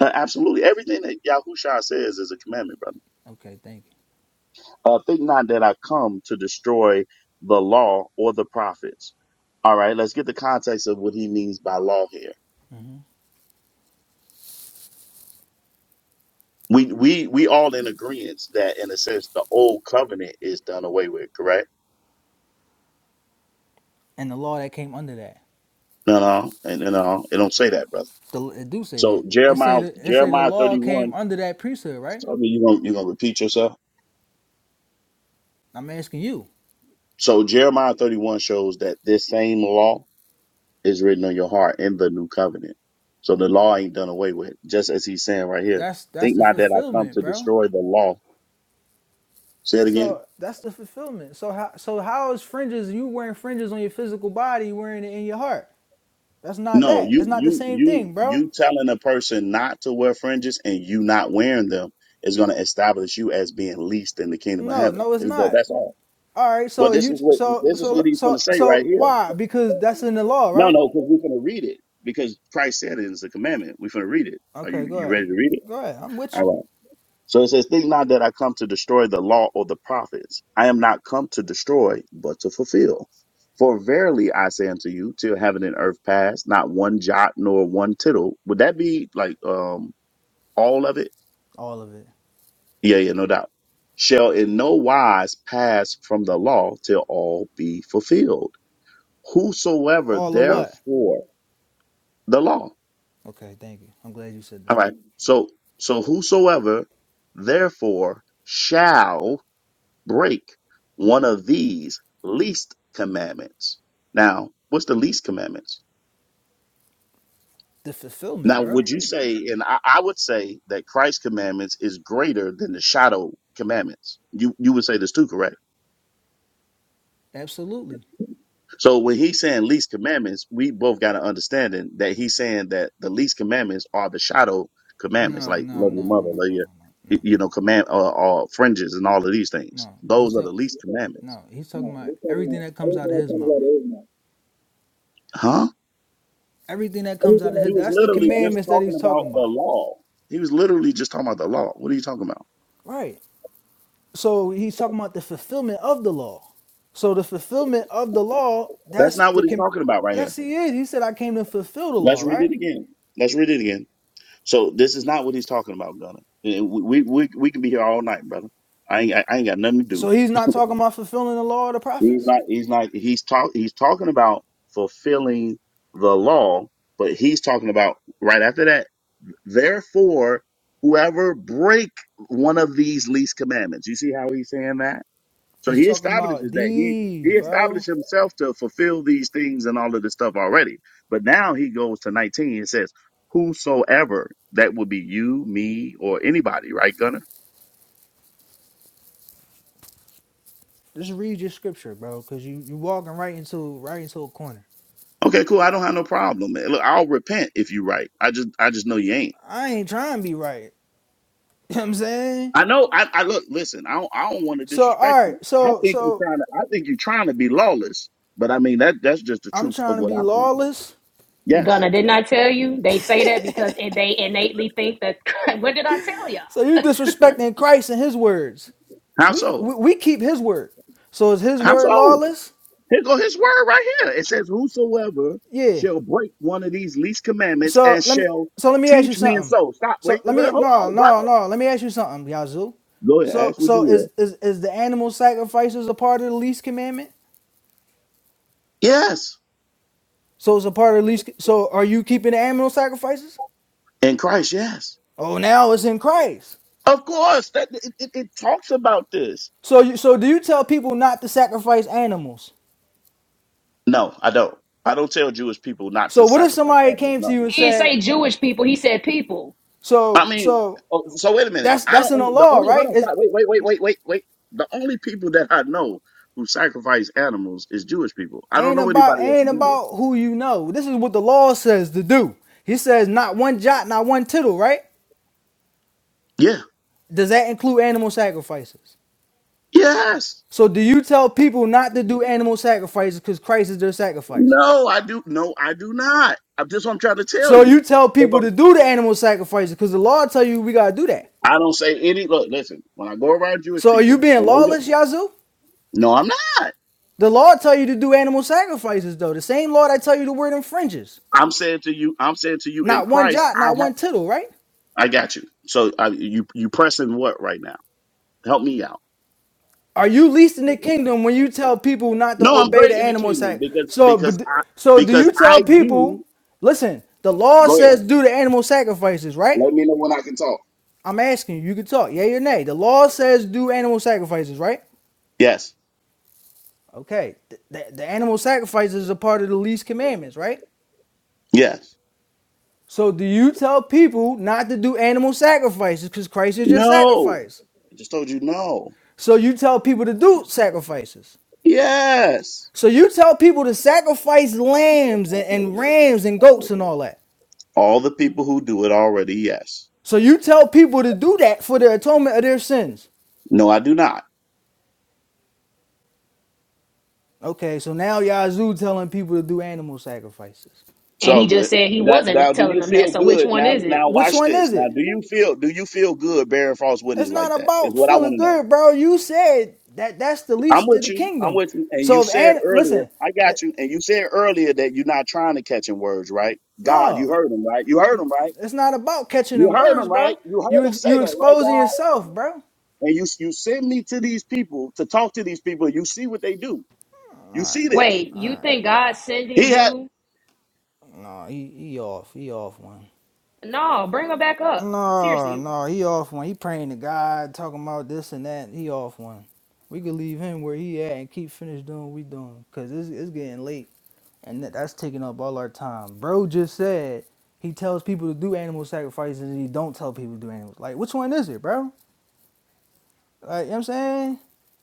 Uh, absolutely. Everything that Yahushua says is a commandment, brother. Okay, thank you. Uh, think not that I come to destroy the law or the prophets. All right, let's get the context of what he means by law here. We we we all in agreement that in a sense the old covenant is done away with, correct? And the law that came under that. No, no, and no, no, it don't say that, brother. The, it do say So that. It say Jeremiah the, it say the Jeremiah law thirty one. came under that priesthood, right? Tell me you gonna you gonna repeat yourself. I'm asking you. So Jeremiah thirty one shows that this same law is written on your heart in the new covenant. So the law ain't done away with, just as he's saying right here. That's that's Think the not that I come fulfillment, to bro. destroy the law. Say it again. So that's the fulfillment. So how so how is fringes you wearing fringes on your physical body, wearing it in your heart? That's not No, that. It's you, not the you, same you, thing, bro. you telling a person not to wear fringes and you not wearing them is going to establish you as being least in the kingdom of No, heaven. no, it's Is that, not. that's all. All right. Well, So this is you what, so this is so what he's going to so say right so here. why? Because that's in the law, No, right? no, because we're going to read it because Christ said it is a commandment. We're going to read it. Are you, Okay, go you ahead. ready to read it? Go ahead. I'm with All you. right. So it says, Think not that I come to destroy the law or the prophets. I am not come to destroy, but to fulfill. For verily I say unto you, till heaven and earth pass, not one jot nor one tittle. Would that be like um all of it? All of it. Yeah, yeah, no doubt. Shall in no wise pass from the law till all be fulfilled. Whosoever All of what? therefore the law. Okay, thank you. I'm glad you said that. All right. So so whosoever therefore shall break one of these least commandments. Now, what's the least commandments? The fulfillment, Now, bro. would you say, and I, I would say that Christ's commandments is greater than the shadow commandments. You you would say this too, correct? Absolutely. So when he's saying least commandments, we both got an understanding that he's saying that the least commandments are the shadow commandments, No, like no, love your no, no, no, mother, love no, your no, no, no, y- you know command or, or fringes and all of these things. no. He's Those are the talking. least commandments, No, he's talking about everything that comes out of his mouth. huh? Everything that comes Everything out of that He his. was That's the literally just commandments that talking he's about talking the about. law. He was literally just talking about the law. What are you talking about? Right. So he's talking about the fulfillment of the law. So the fulfillment of the law, That's that's not the what he's com- talking about right here. Yes, he is. He said I came to fulfill the law, Let's read right? it again. Let's read it again. So this is not what he's talking about, Gunner. Eh, We we we, we can be here all night, brother. I ain't I, I ain't got nothing to do. So he's not talking about fulfilling the law of the He's prophets. not he's not he's talk he's talking about fulfilling the law, but he's talking about right after that. Therefore, whoever break one of these least commandments. You see how he's saying that? So He's he talking about establishes that he he these, bro. established himself to fulfill these things and all of this stuff already. But now he goes to 19 and says, "Whosoever that would be you, me, or anybody, right, Gunner? Just read your scripture, bro, because you you walking right into right into a corner. Okay, cool. I don't have no problem. Man. Look, I'll repent if you right. I just I just know you ain't. I ain't trying to be right. (laughs) You know what I'm saying? I know. I, I look. Listen, I don't I don't want to So all disrespect right, you. I so think you're so trying to. I think you're trying to be lawless. But I mean that that's just the I'm truth of trying to what I be think. lawless. Yes. Gunna, didn't I tell you? They say that because it, they innately think that. (laughs) what did I tell y'all? So you disrespecting Christ and his words. How We so? we, we keep his word. So is his How word so? lawless? Here go his word right here. It says, Whosoever Yeah. shall break one of these least commandments So and let me shall so let me ask you teach men something. so. Stop. So Wait. let wait me hold no on, brother. no no let me ask you something, Yazoo. Go ahead. So Ask what you so will. is is is the animal sacrifices a part of the least commandment? Yes. So it's a part of the least so are you keeping the animal sacrifices? In Christ, yes. Oh now it's in Christ. Of course. That It, it, it talks about this. So you, so do you tell people not to sacrifice animals? No, I don't. I don't tell Jewish people not to So what if sacrifice somebody animals. came to No. you and He didn't said, say Jewish people. He said people, I so mean, so oh, so wait a minute. that's I that's don't, in the the law, only, hold right? on, stop. It Wait, wait, wait, wait, wait, wait. The only people that I know who sacrifice animals is Jewish people. I don't ain't know about anybody else who ain't do about who you know. This is what the law says to do. He says not one jot, not one tittle, right? that. Yeah. Does that include animal sacrifices? Yes. So do you tell people not to do animal sacrifices because Christ is their sacrifice? No, I do. No, I do not. I'm just what I'm trying to tell So you. you tell But- people but to do the animal sacrifices because the law tell you we gotta do that. I don't say any. Look, listen. When I go around Jewish So are you people, and being they do. lawless, Yazoo? No, I'm not. The law tell you to do animal sacrifices, though. The same law that tell you to wear them fringes. I'm saying to you. I'm saying to you in Not one Christ. jot, I not have. one tittle, right? I got you. So I, you you pressing what right now? Help me out. Are you least in the kingdom when you tell people not to No, I'm obey great the in the animal kingdom sac? because So, because but, I so do because you tell I do. people? Listen, the law Go ahead. says do the animal sacrifices, right? Let me know when I can talk. I'm asking you. You can talk, yay or nay. The law says do animal sacrifices, right? Yes. Okay, the th- the animal sacrifices are part of the least commandments, right? Yes. So do you tell people not to do animal sacrifices because Christ is your No. sacrifice? I just told you no. So you tell people to do sacrifices. Yes. So you tell people to sacrifice lambs and, and rams and goats and all that. All the people who do it already. Yes. So you tell people to do that for the atonement of their sins. No, I do not. Okay, so now Yazoo telling people to do animal sacrifices. It's and all he just good. said he Now, now, wasn't do telling you them that. feel So which good? one Now, is it? now, Which watch one this. is Now, it? do you feel? Do you feel good bearing false witness It's like not that? Is about what I want feeling to know. good, bro. You said that that's the I'm least of with the you. I'm kingdom. with you. And you So if said and earlier, listen, I got it, you. And you said earlier that you're not trying to catch in words, right? God, you no, heard him, right? You heard him, right? it's not about catching You in heard words, him, bro. right? You You heard him ex, say you that, right, exposing God? yourself, bro. And you you send me to these people to talk to these people. You see what they do. All You right, see this. Wait, all you right, think bro. God's sending He had. you No, he, he off. He off one. No, bring her back up. No, Seriously. no, he off one. He praying to God, talking about this and that. He off one. We could leave him where he at and keep finish doing what we doing. Cause it's, it's getting late and that, that's taking up all our time. Bro just said he tells people to do animal sacrifices and he don't tell people to do animals. Like which one is it, bro? Like you know what I'm saying?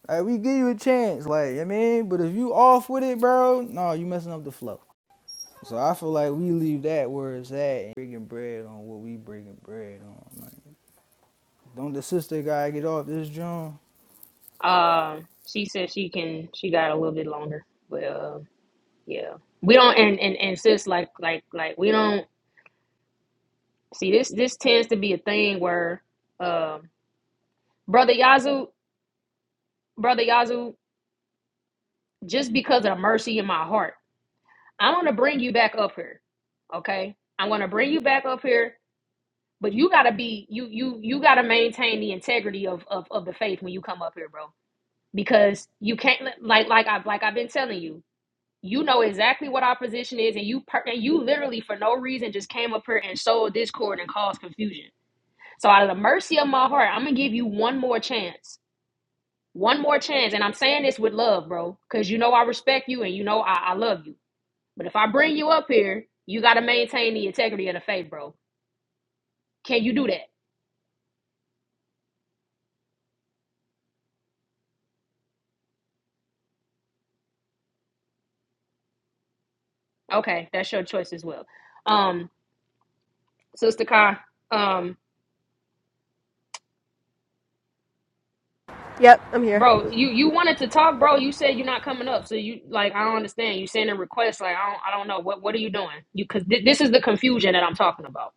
Like we give you a chance, like I mean, but if you off with it, bro, no, you messing up the flow. So I feel like we leave that where it's at breaking bread on what we breaking bread on. Like, don't the sister guy get off this joint? Um, she said she can. She got a little bit longer, but uh, yeah, we don't. And and and sis, like like like we don't see this. This tends to be a thing where, um, brother Yazoo, brother Yazoo, just because of the mercy in my heart, I'm gonna bring you back up here. Okay, I'm gonna bring you back up here. But you gotta be you you you gotta maintain the integrity of of of the faith when you come up here, bro. Because you can't like like I like I've been telling you you know exactly what our position is and you per- and you literally for no reason just came up here and sowed discord and caused confusion so out of the mercy of my heart i'm gonna give you one more chance one more chance and i'm saying this with love bro because you know i respect you and you know I-, I love you but if i bring you up here you gotta maintain the integrity of the faith bro can you do that okay that's your choice as well um sister car Yep. I'm here. Bro, you you wanted to talk, bro. You said you're not coming up, so you like I don't understand. You sending requests, like I don't I don't know what what are you doing? You because thi- this is the confusion that I'm talking about.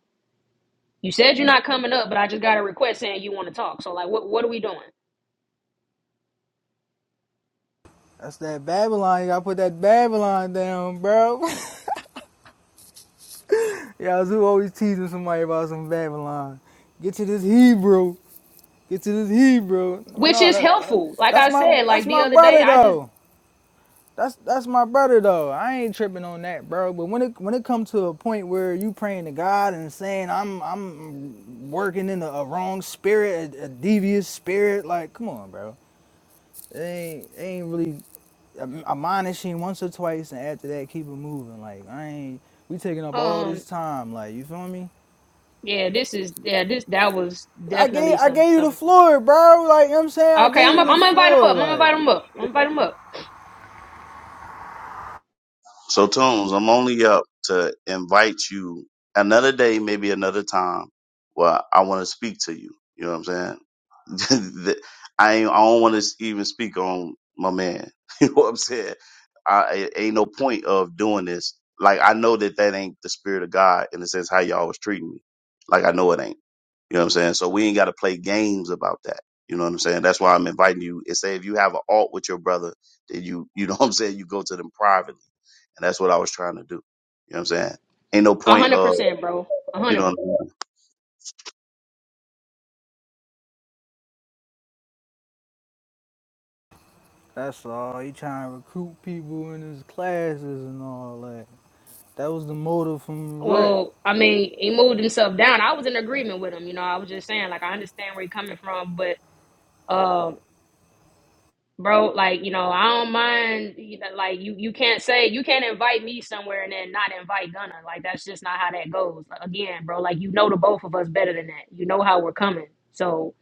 You said you're not coming up, but I just got a request saying you want to talk. So like, what what are we doing? That's that Babylon. You gotta put that Babylon down, bro. (laughs) Y'all Zoo always teasing somebody about some Babylon. Get to this Hebrew. Get to this Hebrew. But Which no, is that, that- helpful. Like that's I my said, that's like the my other day, brother I just though. That's that's my brother though. I ain't tripping on that, bro. But when it when it comes to a point where you praying to God and saying I'm I'm working in a, a wrong spirit, a, a devious spirit, like come on, bro. It ain't it ain't really am- admonishing once or twice, and after that keep it moving. Like I ain't we taking up all um this time. Like you feel me? yeah, this is yeah this that was I gave definitely I some gave you the some floor, bro. Like you know what I'm saying, I okay. gave I'm i you I'm the gonna invite him up. floor. I'm gonna Like invite him up. I'm gonna invite him up. So Tunes, I'm only up to invite you another day, maybe another time, where I want to speak to you. You know what I'm saying? (laughs) The- I ain't, I don't want to even speak on my man. (laughs) you know what I'm saying? I it ain't no point of doing this. Like I know that that ain't the spirit of God in the sense how y'all was treating me. Like I know it ain't. You know what I'm saying? So we ain't got to play games about that. You know what I'm saying? That's why I'm inviting you. And say if you have an alt with your brother, then you you know (laughs) what I'm saying. You go to them privately and that's what I was trying to do. You know what I'm saying? Ain't no A point, hundred uh, percent, bro. A you hundred know, what percent. I mean? that's all. He trying to recruit people in his classes and all that. That was the motive from Rip. Well, I mean, he moved himself down. I was in agreement with him. You know, I was just saying, like, I understand where you're coming from, but, um, bro, like, you know, I don't mind. You know, like, you you can't say you can't invite me somewhere and then not invite Gunna. Like, that's just not how that goes. Like, Again, bro, like, you know the both of us better than that. You know how we're coming. So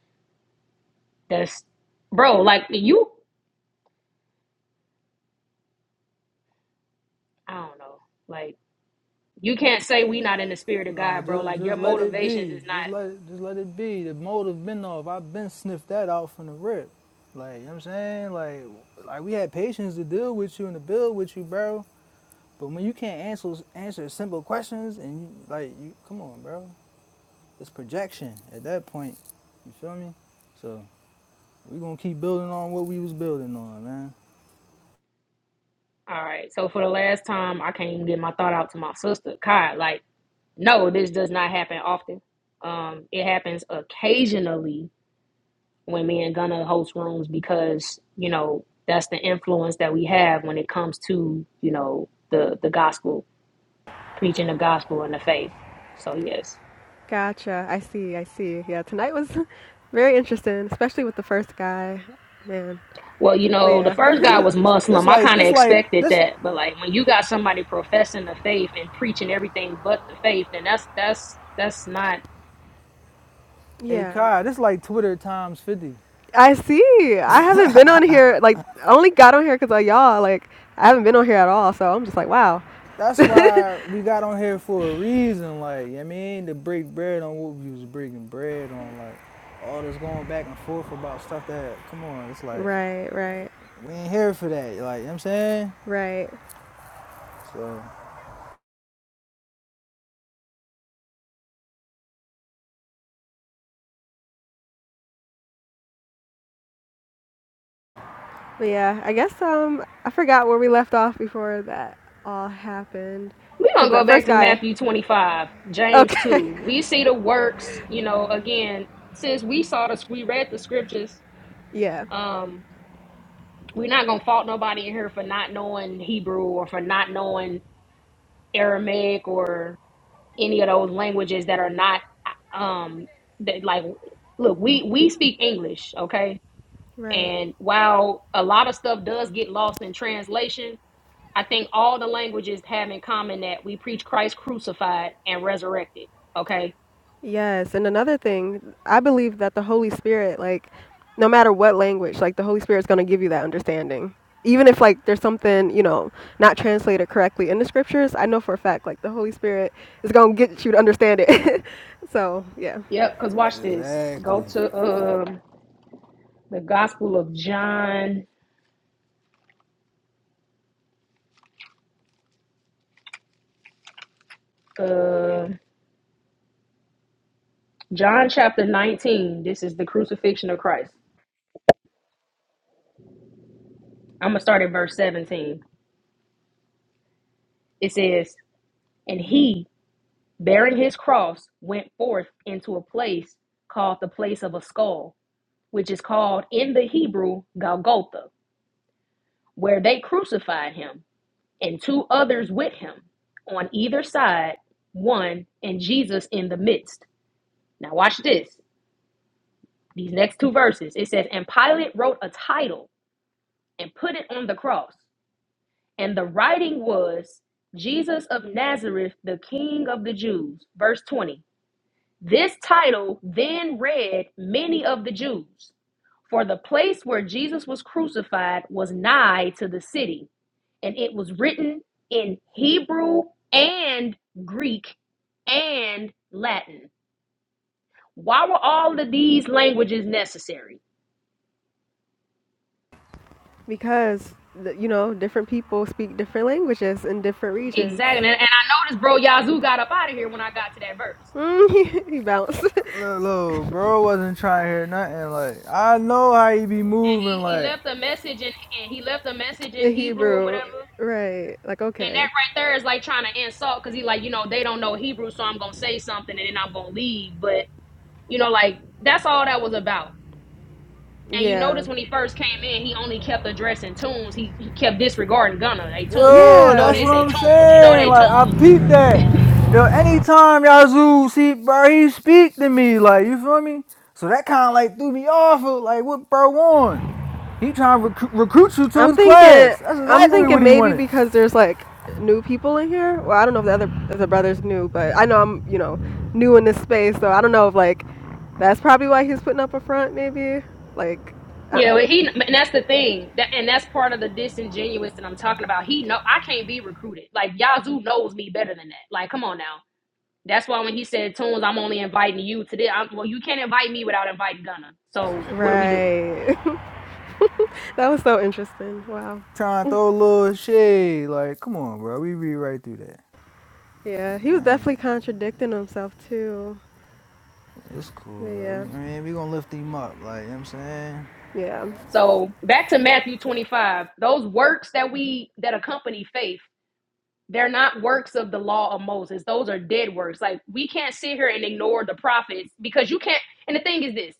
that's, bro, like, you, I don't know, like, you can't say we not in the spirit of No, God, bro. just Like, your just let it motivations be. is not. Just let it just let it be. The motive been off. I've been sniffed that out from the rip. Like, you know what I'm saying? Like like we had patience to deal with you and to build with you, bro. But when you can't answer answer simple questions and you like you come on, bro. It's projection at that point. You feel me? So we gonna keep building on what we was building on, man. All right. So for the last time, I can't even get my thought out to my sister, Kai. Like, no, this does not happen often. Um, it happens occasionally when me and Gunna host rooms because you know that's the influence that we have when it comes to you know the the gospel, preaching the gospel and the faith. So yes. Gotcha. I see. I see. Yeah. Tonight was (laughs) very interesting, especially with the first guy. Man. Well, you But know, the yeah. (laughs) first Yeah, guy this, was Muslim. I like kind of this like expected this that, but like when you got somebody professing the faith and preaching everything but the faith, then that's that's that's not a Yeah. Kai, this like Twitter times fifty. I see. I haven't been on here. Like, I only got on here because of y'all. Like, I haven't been on here at all. So I'm just like, wow. That's why we got on here for a reason, like, you know what I mean, to break bread on what we was breaking bread on, like, all this going back and forth about stuff that, come on, it's like, Right, right, we ain't here for that, like, you know what I'm saying? right. So, But yeah, I guess um, I forgot where we left off before that all happened. We're gonna Because go that back first to guy. Matthew 25, James Okay. 2. We see the works, you know, again, since we saw this, we read the scriptures. (laughs) yeah. Um, we're not gonna fault nobody in here for not knowing Hebrew or for not knowing Aramaic or any of those languages that are not um that like look, we we speak English, okay? Right. And while a lot of stuff does get lost in translation, I think all the languages have in common that we preach Christ crucified and resurrected. Okay. Yes, and another thing, I believe that the Holy Spirit, like, no matter what language, like, the Holy Spirit's going to give you that understanding. Even if, like, there's something, you know, not translated correctly in the scriptures, I know for a fact, like, the Holy Spirit is going to get you to understand it. (laughs) so, yeah, Yep. Because watch this. Go exactly. to um, the Gospel of John, uh, John chapter 19. This is the crucifixion of Christ. I'm going to start at verse 17. It says, And he, bearing his cross, went forth into a place called the place of a skull, which is called in the Hebrew Golgotha, where they crucified him and two others with him on either side, one, and Jesus in the midst. Now, watch this. These next two verses it says, And Pilate wrote a title and put it on the cross. And the writing was, Jesus of Nazareth, the King of the Jews. Verse 20. This title then read many of the Jews, for the place where Jesus was crucified was nigh to the city, and it was written in Hebrew and Greek and Latin. Why were all of these languages necessary? because, th- you know, different people speak different languages in different regions. Exactly. And, and I noticed, bro, Yazoo got up out of here when I got to that verse. Mm, (laughs) he bounced Look, look, bro wasn't trying to hear nothing, like, I know how you be And moving, he, he like, left a message in, and he left a message (laughs) in in Hebrew or Hebrew, whatever. right? Like, And that okay. right there is like trying to insult because he like, you know, they don't know Hebrew, so I'm gonna say something and then I'm gonna leave. But you know, like that's all that was about. And you Yeah. notice when he first came in, he only kept addressing tunes. He, he kept disregarding Gunna. They tunes. You Yo, know that's Yeah. this. what They I'm tunes. You know saying. they tunes. Like I peeped that. Yo, anytime Yazoo see bro, he speak to me. Like you feel me? So that kind of like threw me off. Of, like what bro on? He trying to recruit, recruit you to I'm his thinking. class. That's I'm exactly what thinking he maybe wanted. because there's like new people in here. Well, I don't know if the other if the brothers new, but I know I'm you know new in this space, so I don't know if like that's probably why he's putting up a front. Maybe like You uh, know he. And that's the thing. That and that's part of the disingenuous that I'm talking about. He know I can't be recruited. Like Yazoo knows me better than that. Like come on now. That's why when he said tunes, I'm only inviting you to this. I'm, well, you can't invite me without inviting Gunna. So what do we do? right. (laughs) that was so interesting. Wow. Trying to throw a little shade. Like come on, bro. We be right through that. Yeah, he was definitely Man, contradicting himself too. it's cool though. Yeah. I mean, we gonna lift him up. Like you know what I'm saying, Yeah. So back to Matthew 25, those works that we that accompany faith, they're not works of the law of Moses. Those are dead works. Like we can't sit here and ignore the prophets because you can't and the thing is this,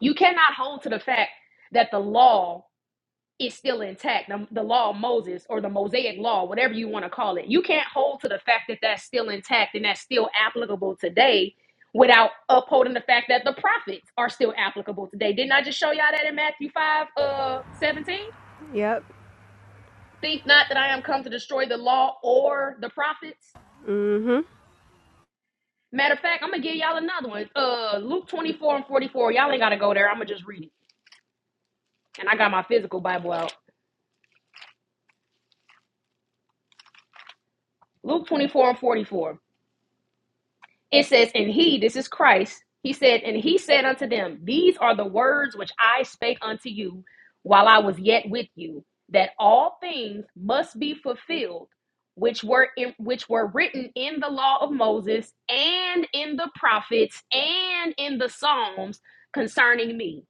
you cannot hold to the fact that the law is still intact the, the law of moses or the mosaic law whatever you want to call it you can't hold to the fact that that's still intact and that's still applicable today without upholding the fact that the prophets are still applicable today didn't i just show y'all that in matthew 5 uh 17 Yep. think not that i am come to destroy the law or the prophets Mhm. matter of fact i'm gonna give y'all another one uh luke 24 and 44 y'all ain't gotta go there i'm gonna just read it and i got my physical bible out luke 24 and 44 It says, And he, this is Christ, he said, And he said unto them, These are the words which I spake unto you while I was yet with you, that all things must be fulfilled. Which were in, which were written in the law of Moses and in the prophets and in the Psalms concerning me.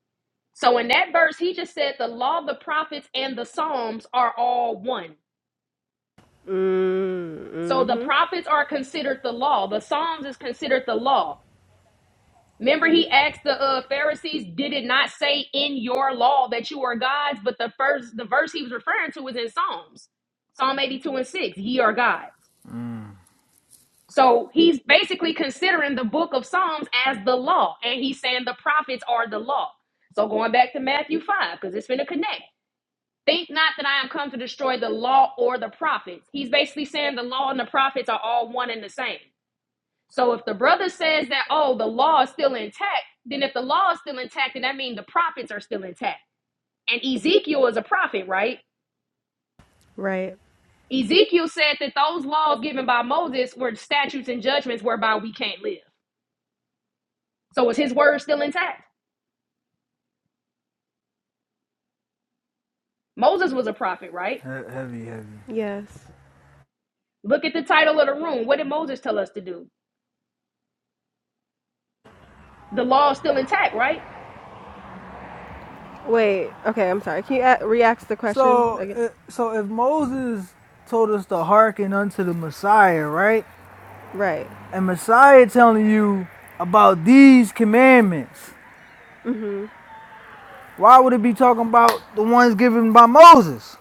So in that verse, he just said the law, the prophets, and the Psalms are all one. Mm, So the Mhm. prophets are considered the law. The Psalms is considered the law Remember, he asked the uh, Pharisees, "Did it not say in your law that you are gods?" But the first, the verse he was referring to was in Psalms, Psalm eighty-two and six: "Ye are gods." So he's basically considering the book of Psalms as the law, and he's saying the prophets are the law. So going back to Matthew five, because it's going to connect. Think not that I am come to destroy the law or the prophets. He's basically saying the law and the prophets are all one and the same. So if the brother says that, oh, the law is still intact, then if the law is still intact, then that means the prophets are still intact. And Ezekiel is a prophet, right? Right. Ezekiel said that those laws given by Moses were statutes and judgments whereby we can't live. So is his word still intact? Moses was a prophet, right? He- heavy, heavy. Yes. Look at the title of the room. What did Moses tell us to do? The law is still intact, right? Wait. Okay. I'm sorry. Can you a- re-ask the question So, again? uh, so if Moses told us to hearken unto the Messiah, right? Right. And Messiah telling you about these commandments. Mhm. Why would it be talking about the ones given by Moses?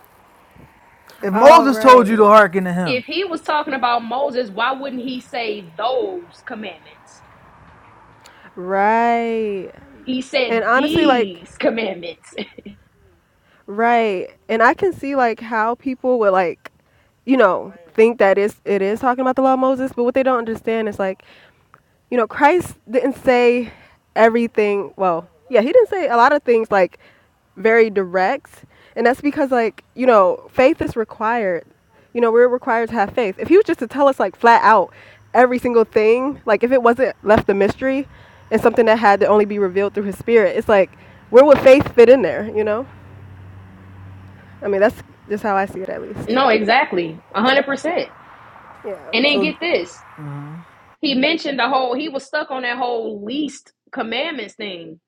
If Oh, Moses told right. you to hearken to If him. he was talking about Moses, why wouldn't he say those commandments? Right. He And said honestly like these commandments. right. And I can see like how people would like you know, think that it's it is talking about the law of Moses, but what they don't understand is like you know, Christ didn't say everything. Well, yeah, he didn't say a lot of things like very direct. And that's because, like, you know, faith is required. You know, we're required to have faith. If he was just to tell us, like, flat out every single thing, like, if it wasn't left a mystery and something that had to only be revealed through his spirit, it's like, where would faith fit in there, you know? I mean, that's just how I see it, at least. No, exactly. a 100%. Yeah. And then So get this. Mhm. He mentioned the whole, he was stuck on that whole least commandments thing.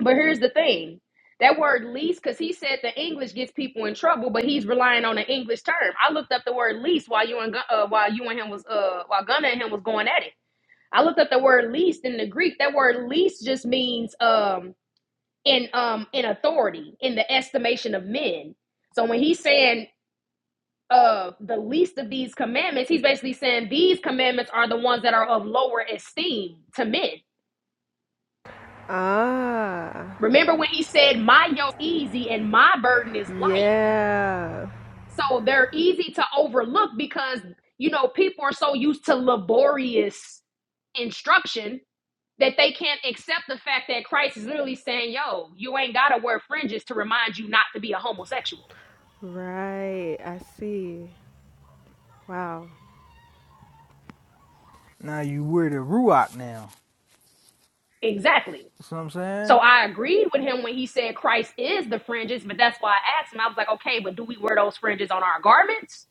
But here's the thing that word least, because he said the English gets people in trouble, but he's relying on an English term. I looked up the word least while you and Gun- uh, while you and him was uh while Gunna and him was going at it. I looked up the word least in the Greek. That word least just means um in um in authority in the estimation of men. So when he's saying Of the least of these commandments he's basically saying these commandments are the ones that are of lower esteem to men Ah, remember when he said my yoke is easy and my burden is light yeah. so they're easy to overlook because you know people are so used to laborious instruction that they can't accept the fact that christ is literally saying yo you ain't gotta wear fringes to remind you not to be a homosexual Right. I see. Wow. now you wear the Ruach now. exactly You See what I'm So saying? I agreed with him when he said Christ is the fringes, but that's why I asked him. I was like, okay, but do we wear those fringes on our garments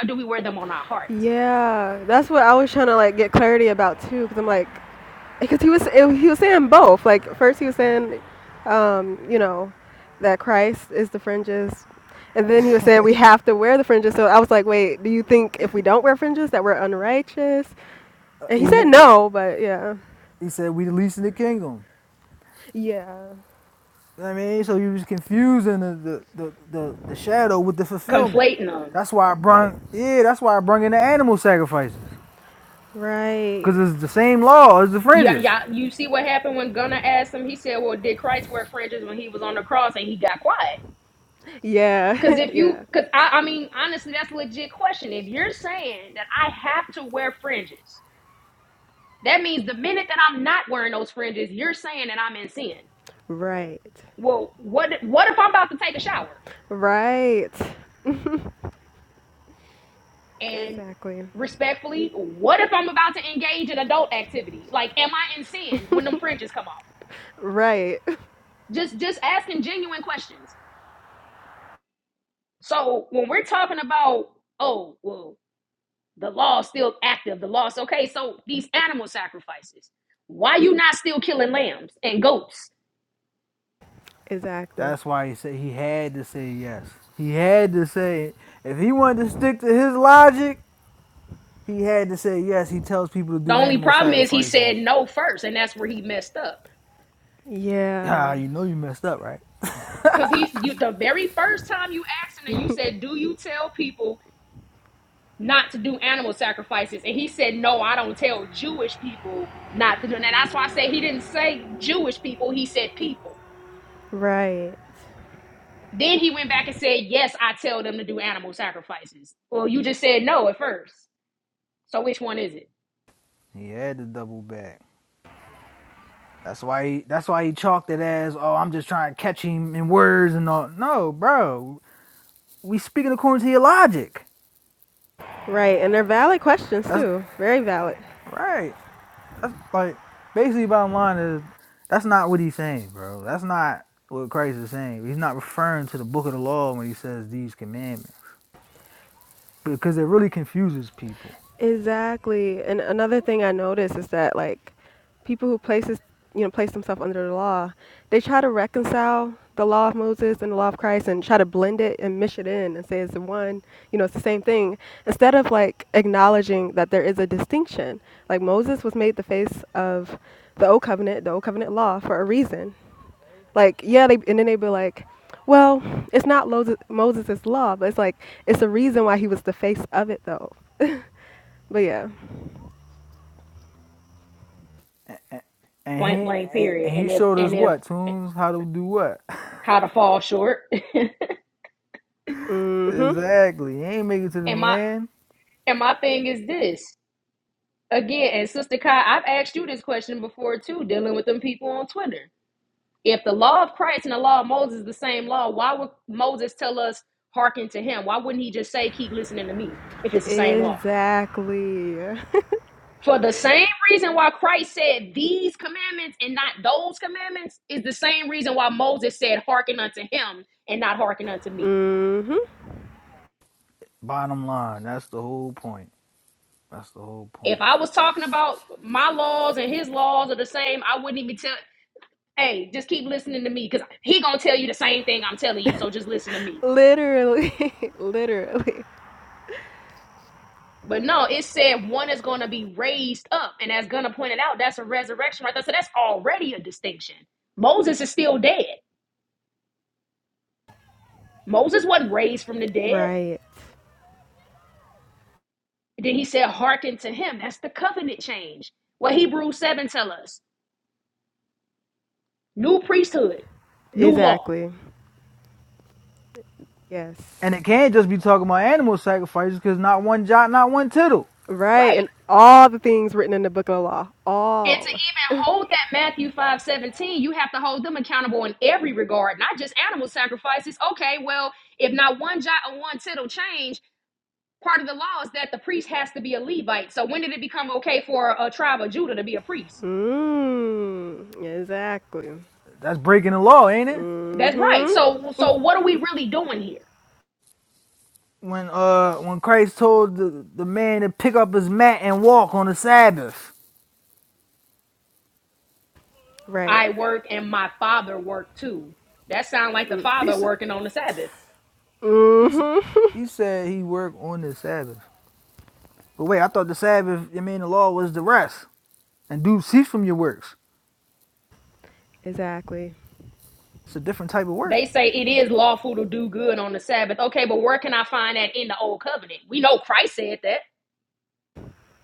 or do we wear them on our hearts? Yeah, that's what I was trying to like get clarity about too, because I'm like, because he was it, he was saying both. Like first he was saying, um, you know, that Christ is the fringes, and then he was saying we have to wear the fringes. So I was like, wait, do you think if we don't wear fringes that we're unrighteous? Uh, And He, he said no, but yeah, he said, we the least in the kingdom. yeah, You know what I mean? So you was confusing the, the, the, the, the shadow with the fulfillment. Conflating them. That's why I brung, yeah, that's why I brung in the animal sacrifices. right, Because it's the same law as the Yeah, fringes. yeah. You see what happened when Gunnar asked him? He said, well, did Christ wear fringes when he was on the cross? And he got quiet. yeah, Because (laughs) if yeah, you, because I, I mean, honestly, that's a legit question. If you're saying that I have to wear fringes, that means the minute that I'm not wearing those fringes, you're saying that I'm in sin. right, Well, what what if I'm about to take a shower? right, And exactly, respectfully, what if I'm about to engage in adult activity? Like, am I in sin when them fringes come off? right, Just just asking genuine questions. So when we're talking about, oh, well, the law's still active, the law's okay. So these animal sacrifices, why you not still killing lambs and goats? (laughs) exactly, That's why he said he had to say yes. He had to say it. If he wanted to stick to his logic, he had to say yes. He tells people to The do only animal problem is he said sacrifices. (clears throat) no first, and that's where he messed up. Ah, yeah, you know you messed up, right? Because he's you the very first time you asked him that you said, Do you tell people not to do animal sacrifices. And he said, No, I don't tell Jewish people not to do that. That's why I say he didn't say Jewish people, he said people. right. Then he went back and said, Yes, I tell them to do animal sacrifices. Well, you just said no at first. So which one is it? He had to double back. That's why he that's why he chalked it as, oh, I'm just trying to catch him in words and all. No, bro. We speaking according to your logic. Right, and they're valid questions That's too. Very valid. right. That's like basically bottom line is that's not what he's saying, bro. That's not what Christ is saying. He's not referring to the book of the law when he says these commandments because it really confuses people. Exactly. And another thing I noticed is that like people who places you know place themselves under the law, they try to reconcile the law of Moses and the law of Christ and try to blend it and mish it in and say it's the one, you know, it's the same thing instead of like acknowledging that there is a distinction. Like Moses was made the face of the old covenant, the old covenant law for a reason. like yeah they and then they'd be like well it's not Moses, Moses' law but it's like it's a reason why he was the face of it though (laughs) but yeah And Point he blank and period. And he if showed and us if what tunes how to do what (laughs) how to fall short. hmm exactly. He ain't make it to (laughs) the and my land. and my thing is this. Again, and Sister Kai, I've asked you this question before too, dealing with them people on Twitter If the law of Christ and the law of Moses is the same law, why would Moses tell us hearken to him? Why wouldn't he just say keep listening to me if it's the same law? exactly (laughs) For the same reason why Christ said these commandments and not those commandments is the same reason why Moses said hearken unto him and not hearken unto me. hmm Bottom line, that's the whole point. That's the whole If point. I was talking about my laws and his laws are the same, I wouldn't even tell hey, just keep listening to me because he gonna tell you the same thing I'm telling you, so just listen to me. literally (laughs) literally But no, it said one is going to be raised up. And as Gunna pointed out, that's a resurrection right there. So that's already a distinction. Moses is still dead. Moses wasn't raised from the dead. right And then he said, hearken to him. That's the covenant change. What Hebrews 7 tell us. New priesthood, new law. exactly yes And it can't just be talking about animal sacrifices because not one jot, not one tittle. right Right. and all the things written in the book of the law And to all even hold that Matthew 5 17, you have to hold them accountable in every regard, not just animal sacrifices. Okay, well, if not one jot or one tittle change, part of the law is that the priest has to be a Levite. So when did it become okay for a tribe of Judah to be a priest? mm, exactly That's breaking the law, ain't it? That's right. hmm So so what are we really doing here? when uh when Christ told the, the man to pick up his mat and walk on the Sabbath. right I work and my father worked too. That sounds like the He father said working on the Sabbath. he, s- hmm he said he worked on the Sabbath. But wait, I thought the Sabbath, I mean the law was the rest. And do cease from your works. (laughs) exactly It's a different type of They work. say it is lawful to do good on the Sabbath. Okay, but where can I find that in the old covenant? We know Christ said that.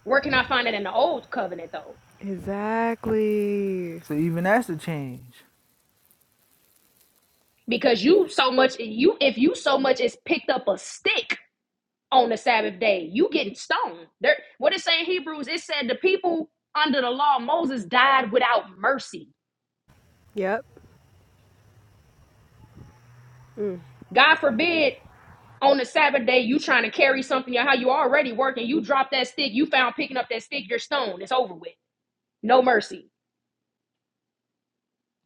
Where can I find that in the old covenant though? Exactly. So even that's a change. Because you so much you if you so much as picked up a stick on the Sabbath day. You getting stoned. There, what it say in Hebrews, it said the people under the law, Moses died without mercy. Yep. Mm. God forbid on the Sabbath day you trying to carry something or how you already working, you drop that stick, you found picking up that stick, you're stoned. It's over with. No mercy.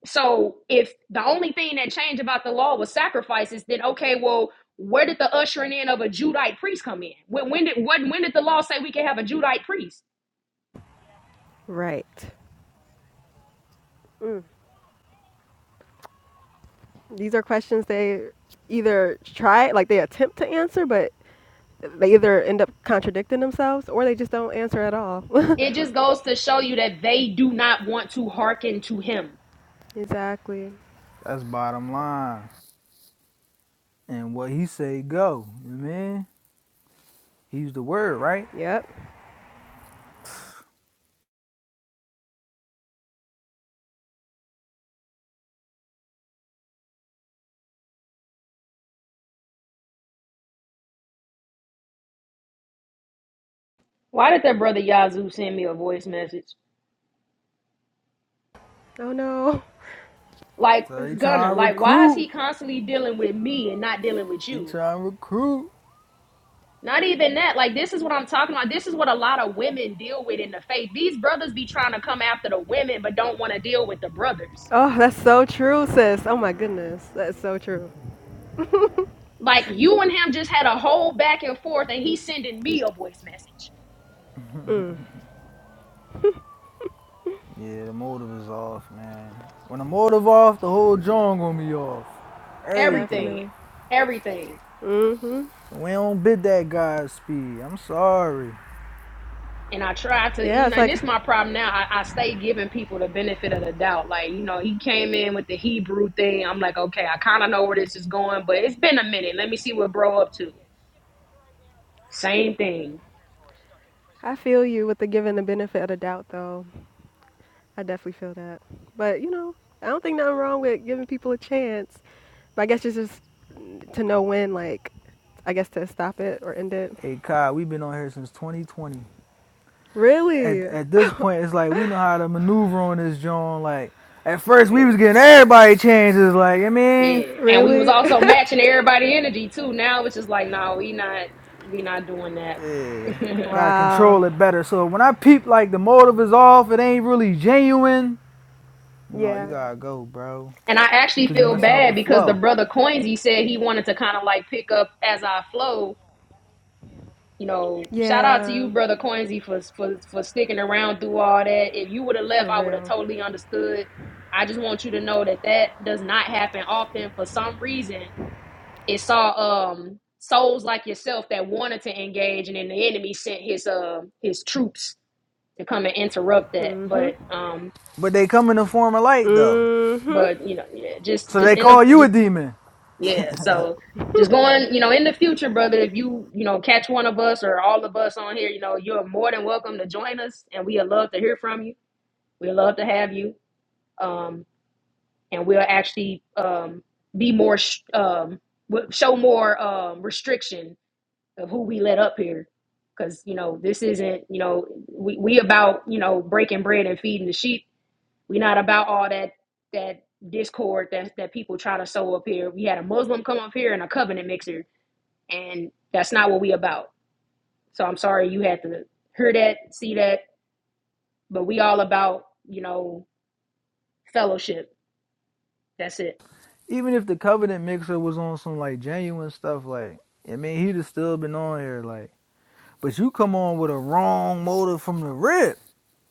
So if the only thing that changed about the law was sacrifices, then okay, well, where did the ushering in of a Judite priest come in? When, when did what when did the law say we can have a Judite priest? Right. Mm. These are questions they either try, like they attempt to answer, but they either end up contradicting themselves or they just don't answer at all. (laughs) It just goes to show you that they do not want to hearken to him. exactly. That's bottom line. And what he say go. You know what I mean? He's the word, right? Yep. Why did that brother Yazoo send me a voice message? Oh no. Like, So he Gunner, trying to like, why is recruit. he constantly dealing with me and not dealing with He you? trying to recruit. Not even that. Like, this is what I'm talking about. This is what a lot of women deal with in the faith. These brothers be trying to come after the women, but don't want to deal with the brothers. Oh, that's so true, sis. Oh my goodness. That's so true. Like, Yeah. you and him just had a whole back and forth, and he's sending me a voice message. Mm. Yeah, the motive is off, man. When the motive off, the whole joint gonna be off. Everything. Everything. Definitely. Everything. Mm hmm. So We don't bid that guy's speed. I'm sorry. And I try to, Yeah, you know, it's and like, this is my problem now. I, I stay giving people the benefit of the doubt. Like, you know, he came in with the Hebrew thing. I'm like, okay, I kind of know where this is going, but it's been a minute. Let me see what bro up to. Same thing. I feel you with the giving the benefit of the doubt, though. I definitely feel that. But, you know, I don't think nothing wrong with giving people a chance. But I guess it's just to know when, like, I guess to stop it or end it. Hey Kai, we've been on here since 2020. At Really? at this point, it's like we know how to maneuver on this joint. Like at first, we was getting everybody chances. Like I mean, Yeah. And we was Really? also matching everybody energy too. Now it's just like, no, we not, we not doing that. (laughs) yeah, (laughs) and gotta wow. control it better. So when I peep, like the motive is off, it ain't really genuine. No, you Yeah. gotta go, bro, I actually cause I you feel don't messing blame up bad the you. because the flow. brother Coinsy said he wanted to kind of like pick up as I flow you know, shout out to Yeah. you, brother Coinsy, for for for sticking around through all that. If you would have left, For I would have real. totally understood. I just want you to know that that does not happen often. For some reason, it saw um souls like yourself that wanted to engage, and then the enemy sent his uh his troops to come and interrupt that. Mhm. But um, But they come in the form of light though. Mhm. but you know, yeah, just So just they in call you the a demon. Yeah, so just going, you know, in the future, brother, if you, you know, catch one of us or all of us on here, you know, you're more than welcome to join us and we'd love to hear from you. We'd love to have you. Um, and we'll actually um, be more, sh- um, we'll show more um, restriction of who we let up here. Cause you know, this isn't, you know, we, we about, you know, breaking bread and feeding the sheep. we are not about all that, that discord that, that people try to sow up here. We had a Muslim come up here and a covenant mixer and that's not what we about. So I'm sorry you had to hear that, see that, but we all about you know fellowship. That's it. Even if the covenant mixer was on some like genuine stuff, like I mean, he'd have still been on here, like. But you come on with a wrong motive from the rip,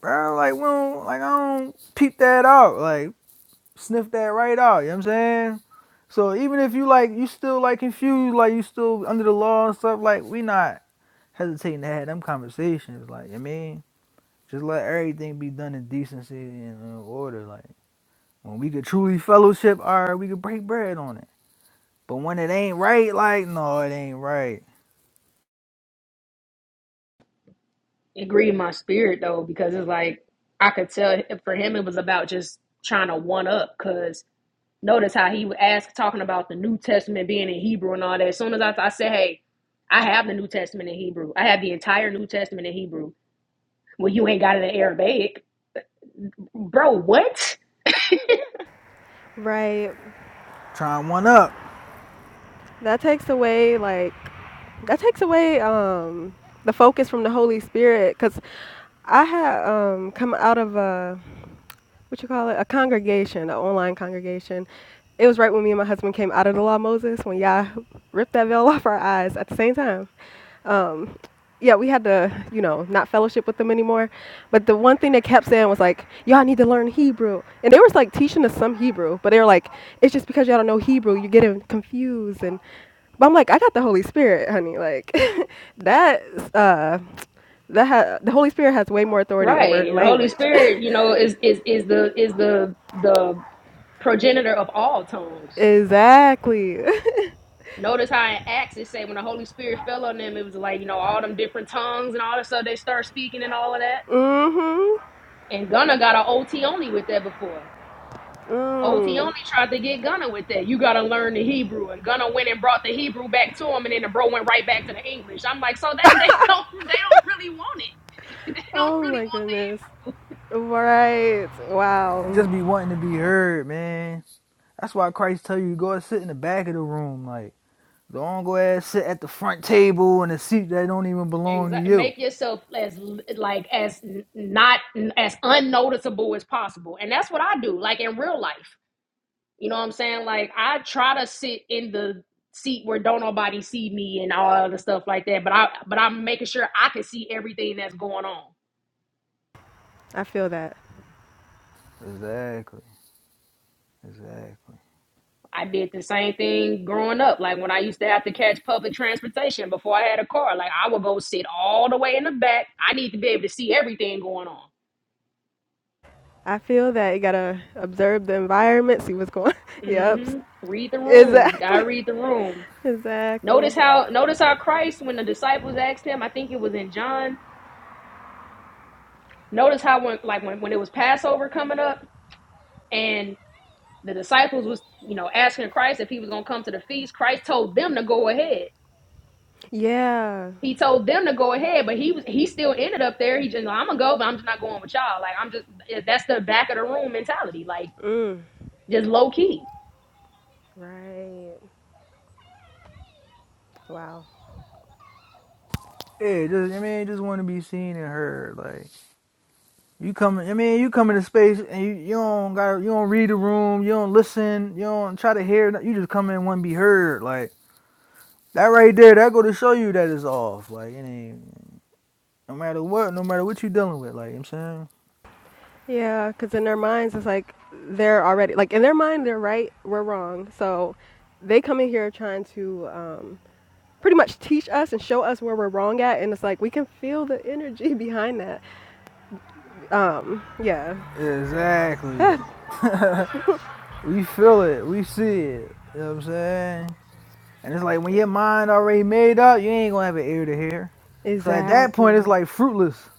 bro. Like we don't, like I don't peep that out, like sniff that right out. You know what I'm saying? So even if you like, you still like confused, like you still under the law and stuff. Like we not hesitating to have them conversations. Like I mean, just let everything be done in decency and in order. Like when we could truly fellowship, all right, we could break bread on it. But when it ain't right, like, no, it ain't right. It grieved my spirit though because it's like I could tell for him it was about just trying to one up. Cause notice how he was asked talking about the New Testament being in Hebrew and all that. As soon as I, I said, hey, I have the New Testament in Hebrew. I have the entire New Testament in Hebrew. Well, you ain't got it in Arabic, bro. What? Right. Trying one up. That takes away like that takes away um the focus from the Holy Spirit cuz I had um come out of a what you call it, a congregation, an online congregation. It was right when me and my husband came out of the law of Moses when Yah ripped that veil (laughs) off our eyes at the same time. Um, yeah, we had to, you know, not fellowship with them anymore. But the one thing they kept saying was like, y'all need to learn Hebrew. And they was like teaching us some Hebrew, but they were like, it's just because y'all don't know Hebrew, you're getting confused. And but I'm like, I got the Holy Spirit, honey. Like (laughs) that, uh, that ha- the Holy Spirit has way more authority Right. over And the Holy language. (laughs) Spirit, you know, is is is the is the the progenitor of all tongues. Exactly. (laughs) Notice how in Acts it say when the Holy Spirit fell on them, it was like, you know, all them different tongues and all that stuff they start speaking and all of that. mhm. And Gunna got an OT only with that before. OT Mm. only tried to get Gunna with that. You gotta learn the Hebrew. And Gunna went and brought the Hebrew back to him and then the bro went right back to the English. I'm like, so that they (laughs) don't they don't really want it. (laughs) they don't Oh really my want goodness. Right. Just be Wow. wanting to be heard, man. That's why Christ tell you go and sit in the back of the room. Like, don't go ahead and sit at the front table in a seat that don't even belong to Exactly. you. Make yourself as like as n- not as unnoticeable as possible, and that's what I do. Like in real life, you know what I'm saying? Like I try to sit in the seat where don't nobody see me and all other stuff like that. But I but I'm making sure I can see everything that's going on. I feel that. Exactly. Exactly. I did the same thing growing up. Like when I used to have to catch public transportation before I had a car, like I would go sit all the way in the back. I need to be able to see everything going on. I feel that you gotta observe the environment, see what's going. (laughs) yep. mm hmm Read the room. Gotta Exactly. (laughs) read the room. Notice Exactly. how notice how Christ, when the disciples asked him, I think it was in John. Notice how when like when, when it was Passover coming up and the disciples was, you know, asking Christ if he was gonna come to the feast, Christ told them to go ahead. Yeah. He told them to go ahead, but he was he still ended up there. He just I'm gonna go, but I'm just not going with y'all. Like I'm just that's the back of the room mentality, like Mm. just low key. Right. Wow. Yeah, just I mean, just want to be seen and heard. Like you come, I mean, you come into space and you, you don't got, you don't read the room, you don't listen, you don't try to hear. You just come in and want to be heard. Like that right there, that go to show you that it's off. Like it ain't, No matter what, no matter what you're dealing with, like, you know what I'm Yeah, because in their minds, it's like they're already like in their mind they're right, we're wrong. So they come in here trying to um, pretty much teach us and show us where we're wrong at and it's like we can feel the energy (laughs) behind that um yeah saying? Exactly. (laughs) (laughs) we feel it, we see it, you know what I'm saying? And it's like when your mind already made up, you ain't gonna have an ear to hear. So at that point, it's exactly like fruitless.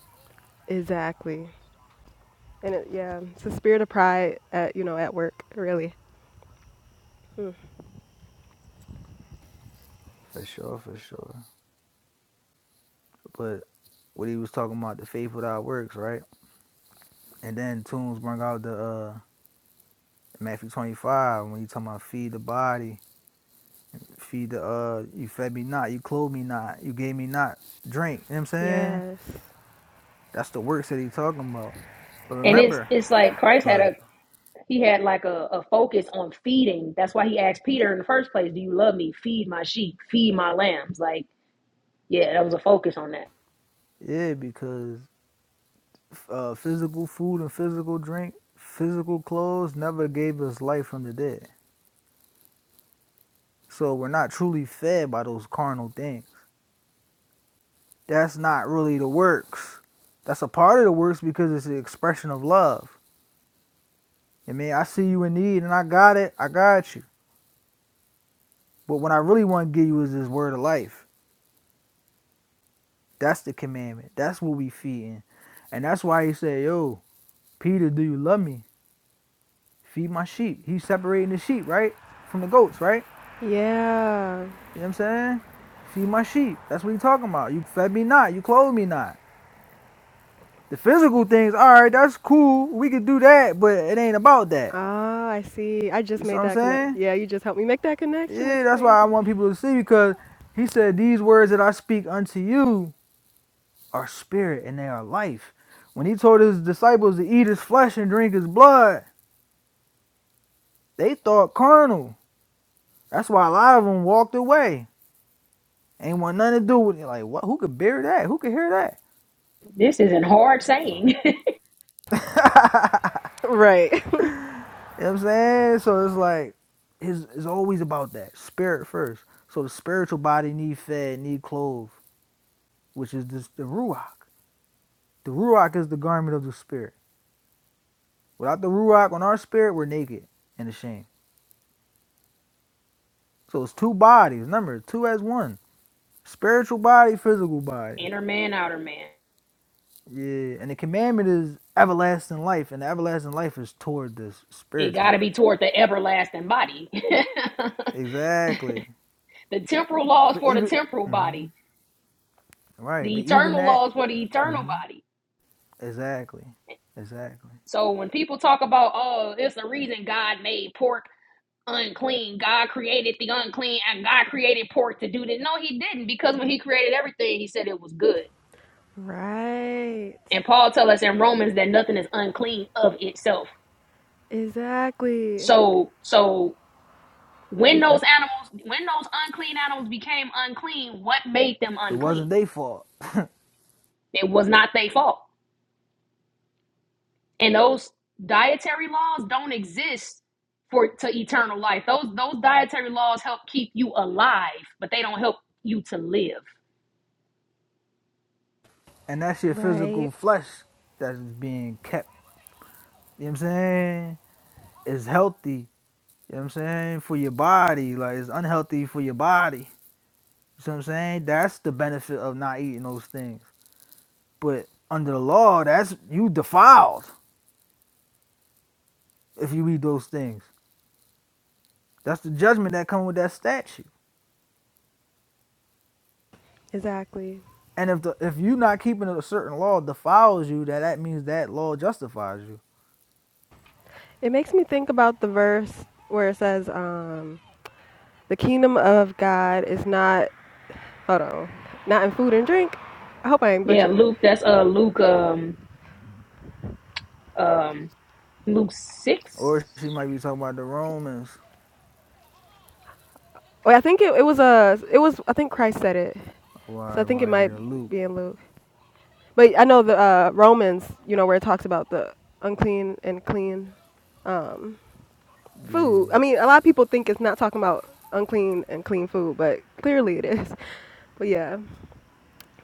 exactly and it, yeah it's the spirit of pride at you know at work really Mm. For sure, for sure. But what he was talking about, the faith without works, right? And then Tunes bring out the uh Matthew 25 when you talking about feed the body, feed the uh, you fed me not, you clothed me not, you gave me not drink. You know what I'm saying? yes That's the works that he talking about. But And it's remember, it's like Christ had but a He had like a, a focus on feeding. That's why he asked Peter in the first place, Do you love me? Feed my sheep, feed my lambs. Like, yeah, that was a focus on that. yeah, because uh, physical food and physical drink, physical clothes never gave us life from the dead. So we're not truly fed by those carnal things. That's not really the works. That's a part of the works because it's the expression of love. I mean, I see you in need and I got it. I got you. But what I really want to give you is this word of life. That's the commandment. That's what we feeding. And that's why he said, yo, Peter, do you love me? Feed my sheep. He's separating the sheep, right? From the goats, right? yeah You know what I'm saying? Feed my sheep. That's what he's talking about. You fed me not. You clothed me not. The physical things, all right, that's cool. We could do that, but it ain't about that. ah i see i just You see made what I'm that connect saying? yeah you just helped me make that connection Yeah, that's that's why I crazy want people to see because he said, These words that I speak unto you are spirit and they are life. When he told his disciples to eat his flesh and drink his blood, they thought carnal. That's why a lot of them walked away. Ain't want nothing to do with it. Like, what? Who could bear that? Who could hear that? This isn't hard saying. (laughs) (laughs) right you know what I'm saying? So it's like, it's, it's always about that spirit first. So the spiritual body need fed, need clothed, which is this, the ruach. The ruach is the garment of the spirit. Without the ruach on our spirit, we're naked and ashamed. So it's two bodies. Remember, two as one. Spiritual body, physical (laughs) body. Inner man, outer man. Yeah. And the commandment is everlasting life, and the everlasting life is toward this It spiritual got to be body. toward the everlasting body. (laughs) Exactly. the temporal laws But for the even temporal hmm body, right, the but even eternal that, laws for the eternal hmm body. exactly, exactly, So when people talk about, oh, it's the reason God made pork unclean. God created the unclean and God created pork to do this. No, he didn't, because when he created everything, he said it was good. (laughs) right And Paul tells us in Romans that nothing is unclean of itself. exactly So so when those and animals when those unclean animals became unclean, what made them it wasn't unclean? their fault, It was not their fault. And those dietary laws don't exist for to eternal life. Those those dietary laws help keep you alive, but they don't help you to live. and that's your right physical flesh that's being kept. You know what I'm saying? It's healthy. You know what I'm saying for your body, like it's unhealthy for your body. You know what I'm saying? That's the benefit of not eating those things. But under the law, that's you defiled if you eat those things. That's the judgment that come with that statute. exactly And if the if you not keeping a certain law defiles you, that that means that law justifies you. it makes me think about the verse where it says um The kingdom of God is not hold on, not in food and drink. I hope I ain't Yeah, butchering it. Luke. That's uh Luke um um Luke six. Or she might be talking about the Romans, Wait, I think it, it was a it was I think Christ said it, so or I it think it might be might a Luke. be in Luke. But I know the uh, Romans, you know, where it talks about the unclean and clean um, Yeah, food. I mean, a lot of people think it's not talking about unclean and clean food, but clearly it is. But yeah,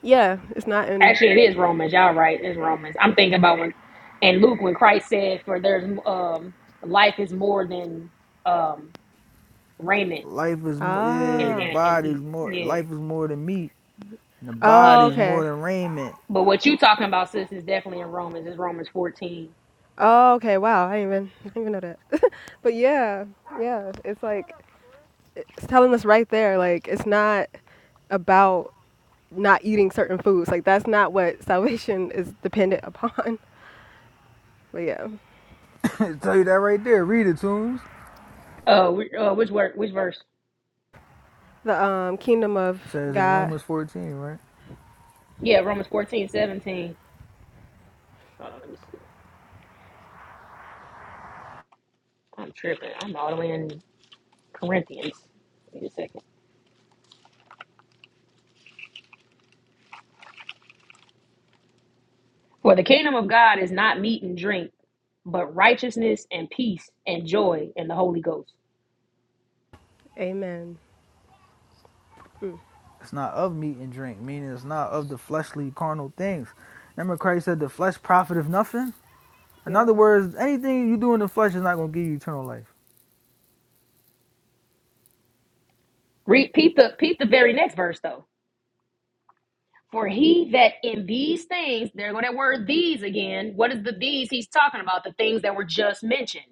yeah, it's not in. Actually, it is Romans. Y'all right? It's Romans. I'm It, thinking about when and Luke when Christ said, "For there's um life is more than um raiment life is mo- yeah and the ah, and, and body's eat." more Yeah, life is more than meat, and the oh, body's yeah. more okay. than raiment. But what you talking about, sis, is definitely in Romans. It's Romans 14. Oh, okay. Wow, I didn't even (laughs) I didn't even know that. (laughs) but yeah, yeah, it's like it's telling us right there, like it's not about not eating certain foods. Like that's not what (laughs) salvation is dependent upon. (laughs) But yeah, (coughs) (laughs) Tell you that right there. Read it, Tunes. Uh, wh- uh which word? Which verse? the um, kingdom of It says in God. Romans fourteen, right? Yeah, Romans fourteen seventeen. 17. Hold on, let me see. I'm tripping. I'm all the way in Corinthians. Wait a second. For the kingdom of God is not meat and drink, but righteousness and peace and joy in the Holy Ghost. Amen. It's not of meat and drink, meaning it's not of the fleshly carnal things. Remember Christ said the flesh profiteth nothing. In Yep. other words, anything you do in the flesh is not gonna give you eternal life. Repeat the peep the very next verse though. For he that in these things, they're going to word these again. What is the these he's talking about? The things that were just mentioned.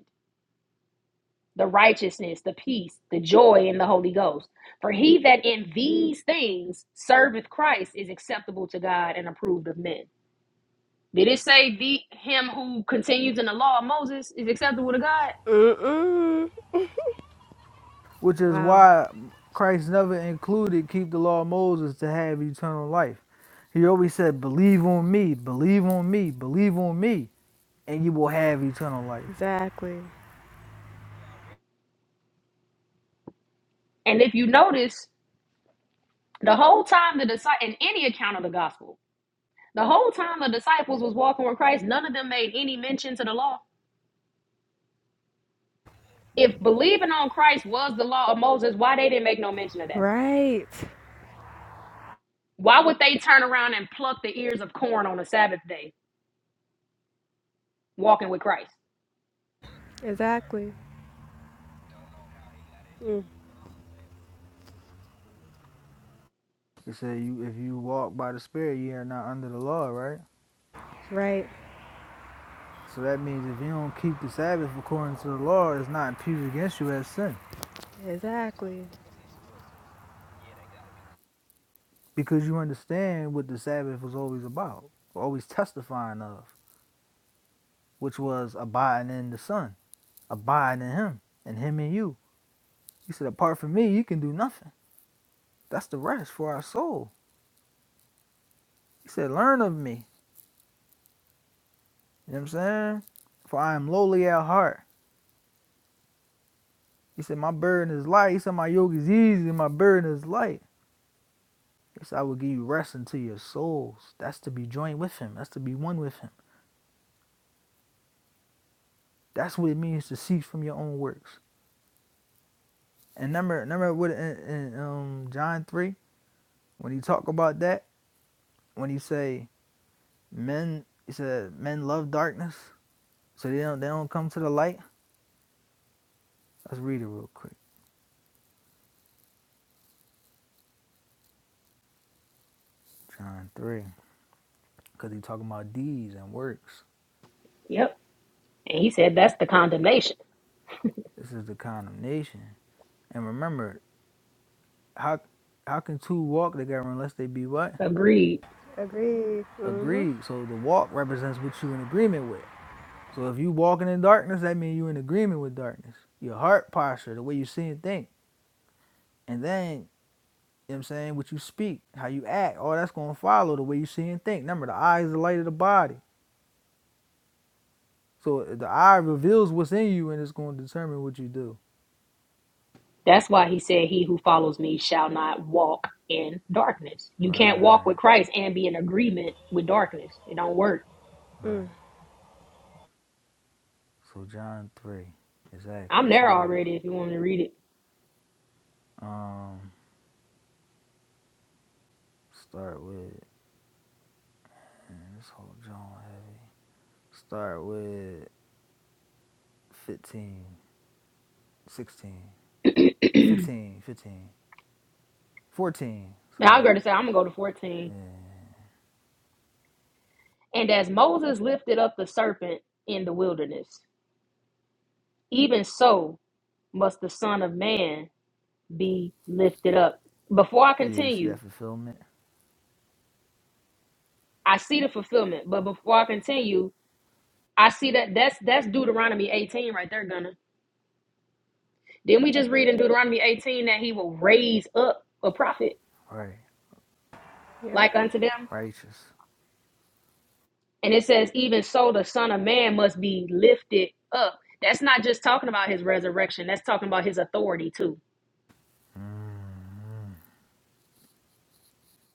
The righteousness, the peace, the joy in the Holy Ghost. For he that in these things serveth Christ is acceptable to God and approved of men. Did it say the him who continues in the law of Moses is acceptable to God? Mm-mm. which is Wow. why Christ never included keep the law of Moses to have eternal life. He always said, Believe on me, believe on me, believe on me, and you will have eternal life. Exactly. And if you notice, the whole time the disciples, in any account of the gospel, the whole time the disciples was walking with Christ, none of them made any mention to the law. If believing on Christ was the law of Moses, why they didn't make no mention of that? Right. Why would they turn around and pluck the ears of corn on the Sabbath day, walking with Christ? Exactly. He said, you, If you walk by the Spirit, you are not under the law, right? Right. So that means if you don't keep the Sabbath according to the law, it's not imputed against you as sin Exactly. because you understand what the Sabbath was always about, always testifying of, which was abiding in the Son, abiding in Him, and Him in you. He said, apart from me, you can do nothing. That's the rest for our soul. He said, learn of me. You know what I'm saying? For I am lowly at heart. He said, my burden is light. He said, my yoke is easy. and My burden is light. He said, I will give you rest unto your souls. That's to be joined with him. That's to be one with him. That's what it means to cease from your own works. And remember, remember what in, in um, John 3, when he talk about that, when he say, men, he said, men love darkness, so they don't, they don't come to the light. Let's read it real quick. John 3, because he's talking about deeds and works. Yep. And he said that's the condemnation. This is the condemnation. And remember, how how can two walk together unless they be what? Agreed. Agree. Mhm. Agreed. So the walk represents what you in agreement with. So if you walking in darkness, that means you in agreement with darkness. Your heart posture, the way you see and think. And then, you know what I'm saying, what you speak, how you act, all that's going to follow the way you see and think. Remember, the eye is the light of the body. So the eye reveals what's in you and it's going to determine what you do. That's why he said, He who follows me shall not walk in darkness. You can't walk with Right, Christ and be in agreement with darkness. It don't work. Mm. right. So John three, exactly. I'm there Jones. already if you want me to read Um, start with and this whole John heavy. Start with fifteen, sixteen, it. fifteen, fifteen, fourteen. (clears throat) now Sorry. I'm going to say, I'm going to go to 14. Yeah. And as Moses lifted up the serpent in the wilderness, even so must the Son of Man be lifted up. Before I Yeah. You see continue, that fulfillment? I see the fulfillment, but before I continue, I see that that's that's Deuteronomy 18 right there, Gunner. Didn't we just read in Deuteronomy 18 that he will raise up a prophet Right. Yeah. like unto them? Righteous. And it says, even so, the Son of Man must be lifted up. That's not just talking about his resurrection, that's talking about his authority too. Mm-hmm.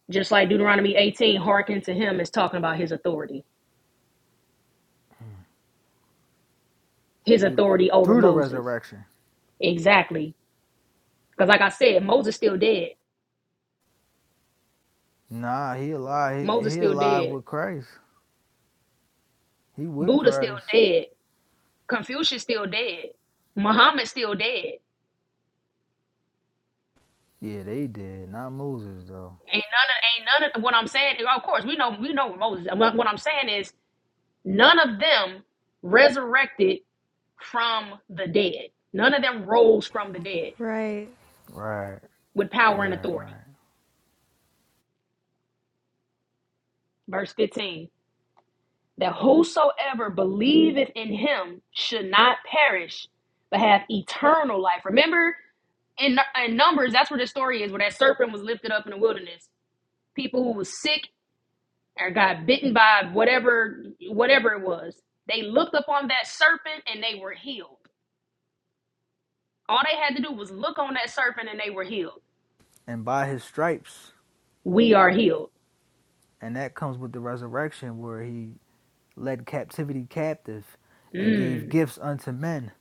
Just like Deuteronomy 18, hearken to him is talking about his authority, his Through the, authority over through the Moses. resurrection. Exactly. Because, like I said, Moses still dead. Nah, he alive. He, Moses he still alive dead. with Christ. He with Buddha still Christ. dead. Confucius still dead. Muhammad still dead. Yeah, they did. Not Moses though. Ain't none of ain't none of what I'm saying. Of course, we know we know Moses. What what I'm saying is none of them resurrected from the dead. None of them rose from the dead Right. Right. with power and Right. authority. Right. Verse 15 that whosoever believeth in him should not perish, but have eternal life. Remember in, in Numbers, that's where the story is, where that serpent was lifted up in the wilderness. People who was sick or got bitten by whatever whatever it was, they looked upon that serpent and they were healed. All they had to do was look on that serpent and they were healed. And by his stripes. We are healed. And that comes with the resurrection where he led captivity captive and gave Mm, gifts unto men.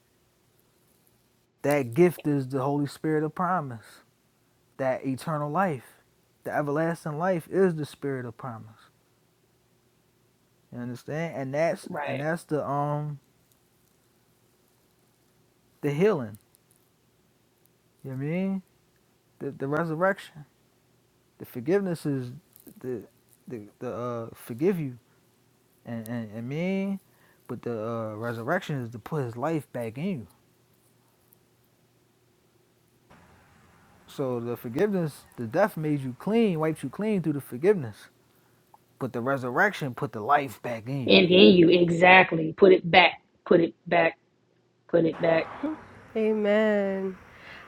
That gift is the Holy Spirit of promise, that eternal life. The everlasting life is the spirit of promise. You understand? And that's and right. that's the um the healing. You know what I mean? The the resurrection. The forgiveness is the the the uh forgive you and and, and mean, but the uh, resurrection is to put his life back in you. So the forgiveness, the death made you clean, wiped you clean through the forgiveness. But the resurrection put the life back in you. And then you exactly put it back, put it back, put it back. Amen.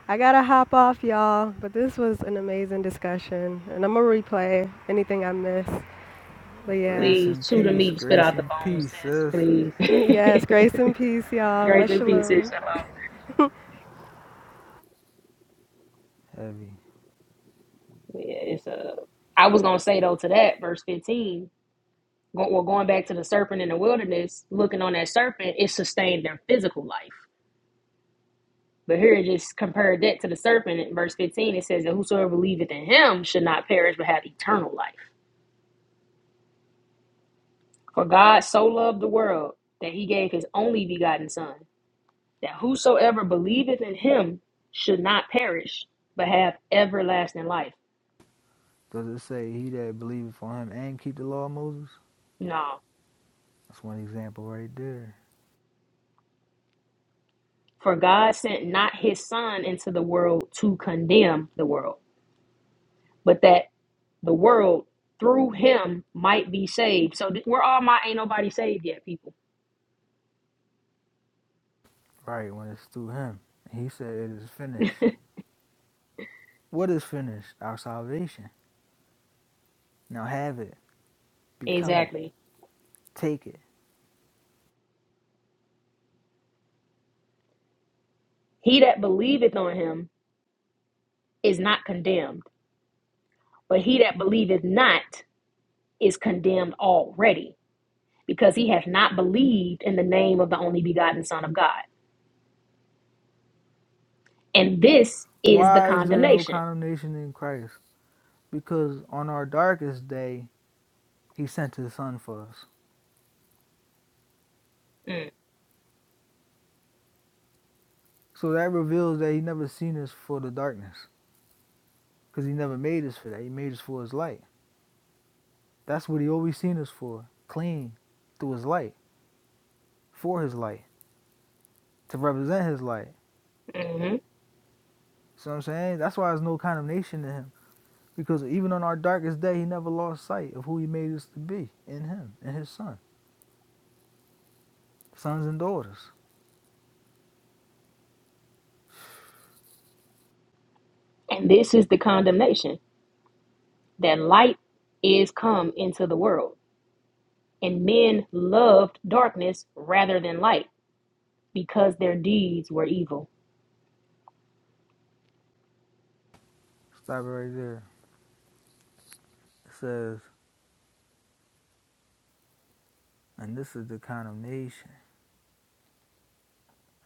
I gotta hop off, y'all, but this was an amazing discussion, and I'm gonna replay anything I missed. But yeah, Grace Please and chew the peace, meat, spit grace out the and bones, peace, sis. sis. Please. (laughs) yes, grace (laughs) and peace, y'all. Grace Much and peace, sis. shalom. Shalom. Heavy. Yeah, it's a. I was gonna say though to that verse fifteen. Go, well, going back to the serpent in the wilderness, looking on that serpent, it sustained their physical life. But here it just compared that to the serpent in verse fifteen. It says that whosoever believeth in him should not perish but have eternal life. For God so loved the world that he gave his only begotten Son that whosoever believeth in him should not perish, but have everlasting life. Does it say he that believeth on him and keep the law of Moses? No. That's one example right there. For God sent not his son into the world to condemn the world, but that the world through him might be saved. So th- we're all my ain't nobody saved yet, people. Right, when it's through him. He said it is finished. What is finished? Our salvation. Now have it. Become it. Exactly. Take it. He that believeth on him is not condemned, but he that believeth not is condemned already, because he hath not believed in the name of the only begotten Son of God. And this is the Why is there no condemnation. condemnation in Christ? Because on our darkest day, he sent his son for us. So that reveals that he never seen us for the darkness, because he never made us for that. He made us for his light. That's what he always seen us for, clean, through his light, for his light, to represent his light. Mm-hmm. See what I'm saying? That's why there's no condemnation to him, because even on our darkest day, he never lost sight of who he made us to be in him, in his son, sons and daughters. And this is the condemnation that light is come into the world, and men loved darkness rather than light because their deeds were evil. Stop it right there. It says, and this is the condemnation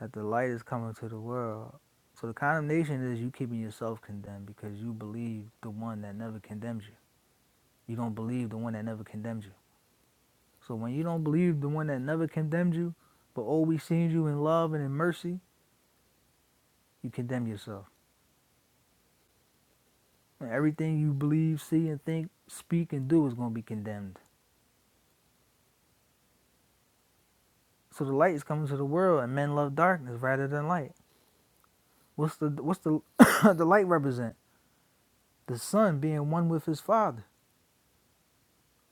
that the light is coming to the world. So the condemnation is you keeping yourself condemned because you believe the one that never condemned you. You don't believe the one that never condemned you. So when you don't believe the one that never condemned you, but always sees you in love and in mercy, you condemn yourself. And everything you believe, see, and think, speak, and do is going to be condemned. So the light is coming to the world, and men love darkness rather than light. What's the what's the (coughs) the light represent? The son being one with his father.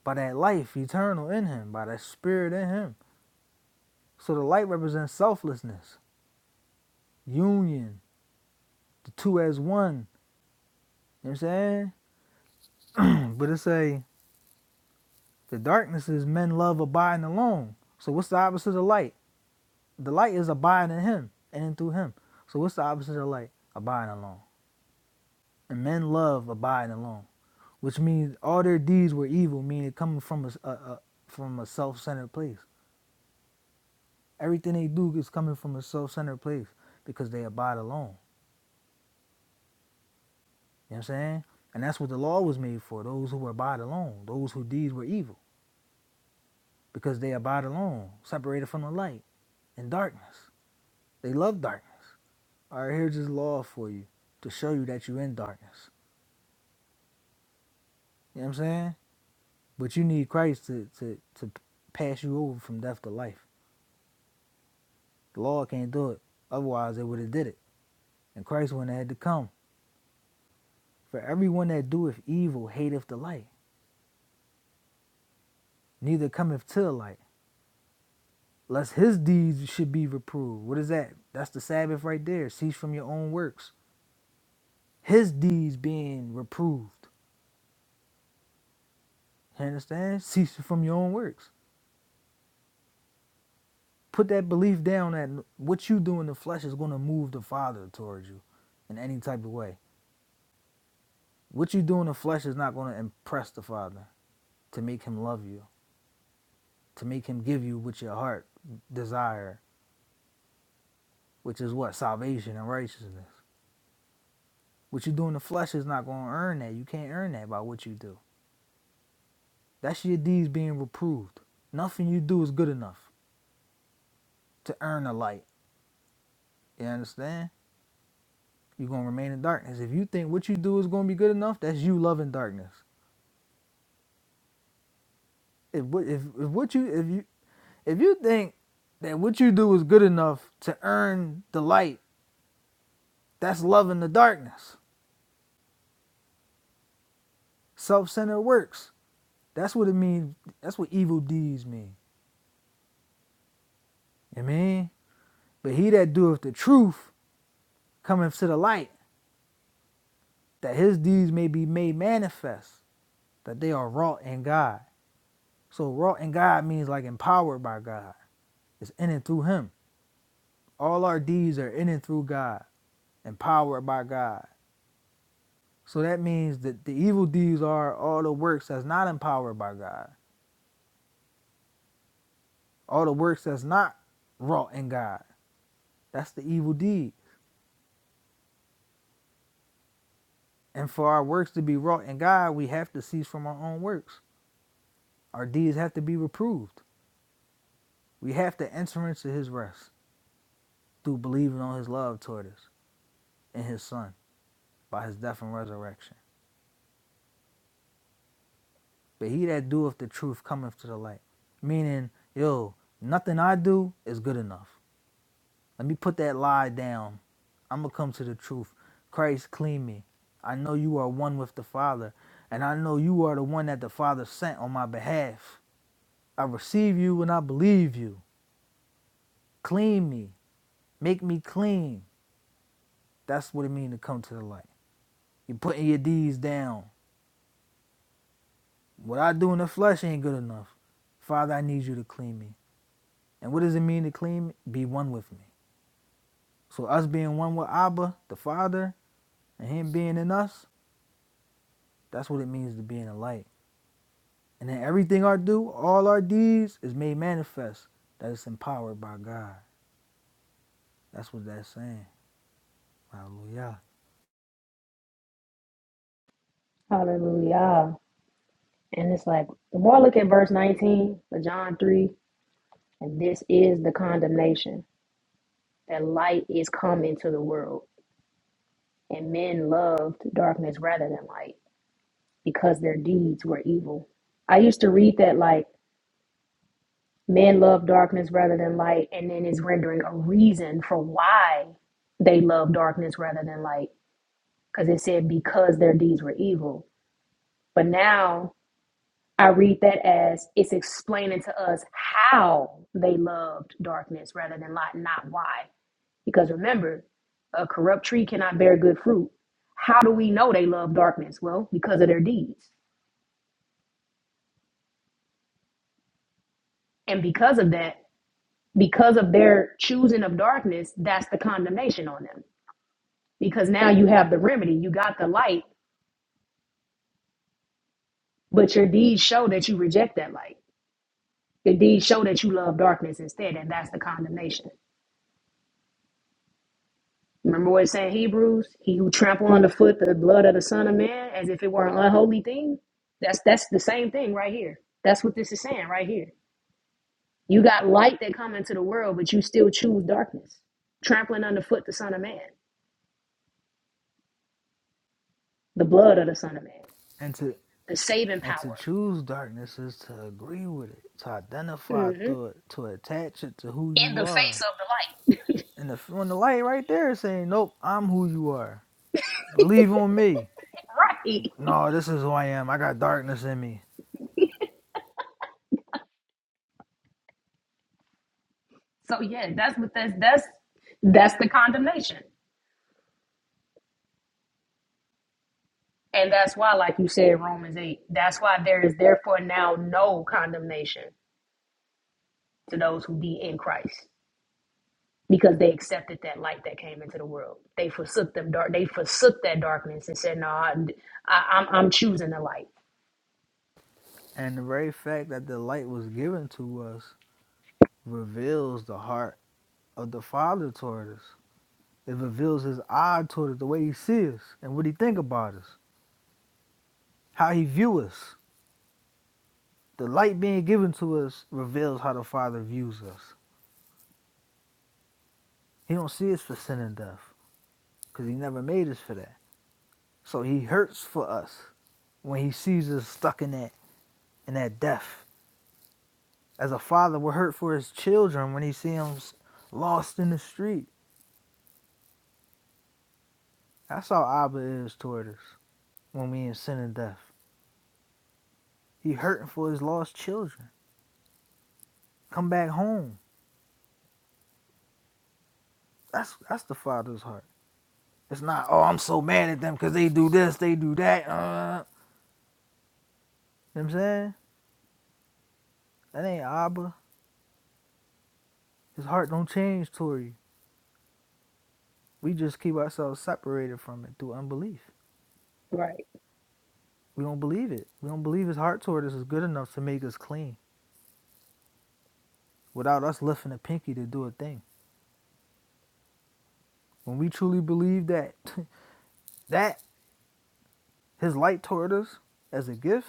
by that life eternal in him, by that spirit in him. So the light represents selflessness, union, the two as one. You know what I'm saying? (clears throat) but it's a the darkness is men love abiding alone. So what's the opposite of light? The light is abiding in him and in through him. So what's the opposite of light? Abiding alone. And men love abiding alone, which means all their deeds were evil, meaning coming from a a, a from a self-centered place. Everything they do is coming from a self-centered place because they abide alone. You know what I'm saying? And that's what the law was made for those who abide alone, those whose deeds were evil, because they abide alone, separated from the light, in darkness. They love darkness. All right, here's this law for you to show you that you're in darkness. You know what I'm saying? But you need Christ to, to, to pass you over from death to life. The law can't do it. Otherwise, they would have did it. And Christ wouldn't have had to come. For everyone that doeth evil hateth the light, neither cometh to the light lest his deeds should be reproved. What is that? That's the Sabbath right there. Cease from your own works. His deeds being reproved. You understand? Cease from your own works. Put that belief down that what you do in the flesh is going to move the Father towards you in any type of way. What you do in the flesh is not going to impress the Father to make him love you, to make him give you what your heart desire, which is what? Salvation and righteousness. What you do in the flesh is not going to earn that. You can't earn that by what you do That's your deeds being reproved. Nothing you do is good enough to earn the light. You understand? You're gonna remain in darkness. If you think what you do is gonna be good enough, that's you loving darkness. If what if, if what you if you if you think that what you do is good enough to earn the light, that's loving the darkness. Self-centered works. That's what it means. That's what evil deeds mean. You mean? But he that doeth the truth cometh to the light, that his deeds may be made manifest, that they are wrought in God. So wrought in God means like empowered by God. It's in and through Him. All our deeds are in and through God, empowered by God. So that means that the evil deeds are all the works that's not empowered by God, all the works that's not wrought in God. That's the evil deed. And for our works to be wrought in God, we have to cease from our own works. Our deeds have to be reproved. We have to enter into His rest through believing on His love toward us and His Son by His death and resurrection. but he that doeth the truth cometh to the light. Meaning, yo, nothing I do is good enough. Let me put that lie down. I'm gonna come to the truth. Christ, clean me. I know you are one with the Father, and I know you are the one that the Father sent on my behalf. I receive you and I believe you. Clean me. Make me clean. That's what it means to come to the light. You're putting your deeds down. What I do in the flesh ain't good enough. Father, I need you to clean me. And what does it mean to clean me? Be one with me. So us being one with Abba, the Father, and Him being in us, that's what it means to be in the light. And then everything I do, all our deeds, is made manifest that it's empowered by God. That's what that's saying. Hallelujah. Hallelujah. And it's like, the more I look at verse 19 of John 3, and this is the condemnation that light is come into the world, and men loved darkness rather than light because their deeds were evil. I used to read that like, Men love darkness rather than light, and then it's rendering a reason for why they love darkness rather than light, because it said because their deeds were evil. But now I read that as it's explaining to us how they loved darkness rather than light, not why. Because remember, a corrupt tree cannot bear good fruit. How do we know they love darkness? Well, because of their deeds. And because of that, because of their choosing of darkness, that's the condemnation on them because now you have the remedy. You got the light, but your deeds show that you reject that light. Your deeds show that you love darkness instead, and that's the condemnation. Remember what it said in Hebrews? He who trample underfoot the blood of the Son of Man as if it were an unholy thing. That's that's the same thing right here. That's what this is saying right here. You got light that come into the world, but you still choose darkness. Trampling underfoot the Son of Man, the blood of the Son of Man, And to the saving and power. to choose darkness is to agree with it, to identify hmm through it, to attach it to who in you the face are. of the light. And the, when the light right there is saying, "Nope, I'm who you are. Believe on me. (laughs) Right. No, this is who I am. I got darkness in me. So yeah, that's what that's that's that's the condemnation. And that's why, like you said, Romans 8, that's why there is therefore now no condemnation to those who be in Christ. Because they accepted that light that came into the world. They forsook them dark they forsook that darkness and said, No, I, I am I'm I'm choosing the light. And the very fact that the light was given to us reveals the heart of the Father toward us. It reveals his eye toward us, the way he sees us and what he think about us, how he views us. The light being given to us reveals how the Father views us. He don't see us for sin and death because he never made us for that. So he hurts for us when he sees us stuck in that in that death. As a father would hurt for his children when he sees them lost in the street. That's how Abba is toward us. when we in sin and death. He hurting for his lost children. Come back home. That's that's the father's heart. It's not, oh, I'm so mad at them because they do this, they do that. Uh, you know what I'm saying? That ain't Abba. His heart don't change toward you. We just keep ourselves separated from it through unbelief. Right. We don't believe it. We don't believe his heart toward us is good enough to make us clean without us lifting a pinky to do a thing. When we truly believe that, (laughs) that his light toward us as a gift,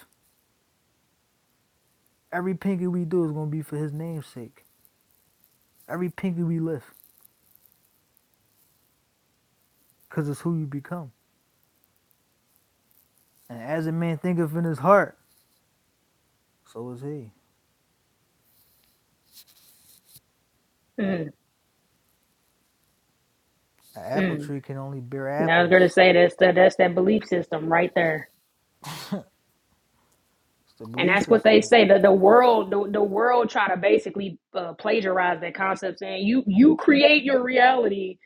every pinky we do is going to be for his name's sake. Every pinky we lift, because it's who you become. And as a man thinketh in his heart, so is he. Mm, An apple mm. tree can only bear Now I was gonna apples. say that's that that's that belief system right there. It's the and belief that's what they system. say that the world the, the world try to basically uh, plagiarize that concept saying you you create your reality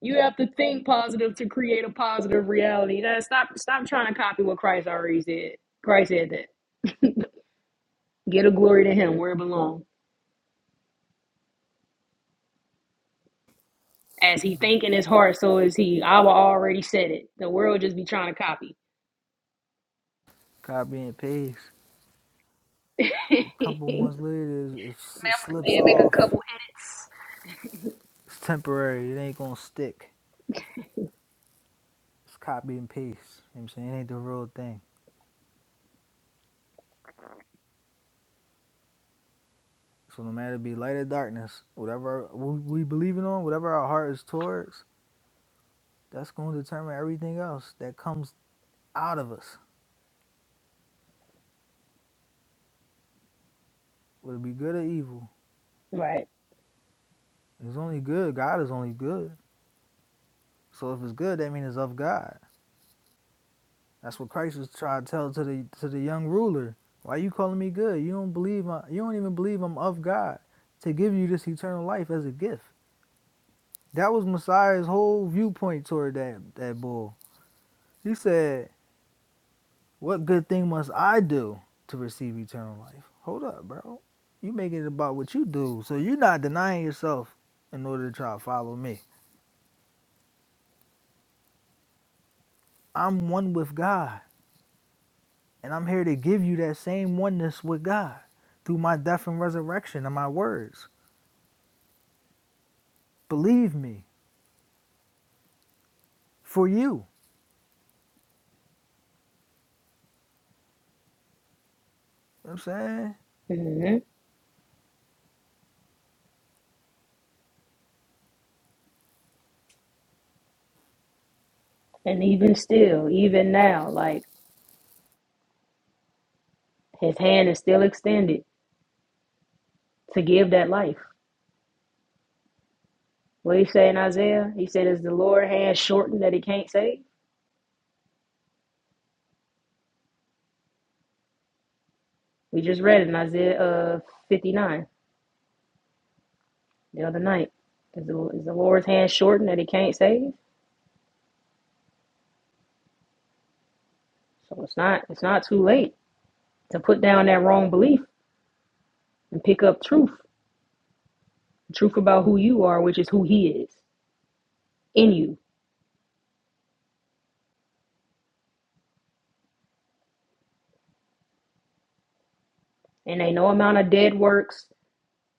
you have to think positive to create a positive reality Now, stop stop trying to copy what christ already said christ said that get a glory to him where it belongs as he think in his heart so is he i will already said it the world just be trying to copy Copy and paste. A (laughs) couple months later, it slips Yeah, make a off. couple edits It's temporary. It ain't gonna stick. It's copy and paste. You know what I'm saying? It ain't the real thing. So no matter be light or darkness, whatever we believe in, on, whatever our heart is towards, that's gonna determine everything else that comes out of us. Whether it be good or evil. right It's only good. God is only good. So if it's good, that means it's of God. That's what Christ was trying to tell to the to the young ruler. Why you calling me good? You don't believe I, you don't even believe I'm of God to give you this eternal life as a gift. That was Messiah's whole viewpoint toward that that bull. He said, "What good thing must I do to receive eternal life?" Hold up, bro. You making it about what you do, so you're not denying yourself in order to try to follow me. I'm one with God. And I'm here to give you that same oneness with God through my death and resurrection and my words. Believe me, for you. You know what I'm saying? mm hmm and even still even now like his hand is still extended to give that life. What he say in Isaiah? He said, "Is the Lord's hand shortened that He can't save?" We just read it in Isaiah uh, fifty nine the other night. Is the, is the Lord's hand shortened that He can't save? So it's not it's not too late to put down that wrong belief and pick up truth, truth about who you are, which is who He is in you. And ain't no amount of dead works,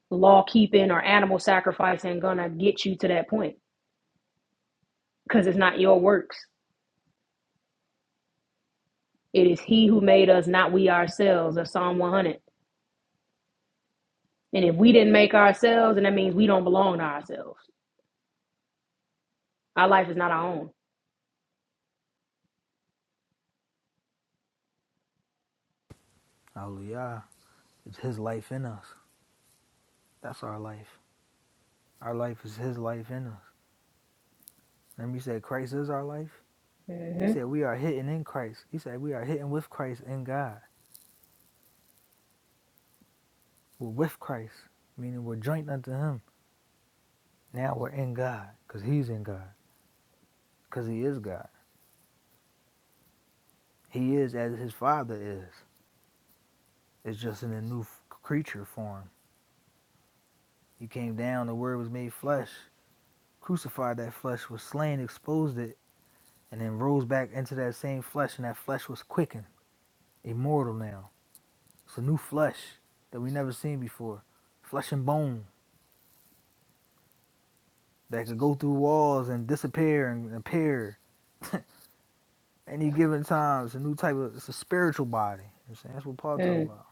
law keeping, or animal sacrificing gonna get you to that point because it's not your works. It is He who made us, not we ourselves. Of Psalm one hundred. And if we didn't make ourselves, and that means we don't belong to ourselves. Our life is not our own. Hallelujah. It's his life in us. That's our life. Our life is his life in us. Remember he said Christ is our life? mm He hmm said we are hidden in Christ. He said we are hidden with Christ in God. We're with Christ, meaning we're joined unto him. Now we're in God because he's in God because he is God. He is as his father is. It's just in a new creature form. You came down, the word was made flesh, crucified that flesh, was slain, exposed it, and then rose back into that same flesh, and that flesh was quickened, immortal now. It's a new flesh that we never seen before. Flesh and bone that could go through walls and disappear and appear (laughs) any given time. It's a new type of it's a spiritual body. You know what I'm saying? That's what Paul talked Mm. about.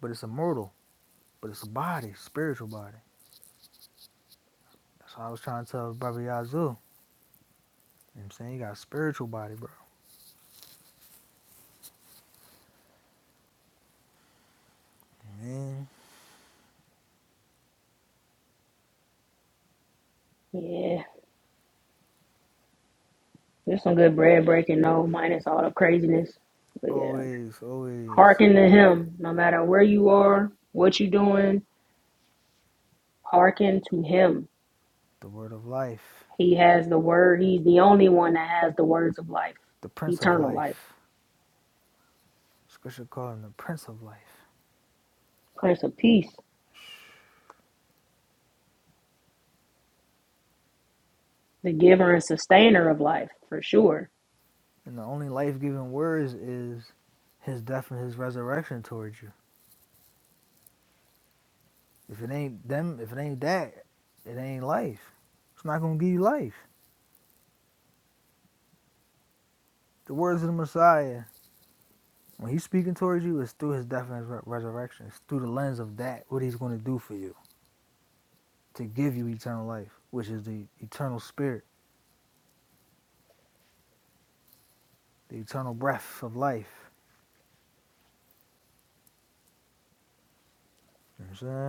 But it's immortal. But it's a body, spiritual body. That's what I was trying to tell Brother Yazoo. You know what I'm saying? You got a spiritual body, bro. Man. Yeah. There's some good bread breaking, though, minus all the craziness. But yeah, Always, always hearken to him. No matter where you are, what you doing, hearken to him. the word of life, He has the word. He's the only one that has the words of life, the prince of eternal life, life. Scripture calls him the prince of life. Prince of Peace, the giver and sustainer of life, for sure. And the only life giving words is his death and his resurrection towards you. If it ain't them, if it ain't that, it ain't life. It's not gonna give you life. The words of the Messiah, when he's speaking towards you, it's through his death and his re- resurrection. It's through the lens of that, what he's gonna do for you to give you eternal life, which is the eternal spirit, the eternal breath of life. You know what I'm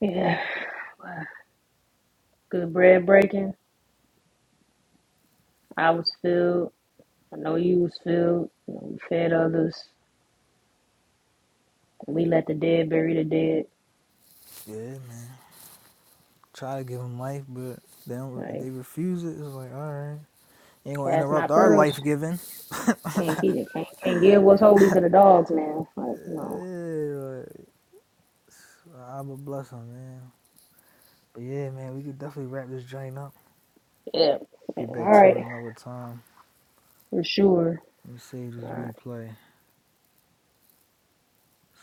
Yeah. Good bread breaking. I was filled. I know you was filled. You know, you fed others. And we let the dead bury the dead. saying? Yeah, man. try to give them life, but they don't. Like They refuse it. It's like, all right, ain't gonna cast interrupt not our pearls. life giving. Can't keep it. Can't can't give what's holy to the dogs, man. Like no. Yeah, like, I'm bless them, man. But yeah, man, we could definitely wrap this joint up. Yeah. yeah. Get All back to right. it another time. For sure. Let me save All this right. replay.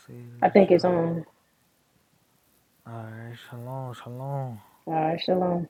Save I this think it's joint. on. All right, shalom, shalom. All right. Shalom.